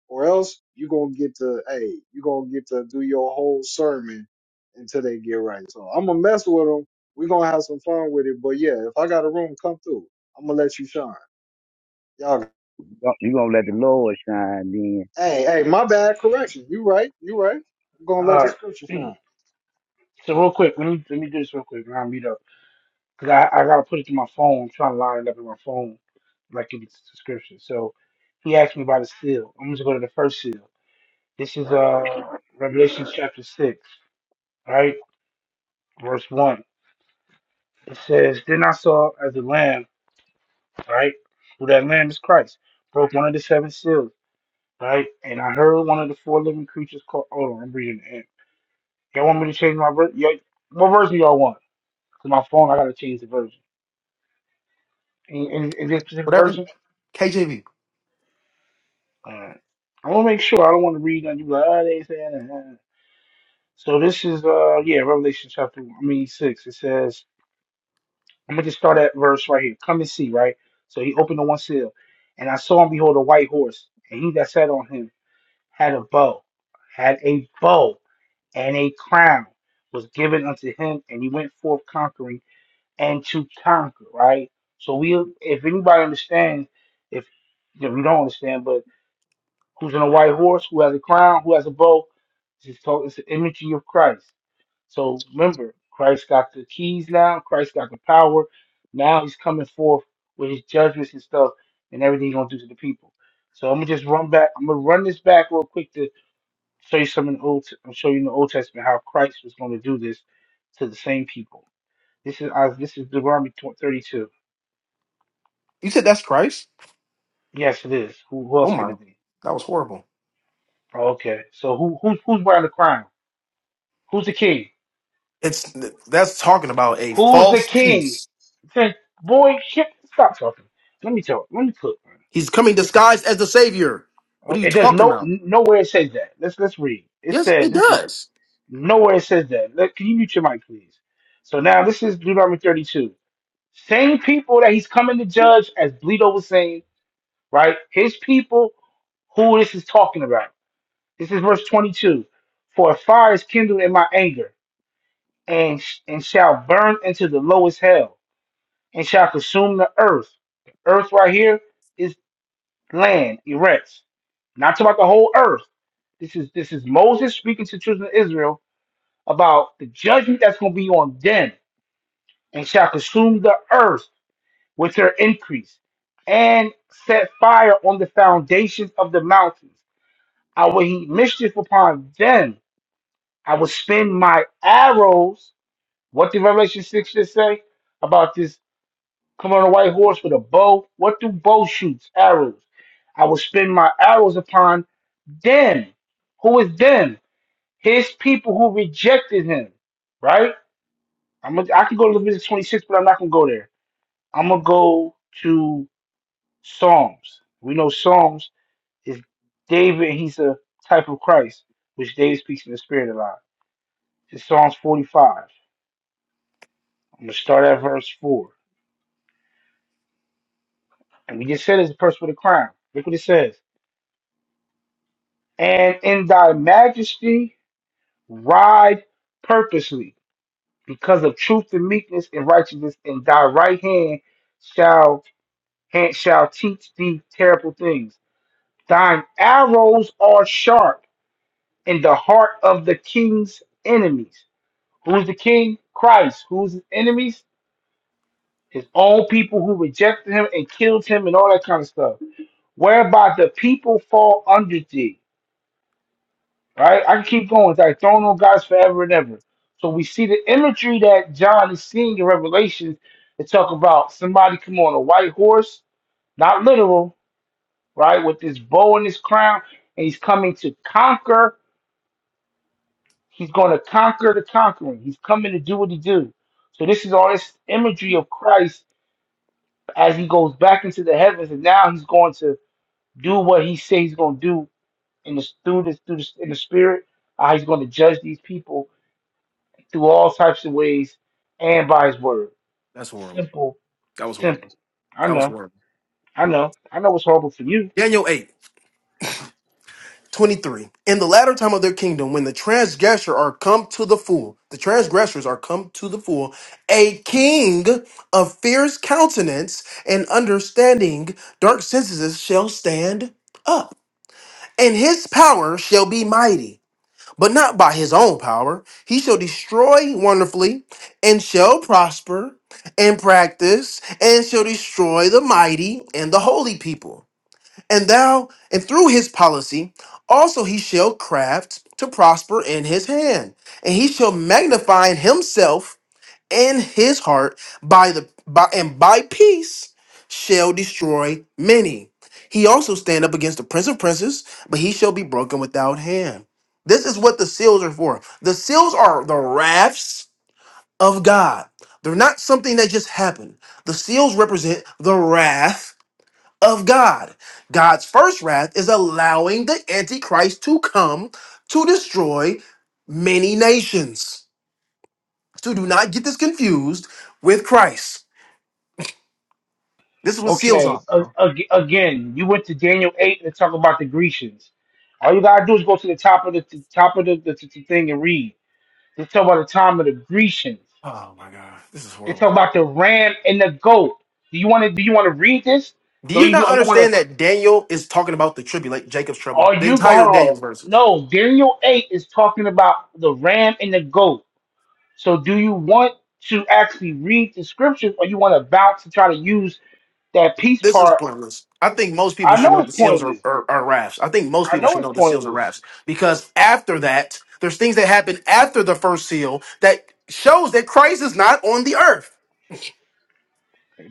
[SPEAKER 1] Or else you gonna get to hey, you gonna get to do your whole sermon until they get right. So I'm gonna mess with them. we gonna have some fun with it. But yeah, if I got a room, come through. I'm gonna let you shine. Y'all
[SPEAKER 9] You gonna let the Lord shine then?
[SPEAKER 1] hey, hey, my bad correction. You right, you right. I'm gonna let the
[SPEAKER 2] All
[SPEAKER 1] scripture
[SPEAKER 2] right.
[SPEAKER 1] shine.
[SPEAKER 2] So real quick, let me let me do this real quick. and I'll meet up because I, I gotta put it to my phone. I'm trying to line it up in my phone like in the description. So he asked me about the seal. I'm just going to go to the first seal. This is uh Revelation chapter six, right? Verse one. It says, Then I saw as a lamb, right? Who that lamb is Christ, broke one of the seven seals, right? And I heard one of the four living creatures called. Hold on, I'm reading it. Y'all want me to change my version? What version y'all want? Because my phone, I got to change the version. Any, any, any specific
[SPEAKER 1] Hey,
[SPEAKER 6] Whatever.
[SPEAKER 2] version?
[SPEAKER 6] KJV.
[SPEAKER 2] All right. I want to make sure. I don't want to read and you be like, oh, they saying that. uh, uh." So this is, uh, yeah, Revelation chapter, I mean, 6. It says, I'm going to just start at verse right here. Come and see, right? So he opened the one seal. And I saw and behold a white horse, and he that sat on him. had a bow, had a bow and a crown was given unto him, and he went forth conquering and to conquer. Right. So we, if anybody understands, if if you don't understand, but who's on a white horse, who has a crown, who has a bow, it's, just called, it's an imagery of Christ. So remember, Christ got the keys now. Christ got the power. Now he's coming forth with his judgments and stuff, and everything he's gonna do to the people. So I'm gonna just run back. I'm gonna run this back real quick to show you some in the old show you in the Old Testament how Christ was going to do this to the same people. This is uh, this is Deuteronomy tw- 32.
[SPEAKER 6] You said that's Christ?
[SPEAKER 2] Yes, it is. Who, who
[SPEAKER 6] Oh
[SPEAKER 2] else can
[SPEAKER 6] my,
[SPEAKER 2] it be?
[SPEAKER 6] that was horrible.
[SPEAKER 2] Oh, okay, so who who's who's wearing the crown? Who's the king?
[SPEAKER 6] It's that's talking about a
[SPEAKER 2] Who's the
[SPEAKER 6] false
[SPEAKER 2] king?
[SPEAKER 6] peace.
[SPEAKER 2] Say, boy, shit, stop talking. Let me talk. Let me cook. man.
[SPEAKER 6] He's coming
[SPEAKER 2] This is-
[SPEAKER 6] disguised as the Savior. What
[SPEAKER 2] oh,
[SPEAKER 6] are you
[SPEAKER 2] It does
[SPEAKER 6] talking
[SPEAKER 2] no
[SPEAKER 6] about?
[SPEAKER 2] nowhere it says that. Let's let's read. It
[SPEAKER 6] Yes, it
[SPEAKER 2] says this is
[SPEAKER 6] does.
[SPEAKER 2] nowhere it says that. Let, can you mute your mic, please? So now this is Deuteronomy 32. Same people that he's coming to judge, as Bleedo was saying, right? His people, who this is talking about. This is verse 22. For a fire is kindled in my anger, and, sh- and shall burn into the lowest hell, and shall consume the earth. The earth right here is land, erect. Not talking about the whole earth. This is this is Moses speaking to the children of Israel about the judgment that's going to be on them, and shall consume the earth. with her increase and set fire on the foundations of the mountains. I will heap mischief upon them. I will spin my arrows. What did Revelation 6 just say about this? Come on a white horse with a bow. What do bow shoots? Arrows. I will spin my arrows upon them. Who is them? His people who rejected him. Right? I'm gonna, I could go to Leviticus 26, but I'm not gonna go there. I'm gonna go to Psalms. We know Psalms is David, he's a type of Christ, which David speaks in the spirit a lot. It's Psalms 45. I'm going to start at verse 4. And we just said it's the person with a crown. Look what it says. And in thy majesty ride purposely because of truth and meekness and righteousness, and thy right hand shall hand shall teach thee terrible things. Thine arrows are sharp in the heart of the king's enemies. Who's the king? Christ. Who's his enemies? His own people who rejected him and killed him and all that kind of stuff. Whereby the people fall under thee. Right? I can keep going. It's like thrown on God's forever and ever. So we see the imagery that John is seeing in Revelation. They talk about somebody come on a white horse, not literal, right? With this bow and his crown, and he's coming to conquer. He's going to conquer the conquering. He's coming to do what he do. So this is all this imagery of Christ as he goes back into the heavens, and now he's going to do what he says he's going to do in the through this through this in the spirit. Uh, he's going to judge these people through all types of ways and by his word.
[SPEAKER 6] That's horrible.
[SPEAKER 2] Simple,
[SPEAKER 6] That was
[SPEAKER 2] simple.
[SPEAKER 6] horrible.
[SPEAKER 2] I
[SPEAKER 6] That was
[SPEAKER 2] know,
[SPEAKER 6] horrible.
[SPEAKER 2] I know, I know. It's horrible for you.
[SPEAKER 6] Daniel eight. 23 in the latter time of their kingdom when the transgressors are come to the full the transgressors are come to the full a king of fierce countenance and understanding dark senses shall stand up and his power shall be mighty but not by his own power he shall destroy wonderfully and shall prosper and practice and shall destroy the mighty and the holy people and thou, and through his policy, also he shall craft to prosper in his hand, and he shall magnify himself in his heart by the by and by peace shall destroy many. He also stand up against the prince of princes, but he shall be broken without hand. This is what the seals are for. The seals are the wraths of God. They're not something that just happened. The seals represent the wrath of God. God's first wrath is allowing the Antichrist to come to destroy many nations. So do not get this confused with Christ. This is what seals
[SPEAKER 2] Okay,
[SPEAKER 6] are.
[SPEAKER 2] a- ag- again, you went to Daniel eight and talk about the Grecians. All you gotta do is go to the top of the, the top of the, the, the thing and read. They talk about the time of the Grecians.
[SPEAKER 6] Oh my God, this is
[SPEAKER 2] It's talking
[SPEAKER 6] horrible.
[SPEAKER 2] about the ram and the goat. Do you want to? Do you want to read this?
[SPEAKER 6] Do
[SPEAKER 2] Do
[SPEAKER 6] you
[SPEAKER 2] you, you
[SPEAKER 6] not
[SPEAKER 2] want
[SPEAKER 6] understand
[SPEAKER 2] to?
[SPEAKER 6] that Daniel is talking about the tribulation, Jacob's trouble?
[SPEAKER 2] Are
[SPEAKER 6] The
[SPEAKER 2] you?
[SPEAKER 6] entire Daniel
[SPEAKER 2] Oh,
[SPEAKER 6] verse.
[SPEAKER 2] no. Daniel eight is talking about the ram and the goat. So, do you want to actually read the scriptures, or you want to bounce and try to use that piece
[SPEAKER 6] This is
[SPEAKER 2] part?
[SPEAKER 6] pointless. I think most people
[SPEAKER 2] I
[SPEAKER 6] should
[SPEAKER 2] know
[SPEAKER 6] know the
[SPEAKER 2] it's
[SPEAKER 6] seals are,
[SPEAKER 2] pointless.
[SPEAKER 6] are, are rafts. I think most
[SPEAKER 2] I
[SPEAKER 6] people
[SPEAKER 2] know
[SPEAKER 6] should know
[SPEAKER 2] it's
[SPEAKER 6] the seals are
[SPEAKER 2] pointless.
[SPEAKER 6] rafts because after that, there's things that happen after the first seal that shows that Christ is not on the earth.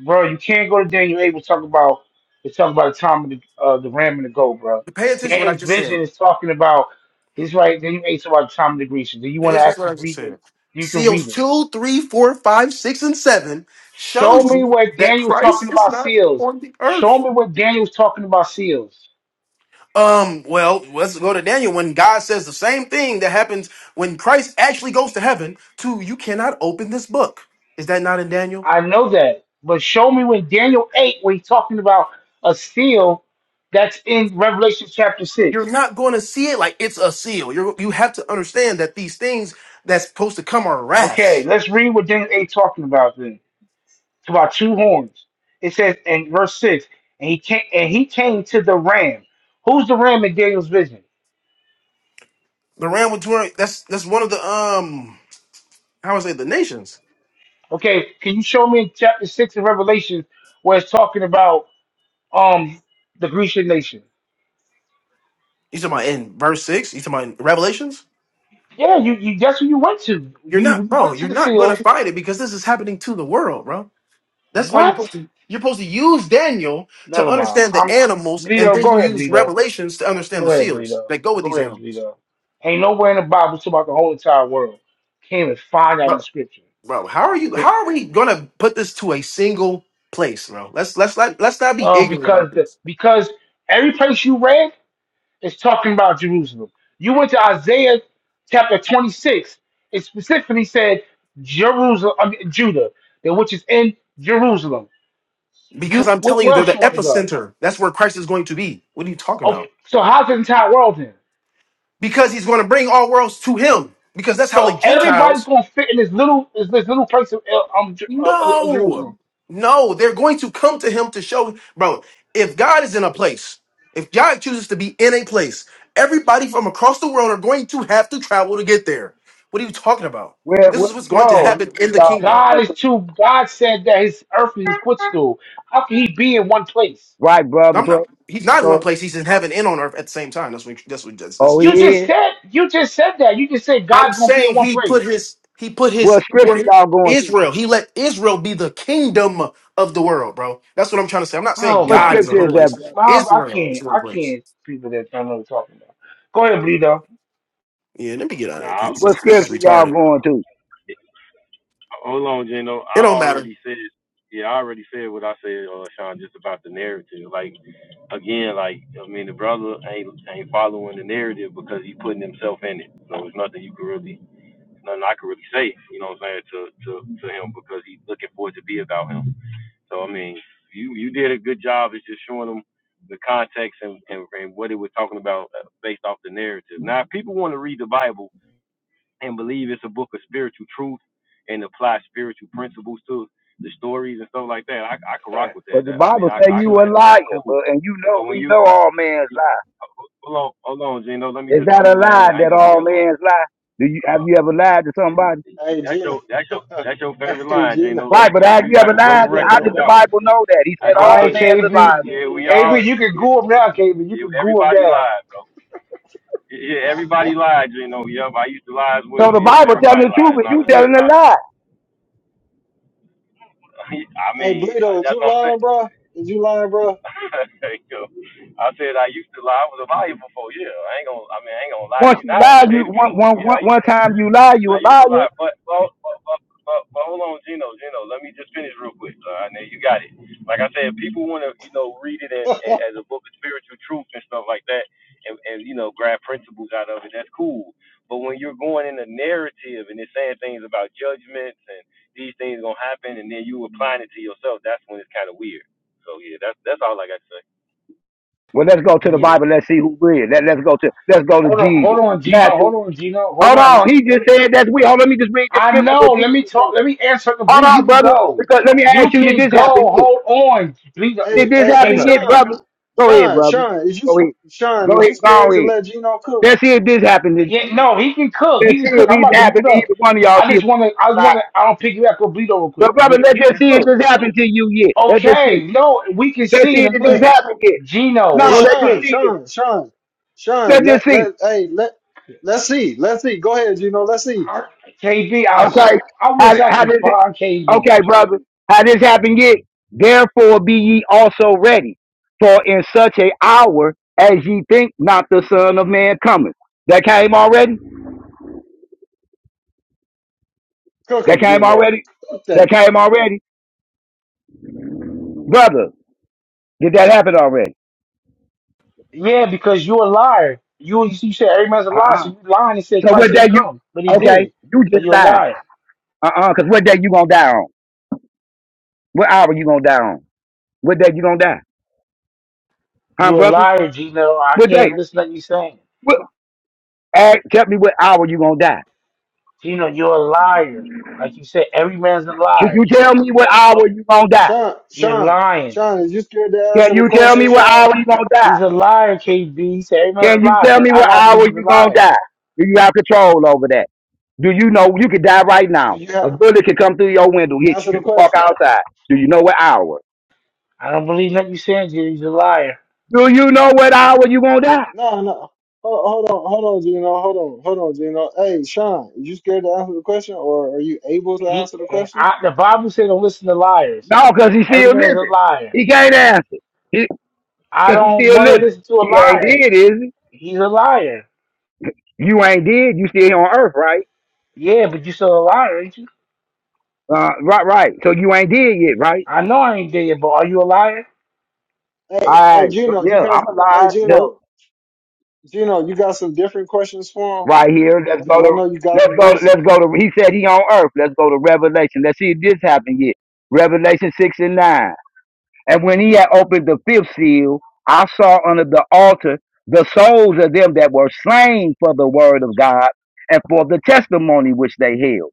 [SPEAKER 2] bro. You can't go to Daniel Abel talk about to talk about the time of the uh, the ram and the goat, bro.
[SPEAKER 6] Pay attention to what I
[SPEAKER 2] Daniel's
[SPEAKER 6] just
[SPEAKER 2] vision
[SPEAKER 6] said.
[SPEAKER 2] is talking about this right. Daniel Abel about the time of the Grecians. Do you
[SPEAKER 6] Pay
[SPEAKER 2] want to
[SPEAKER 6] attention to what
[SPEAKER 2] actually
[SPEAKER 6] I just
[SPEAKER 2] read it?
[SPEAKER 6] said.
[SPEAKER 2] You can
[SPEAKER 6] Seals
[SPEAKER 2] read it.
[SPEAKER 6] two, three, four, five, six, and seven
[SPEAKER 2] Show
[SPEAKER 6] shows
[SPEAKER 2] me
[SPEAKER 6] you
[SPEAKER 2] what
[SPEAKER 6] that
[SPEAKER 2] Daniel's talking
[SPEAKER 6] Christ is
[SPEAKER 2] about
[SPEAKER 6] not
[SPEAKER 2] seals.
[SPEAKER 6] on the earth.
[SPEAKER 2] Show me what Daniel's talking about seals.
[SPEAKER 6] Um, well, let's go to Daniel. When God says the same thing that happens when Christ actually goes to heaven, to you cannot open this book. Is that not in Daniel?
[SPEAKER 2] I know that, but show me when Daniel eight when he's talking about a seal that's in Revelation chapter
[SPEAKER 6] You're
[SPEAKER 2] six.
[SPEAKER 6] not going to see it like it's a seal. You you have to understand that these things that's supposed to come are
[SPEAKER 2] Okay,
[SPEAKER 6] rafts.
[SPEAKER 2] let's read what Daniel eight talking about then. It's about two horns. It says in verse six, and he came and he came to the ram. Who's the ram in Daniel's vision?
[SPEAKER 6] The ram with two horns, that's that's one of the um how would I say the nations.
[SPEAKER 2] Okay, can you show me in chapter six of Revelation where it's talking about um the Grecian nation?
[SPEAKER 6] You talking about in verse six? You talking about in Revelations?
[SPEAKER 2] Yeah, you, you guess who you went to?
[SPEAKER 6] You're
[SPEAKER 2] You
[SPEAKER 6] not, bro.
[SPEAKER 2] went
[SPEAKER 6] You're
[SPEAKER 2] to the
[SPEAKER 6] not going
[SPEAKER 2] seals.
[SPEAKER 6] to find it because this is happening to the world, bro. That's why you're
[SPEAKER 2] What?
[SPEAKER 6] supposed to you're supposed to use Daniel to
[SPEAKER 2] Never mind.
[SPEAKER 6] understand the
[SPEAKER 2] I'm
[SPEAKER 6] animals, and
[SPEAKER 2] Bleedo,
[SPEAKER 6] then you
[SPEAKER 2] go ahead,
[SPEAKER 6] use
[SPEAKER 2] Bleedo.
[SPEAKER 6] Revelations to understand
[SPEAKER 2] Go
[SPEAKER 6] the
[SPEAKER 2] ahead,
[SPEAKER 6] seals
[SPEAKER 2] Bleedo.
[SPEAKER 6] that go with
[SPEAKER 2] Go
[SPEAKER 6] these
[SPEAKER 2] ahead,
[SPEAKER 6] animals.
[SPEAKER 2] Bleedo. Ain't nowhere in the Bible it's about the whole entire world. Can't even find that in
[SPEAKER 6] Bro,
[SPEAKER 2] scripture.
[SPEAKER 6] bro, how are you? How are we gonna put this to a single place, bro? Let's let's not let's not be
[SPEAKER 2] uh,
[SPEAKER 6] ignorant about
[SPEAKER 2] because the
[SPEAKER 6] this
[SPEAKER 2] because every place you read is talking about Jerusalem. You went to Isaiah chapter 26. It specifically said Jerusalem, I mean, Judah, that which is in Jerusalem. You
[SPEAKER 6] because I'm
[SPEAKER 2] wh-
[SPEAKER 6] telling you,
[SPEAKER 2] where
[SPEAKER 6] they're
[SPEAKER 2] else
[SPEAKER 6] the
[SPEAKER 2] you want to go?
[SPEAKER 6] epicenter. That's where Christ is going to be. What are you talking
[SPEAKER 2] Oh,
[SPEAKER 6] about?
[SPEAKER 2] so how's the entire world then?
[SPEAKER 6] Because he's going to bring all worlds to him. Because that's how the
[SPEAKER 2] So everybody's
[SPEAKER 6] Gentiles
[SPEAKER 2] gonna fit in this little this, this little place of uh, um, Jer- uh, uh, uh,
[SPEAKER 6] No,
[SPEAKER 2] Jerusalem,
[SPEAKER 6] no, they're going to come to him to show, bro. If God is in a place, if God chooses to be in a place, everybody from across the world are going to have to travel to get there. What are you talking about?
[SPEAKER 9] Where
[SPEAKER 6] This
[SPEAKER 9] what
[SPEAKER 6] is what's
[SPEAKER 9] scripture
[SPEAKER 6] going to
[SPEAKER 2] bro.
[SPEAKER 6] happen
[SPEAKER 9] is
[SPEAKER 6] in the
[SPEAKER 9] y'all
[SPEAKER 6] kingdom.
[SPEAKER 2] God
[SPEAKER 9] going
[SPEAKER 2] is
[SPEAKER 9] to?
[SPEAKER 2] too. God said that His earth is His footstool. How can He be in one place?
[SPEAKER 9] Right, brother.
[SPEAKER 6] I'm not.
[SPEAKER 9] So,
[SPEAKER 6] He's not in one
[SPEAKER 9] so
[SPEAKER 6] place. He's in heaven and on earth at the same time. That's what. That's what. That's, that's
[SPEAKER 9] oh, he
[SPEAKER 2] You
[SPEAKER 6] Jesus.
[SPEAKER 2] just
[SPEAKER 9] is.
[SPEAKER 2] said you just said that. You just said
[SPEAKER 6] I'm
[SPEAKER 2] God's gonna be in
[SPEAKER 6] saying
[SPEAKER 2] one
[SPEAKER 6] he put
[SPEAKER 2] place.
[SPEAKER 6] his. He put
[SPEAKER 9] What
[SPEAKER 6] his. Where
[SPEAKER 9] scripture
[SPEAKER 6] he,
[SPEAKER 9] y'all going to?
[SPEAKER 6] Israel. He let Israel be the kingdom of the world, bro. That's what I'm trying to say. I'm not
[SPEAKER 2] Oh
[SPEAKER 6] saying
[SPEAKER 9] What
[SPEAKER 2] my
[SPEAKER 6] God is in
[SPEAKER 9] scripture
[SPEAKER 6] one
[SPEAKER 9] is that,
[SPEAKER 6] place.
[SPEAKER 2] goodness,
[SPEAKER 9] brother?
[SPEAKER 2] Mom, I
[SPEAKER 6] Israel is
[SPEAKER 2] can't,
[SPEAKER 6] in one
[SPEAKER 2] I
[SPEAKER 6] place.
[SPEAKER 2] can't. People that don't know what you're talking about. Go ahead, Bleedo.
[SPEAKER 6] Yeah, let me get out of here because this
[SPEAKER 9] What
[SPEAKER 6] is this is
[SPEAKER 9] scripture y'all
[SPEAKER 6] retarded.
[SPEAKER 9] going to?
[SPEAKER 6] It don't matter.
[SPEAKER 2] Fact.
[SPEAKER 9] But the Bible say
[SPEAKER 2] Me
[SPEAKER 9] you
[SPEAKER 2] too.
[SPEAKER 9] a liar, but and you know we know all men's lie. Is that a lie that all men's lie? Do you have you ever lied to somebody?
[SPEAKER 1] Hey Gino. hey Gino.
[SPEAKER 9] Right, but have you ever lied? How did the Bible know that? He said
[SPEAKER 2] All
[SPEAKER 9] all
[SPEAKER 2] right,
[SPEAKER 9] man's are
[SPEAKER 2] KB,
[SPEAKER 9] liars.
[SPEAKER 1] Uh,
[SPEAKER 2] you can go up now, KB. You can go up now.
[SPEAKER 9] So the Bible telling the truth, but you
[SPEAKER 1] hey,
[SPEAKER 9] telling a lie.
[SPEAKER 1] hey Bleedo, is you lying, bro? Is you lying, bro?
[SPEAKER 9] Once you lie, you one one one one time you lie, you a liar.
[SPEAKER 1] hey,
[SPEAKER 9] Well, let's go to the
[SPEAKER 2] Yeah.
[SPEAKER 9] Bible. Let's see who real. Let Let's go to Let's go to
[SPEAKER 2] Hold on,
[SPEAKER 9] Jesus.
[SPEAKER 2] hold on, Gino.
[SPEAKER 9] Matthew.
[SPEAKER 2] Hold on, Gino. Hold
[SPEAKER 9] Hold
[SPEAKER 2] on. Let
[SPEAKER 9] on.
[SPEAKER 2] me,
[SPEAKER 9] He
[SPEAKER 2] let
[SPEAKER 9] just
[SPEAKER 2] me.
[SPEAKER 9] said that's we. Hold on. Let me just read the
[SPEAKER 2] I
[SPEAKER 9] scripture
[SPEAKER 2] know.
[SPEAKER 9] what
[SPEAKER 2] Let
[SPEAKER 9] Jesus
[SPEAKER 2] me
[SPEAKER 9] said.
[SPEAKER 2] talk. Let me answer the
[SPEAKER 9] Hold
[SPEAKER 2] Bleedo. You
[SPEAKER 9] on,
[SPEAKER 2] can
[SPEAKER 9] brother.
[SPEAKER 2] go.
[SPEAKER 9] Because let me
[SPEAKER 2] You
[SPEAKER 9] ask you, did
[SPEAKER 2] can
[SPEAKER 9] this happen
[SPEAKER 2] go.
[SPEAKER 9] yet?
[SPEAKER 2] Hold on, Bleedo.
[SPEAKER 9] Did this
[SPEAKER 1] hey, hey,
[SPEAKER 9] happen
[SPEAKER 2] Gino.
[SPEAKER 9] yet,
[SPEAKER 1] Sean.
[SPEAKER 9] brother? Go ahead,
[SPEAKER 1] Sean,
[SPEAKER 9] brother.
[SPEAKER 1] Sean, is you
[SPEAKER 9] Go ahead.
[SPEAKER 1] Sean,
[SPEAKER 9] Go
[SPEAKER 1] is
[SPEAKER 9] ahead.
[SPEAKER 1] you
[SPEAKER 9] Go
[SPEAKER 1] scared to
[SPEAKER 9] ahead.
[SPEAKER 1] let Gino cook?
[SPEAKER 9] Let's see if this happens.
[SPEAKER 2] Yeah, no, he can cook.
[SPEAKER 9] Let's
[SPEAKER 2] He can
[SPEAKER 9] see
[SPEAKER 2] cook.
[SPEAKER 9] if
[SPEAKER 2] I'm
[SPEAKER 9] he's
[SPEAKER 2] about to
[SPEAKER 9] happened
[SPEAKER 2] mute
[SPEAKER 9] to
[SPEAKER 2] up.
[SPEAKER 9] either one of y'all.
[SPEAKER 2] I
[SPEAKER 9] See if
[SPEAKER 2] just want to. I just
[SPEAKER 9] uh,
[SPEAKER 2] want to. i don't pick you up, Bleedo, real
[SPEAKER 9] but
[SPEAKER 2] quick.
[SPEAKER 9] brother, let's
[SPEAKER 2] You
[SPEAKER 9] just
[SPEAKER 2] can
[SPEAKER 9] see if
[SPEAKER 2] cook.
[SPEAKER 9] this happened to you yet. Let's just see.
[SPEAKER 2] Okay. No, we can
[SPEAKER 9] Let's
[SPEAKER 2] see
[SPEAKER 9] see
[SPEAKER 2] in a
[SPEAKER 9] if
[SPEAKER 1] Hey,
[SPEAKER 9] this
[SPEAKER 2] minute.
[SPEAKER 9] happened yet.
[SPEAKER 2] Gino,
[SPEAKER 1] hey,
[SPEAKER 9] No,
[SPEAKER 2] real
[SPEAKER 9] let's just
[SPEAKER 1] Sean,
[SPEAKER 2] quick.
[SPEAKER 9] see
[SPEAKER 1] Sean,
[SPEAKER 9] this.
[SPEAKER 1] Sean, Sean,
[SPEAKER 9] Let's just
[SPEAKER 1] let
[SPEAKER 9] see.
[SPEAKER 1] let hey let let's see. Let's see. Go ahead, Gino. Let's see.
[SPEAKER 2] I- KB,
[SPEAKER 9] Okay. How
[SPEAKER 2] wish I
[SPEAKER 9] how
[SPEAKER 2] could
[SPEAKER 9] does it
[SPEAKER 2] find KB.
[SPEAKER 9] okay, brother. How this happened yet? Therefore be ye also ready. For in such a hour as ye think not the Son of Man cometh. That came already?
[SPEAKER 1] Cook
[SPEAKER 9] That
[SPEAKER 1] him,
[SPEAKER 9] came
[SPEAKER 1] Gino.
[SPEAKER 9] already?
[SPEAKER 1] Cook
[SPEAKER 9] That
[SPEAKER 1] that boy.
[SPEAKER 9] came already? Brother, did that happen already?
[SPEAKER 2] Yeah, because you're a liar. You you said every man's a liar,
[SPEAKER 9] Uh-uh.
[SPEAKER 2] so you lying and said
[SPEAKER 9] So
[SPEAKER 2] Christ
[SPEAKER 9] what
[SPEAKER 2] ain't
[SPEAKER 9] that you
[SPEAKER 2] come, but he
[SPEAKER 9] okay,
[SPEAKER 2] did.
[SPEAKER 9] you
[SPEAKER 2] So
[SPEAKER 9] just
[SPEAKER 2] you're a
[SPEAKER 9] lied.
[SPEAKER 2] liar.
[SPEAKER 9] Uh-uh, because what day you gonna die on? What hour you gonna die on? What day you gonna die? Huh,
[SPEAKER 2] You're a
[SPEAKER 9] brother?
[SPEAKER 2] liar, Gino. I
[SPEAKER 9] What day?
[SPEAKER 2] can't listen to what you're saying.
[SPEAKER 9] What, ask, tell me what hour you gonna die.
[SPEAKER 2] Gino, you're a liar. Like you said, every man's a
[SPEAKER 9] Can you
[SPEAKER 2] liar.
[SPEAKER 9] tell me what hour you gonna die?
[SPEAKER 1] Sean,
[SPEAKER 2] You're
[SPEAKER 1] Sean,
[SPEAKER 2] lying.
[SPEAKER 1] Sean, is you scared to answer
[SPEAKER 9] Can
[SPEAKER 1] the
[SPEAKER 9] you tell
[SPEAKER 1] question,
[SPEAKER 9] me what
[SPEAKER 1] Sean?
[SPEAKER 9] hour you gonna die?
[SPEAKER 2] He's a liar, KB. He said everybody's
[SPEAKER 9] Can
[SPEAKER 2] a
[SPEAKER 9] you
[SPEAKER 2] liar.
[SPEAKER 9] tell
[SPEAKER 2] See,
[SPEAKER 9] me
[SPEAKER 2] I
[SPEAKER 9] what
[SPEAKER 2] gotta
[SPEAKER 9] hour
[SPEAKER 2] believe he's a
[SPEAKER 9] you gonna
[SPEAKER 2] liar.
[SPEAKER 9] die? Do you have control over that? Do you know you could die right
[SPEAKER 1] Do
[SPEAKER 9] now?
[SPEAKER 1] you have
[SPEAKER 9] A bullet could come through your window, hit
[SPEAKER 1] Answer
[SPEAKER 9] you. You
[SPEAKER 1] the
[SPEAKER 9] could walk
[SPEAKER 1] question.
[SPEAKER 9] outside. Do you know what hour?
[SPEAKER 2] I don't believe nothing you saying, Jay. He's a liar.
[SPEAKER 9] Do you know what hour you gonna die?
[SPEAKER 1] No, no. Hold, hold on, hold on, Gino. Hold on, hold on, Gino. Hey, Sean, you scared to answer the question, or are you able to
[SPEAKER 2] He,
[SPEAKER 1] answer the question?
[SPEAKER 2] I, the Bible said don't listen to liars.
[SPEAKER 9] No, because he's
[SPEAKER 2] Every
[SPEAKER 9] still
[SPEAKER 2] man's a
[SPEAKER 9] living.
[SPEAKER 2] liar.
[SPEAKER 9] He can't answer.
[SPEAKER 2] I
[SPEAKER 9] because he's
[SPEAKER 2] don't
[SPEAKER 9] still
[SPEAKER 2] want to
[SPEAKER 9] living.
[SPEAKER 2] listen to a
[SPEAKER 9] He ain't
[SPEAKER 2] liar.
[SPEAKER 9] dead, is he?
[SPEAKER 2] He's a liar.
[SPEAKER 9] You ain't dead. You still here on earth, right?
[SPEAKER 2] Yeah, but you still a liar, ain't you?
[SPEAKER 9] Uh, right, right. So you ain't dead yet, right?
[SPEAKER 2] I know I ain't dead, but are you a liar?
[SPEAKER 1] Hey, hey,
[SPEAKER 9] Right.
[SPEAKER 1] Gino, you
[SPEAKER 9] Yeah, I'm
[SPEAKER 1] got. Hey,
[SPEAKER 9] alive. Yeah,
[SPEAKER 1] Gino, Gino, you got some different questions for him
[SPEAKER 9] right here. Let's go
[SPEAKER 1] because I
[SPEAKER 9] to.
[SPEAKER 1] know you got
[SPEAKER 9] Let's
[SPEAKER 1] them
[SPEAKER 9] go. Let's
[SPEAKER 1] verses.
[SPEAKER 9] go to. He said he on earth. Let's go to Revelation. Let's see if this happened yet. Revelation six and nine. And when he had opened the fifth seal, I saw under the altar the souls of them that were slain for the word of God and for the testimony which they held.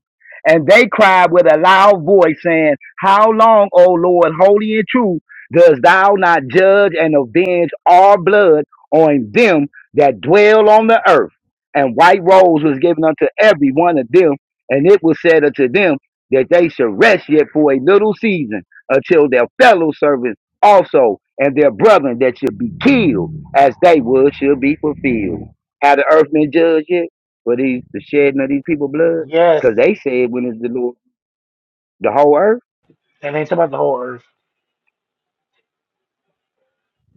[SPEAKER 9] And they cried with a loud voice, saying, How long, O Lord, holy and true, dost thou not judge and avenge all blood on them that dwell on the earth? And white robes was given unto every one of them, and it was said unto them that they should rest yet for a little season until their fellow servants also and their brethren that should be killed as they would should be fulfilled. Have the earth been judged yet for these the shedding of these people blood?
[SPEAKER 2] Yes.
[SPEAKER 9] Because they said when is the Lord the whole earth?
[SPEAKER 2] And they ain't talking about the whole earth.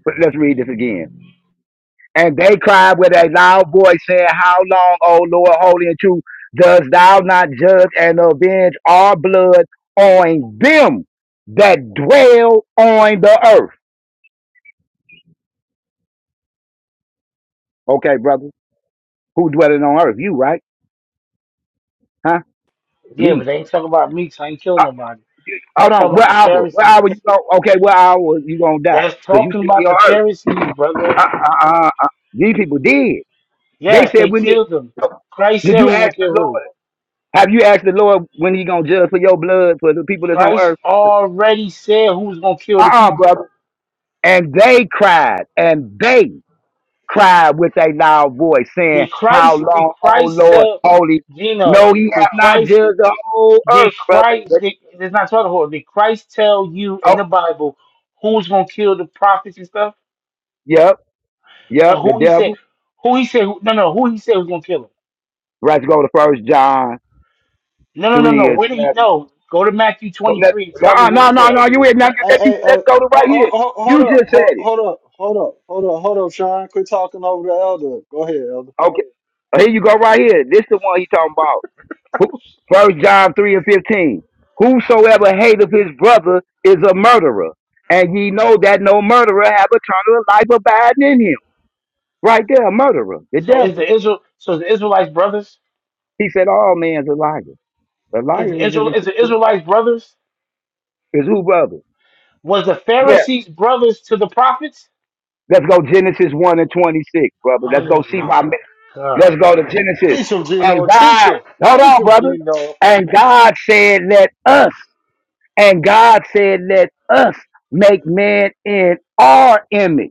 [SPEAKER 9] But let's read this again. And they cried with a loud voice, saying, How long, O Lord, holy and true, dost thou not judge and avenge our blood on them that dwell on the earth? Okay, brother. Who dwelling on earth? You, right? Huh?
[SPEAKER 2] Yeah,
[SPEAKER 9] Me.
[SPEAKER 2] but they ain't talking about me, 'cause I ain't killing nobody.
[SPEAKER 9] Hold
[SPEAKER 2] That's
[SPEAKER 9] on.
[SPEAKER 2] talking about
[SPEAKER 9] What
[SPEAKER 2] the
[SPEAKER 9] hour? What hour you
[SPEAKER 2] Pharisees.
[SPEAKER 9] going okay, what hour you gonna die?
[SPEAKER 2] That's
[SPEAKER 9] Cause you
[SPEAKER 2] talking about
[SPEAKER 9] still on
[SPEAKER 2] the
[SPEAKER 9] earth.
[SPEAKER 2] Pharisees, brother.
[SPEAKER 9] Uh, uh, uh, uh. These people did. They
[SPEAKER 2] Yes,
[SPEAKER 9] said
[SPEAKER 2] they
[SPEAKER 9] when you
[SPEAKER 2] killed them. Christ
[SPEAKER 9] did
[SPEAKER 2] said
[SPEAKER 9] you
[SPEAKER 2] who will
[SPEAKER 9] ask the
[SPEAKER 2] kill who.
[SPEAKER 9] Lord have you asked the Lord when he gonna judge for your blood for the people that's on
[SPEAKER 2] Christ
[SPEAKER 9] earth?
[SPEAKER 2] already said who's gonna kill
[SPEAKER 9] Uh
[SPEAKER 2] the
[SPEAKER 9] uh
[SPEAKER 2] people.
[SPEAKER 9] brother. And they cried and they cried with a loud voice, saying,
[SPEAKER 2] Did
[SPEAKER 9] How
[SPEAKER 2] Christ did
[SPEAKER 9] long, O
[SPEAKER 2] Christ
[SPEAKER 9] Lord,
[SPEAKER 2] tell
[SPEAKER 9] holy
[SPEAKER 2] Gino?
[SPEAKER 9] no, he have
[SPEAKER 2] Did
[SPEAKER 9] not
[SPEAKER 2] Christ
[SPEAKER 9] judged the whole earth,
[SPEAKER 2] did
[SPEAKER 9] brother.
[SPEAKER 2] Christ did, it's not talking about did Christ tell you
[SPEAKER 9] Oh,
[SPEAKER 2] in the Bible who's gonna kill the prophets and stuff?
[SPEAKER 9] yep, yep,
[SPEAKER 2] And
[SPEAKER 9] the
[SPEAKER 2] who he said
[SPEAKER 9] devil.
[SPEAKER 2] who he said who, no no who he said was gonna kill him.
[SPEAKER 9] Right to go to first John
[SPEAKER 2] No no no
[SPEAKER 9] three
[SPEAKER 2] no
[SPEAKER 9] and
[SPEAKER 2] where
[SPEAKER 9] seven.
[SPEAKER 2] did he no go to Matthew
[SPEAKER 9] Don't
[SPEAKER 2] twenty
[SPEAKER 9] let,
[SPEAKER 2] three and tell me
[SPEAKER 9] uh,
[SPEAKER 2] who he
[SPEAKER 9] no, no,
[SPEAKER 2] said.
[SPEAKER 9] no, you ain't now?
[SPEAKER 1] Hey,
[SPEAKER 9] let you
[SPEAKER 1] hey,
[SPEAKER 9] let's
[SPEAKER 1] uh,
[SPEAKER 9] go to right
[SPEAKER 1] ho- ho-
[SPEAKER 9] here.
[SPEAKER 1] ho- hold
[SPEAKER 9] You
[SPEAKER 1] up,
[SPEAKER 9] just said
[SPEAKER 1] ho-
[SPEAKER 9] it.
[SPEAKER 1] hold up, hold up, hold up, hold up, Sean. Quit talking over the elder. Go ahead, elder.
[SPEAKER 9] Okay. Uh, Here you go right here. This the one he talking about. Who, First John three and fifteen. Whosoever hateth his brother is a murderer. And ye know that no murderer have eternal life abiding in him. Right there, a murderer, the
[SPEAKER 2] So is
[SPEAKER 9] devil.
[SPEAKER 2] the Israel so is the Israelites brothers?
[SPEAKER 9] He said, All man's a liar. A
[SPEAKER 2] Is
[SPEAKER 9] liar
[SPEAKER 2] the
[SPEAKER 9] is a
[SPEAKER 2] Israel is
[SPEAKER 9] deceiver.
[SPEAKER 2] the
[SPEAKER 9] of
[SPEAKER 2] Israelites
[SPEAKER 9] men.
[SPEAKER 2] brothers?
[SPEAKER 9] Is who brother?
[SPEAKER 2] Was the
[SPEAKER 9] Yeah.
[SPEAKER 2] Pharisees brothers to the prophets?
[SPEAKER 9] Let's go Genesis one and twenty six, brother. Let's go
[SPEAKER 2] Oh
[SPEAKER 9] see why
[SPEAKER 2] my
[SPEAKER 9] Let's
[SPEAKER 2] God.
[SPEAKER 9] go to Genesis.
[SPEAKER 1] Teach him,
[SPEAKER 9] And
[SPEAKER 1] Gino. Teach
[SPEAKER 9] God,
[SPEAKER 1] him.
[SPEAKER 9] hold
[SPEAKER 1] Teach
[SPEAKER 9] on,
[SPEAKER 1] him,
[SPEAKER 9] brother.
[SPEAKER 1] Gino.
[SPEAKER 9] And God said, let us, and God said, let us make man in our image,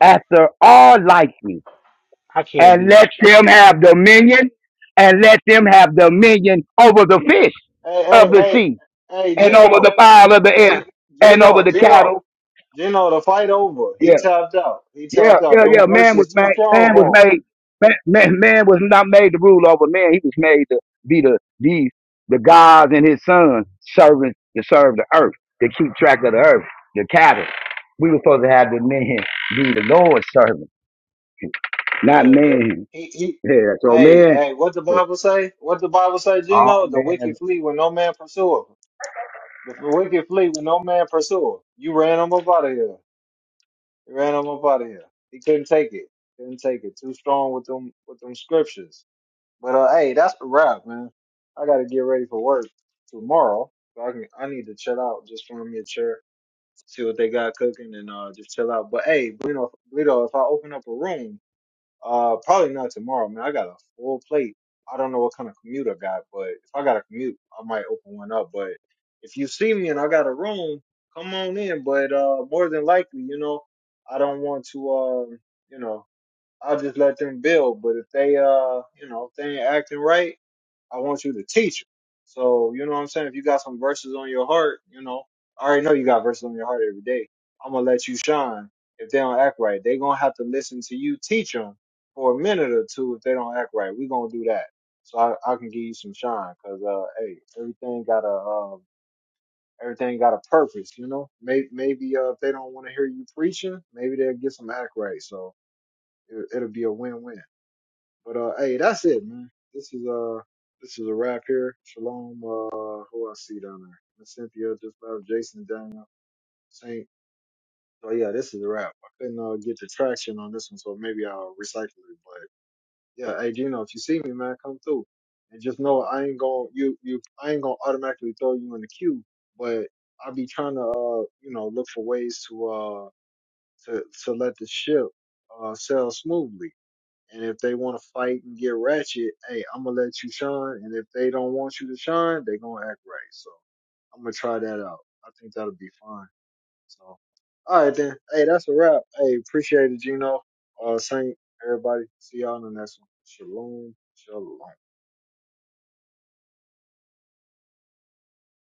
[SPEAKER 9] after our likeness,
[SPEAKER 2] I can't
[SPEAKER 9] and
[SPEAKER 2] do this.
[SPEAKER 9] let them have dominion, and let them have dominion over the fish
[SPEAKER 1] Hey,
[SPEAKER 9] of
[SPEAKER 1] hey,
[SPEAKER 9] the
[SPEAKER 1] hey,
[SPEAKER 9] sea,
[SPEAKER 1] hey,
[SPEAKER 9] and over
[SPEAKER 1] Gino.
[SPEAKER 9] the fowl of the
[SPEAKER 1] G-
[SPEAKER 9] air, and over
[SPEAKER 1] Gino,
[SPEAKER 9] the
[SPEAKER 1] Gino,
[SPEAKER 9] cattle.
[SPEAKER 1] Gino, the fight over. He
[SPEAKER 9] Yeah.
[SPEAKER 1] tapped out. He
[SPEAKER 9] Yeah,
[SPEAKER 1] tapped out.
[SPEAKER 9] yeah,
[SPEAKER 1] Them
[SPEAKER 9] yeah. Man was
[SPEAKER 1] verses too
[SPEAKER 9] made.
[SPEAKER 1] strong
[SPEAKER 9] Man was
[SPEAKER 1] for
[SPEAKER 9] made. Man, man, man was not made to rule over man. He was made to be the these the gods and his sons servants to serve the earth, to keep track of the earth, the cattle. We were supposed to have the men be the Lord's servant,
[SPEAKER 1] him.
[SPEAKER 9] not
[SPEAKER 1] Yeah, that
[SPEAKER 9] man.
[SPEAKER 1] he he.
[SPEAKER 9] Yeah. So
[SPEAKER 1] Hey,
[SPEAKER 9] man,
[SPEAKER 1] hey, what the Bible say? What the Bible say,
[SPEAKER 9] all
[SPEAKER 1] Gino? The
[SPEAKER 9] men.
[SPEAKER 1] wicked flee when no man pursue 'em. The wicked flee when no man pursue 'em. You ran him up out of here. You ran him up out of here. He couldn't take it. Couldn't take it. Too strong with them with them scriptures. But uh, hey, that's the wrap, man. I got to get ready for work tomorrow. So I can I need to chill out. Just find me a chair see what they got cooking, and uh, just chill out. But hey, Bruno, Brito, if I open up a room, uh, probably not tomorrow, man. I got a full plate. I don't know what kind of commute I got, but if I got a commute, I might open one up. But if you see me and I got a room, come on in. But uh, more than likely, you know, I don't want to, um, you know, I'll just let them build. But if they, uh, you know, if they ain't acting right I want you to teach. them. So, you know what I'm saying? If you got some verses on your heart, you know, I already know you got verses on your heart every day. I'm going to let you shine. If they don't act right, they going to have to listen to you teach them for a minute or two. If they don't act right, we going to do that. So I, I can give you some shine because, uh, hey, everything got a, um, everything got a purpose, you know? Maybe, maybe, uh, if they don't want to hear you preaching, maybe they'll get some act right. So it, it'll be a win-win. But uh, hey, that's it, man. This is uh, this is a wrap here. Shalom. Uh, who I see down there? Miss Cynthia just left. Jason, Daniel, Saint. So yeah, this is a wrap. I couldn't uh, get the traction on this one, so maybe I'll recycle it. But yeah, hey, Gino, if you see me, man, come through. And just know I ain't gonna you you I ain't gonna automatically throw you in the queue, but I'll be trying to uh you know look for ways to uh to to let the ship uh sail smoothly. And if they want to fight and get ratchet, hey, I'm gonna let you shine. And if they don't want you to shine, they gonna act right. So I'm gonna try that out. I think that'll be fine. So all right then. Hey, that's a wrap. Hey, appreciate it, Gino. Uh, Saint, everybody. See y'all in the next one. Shalom. Shalom.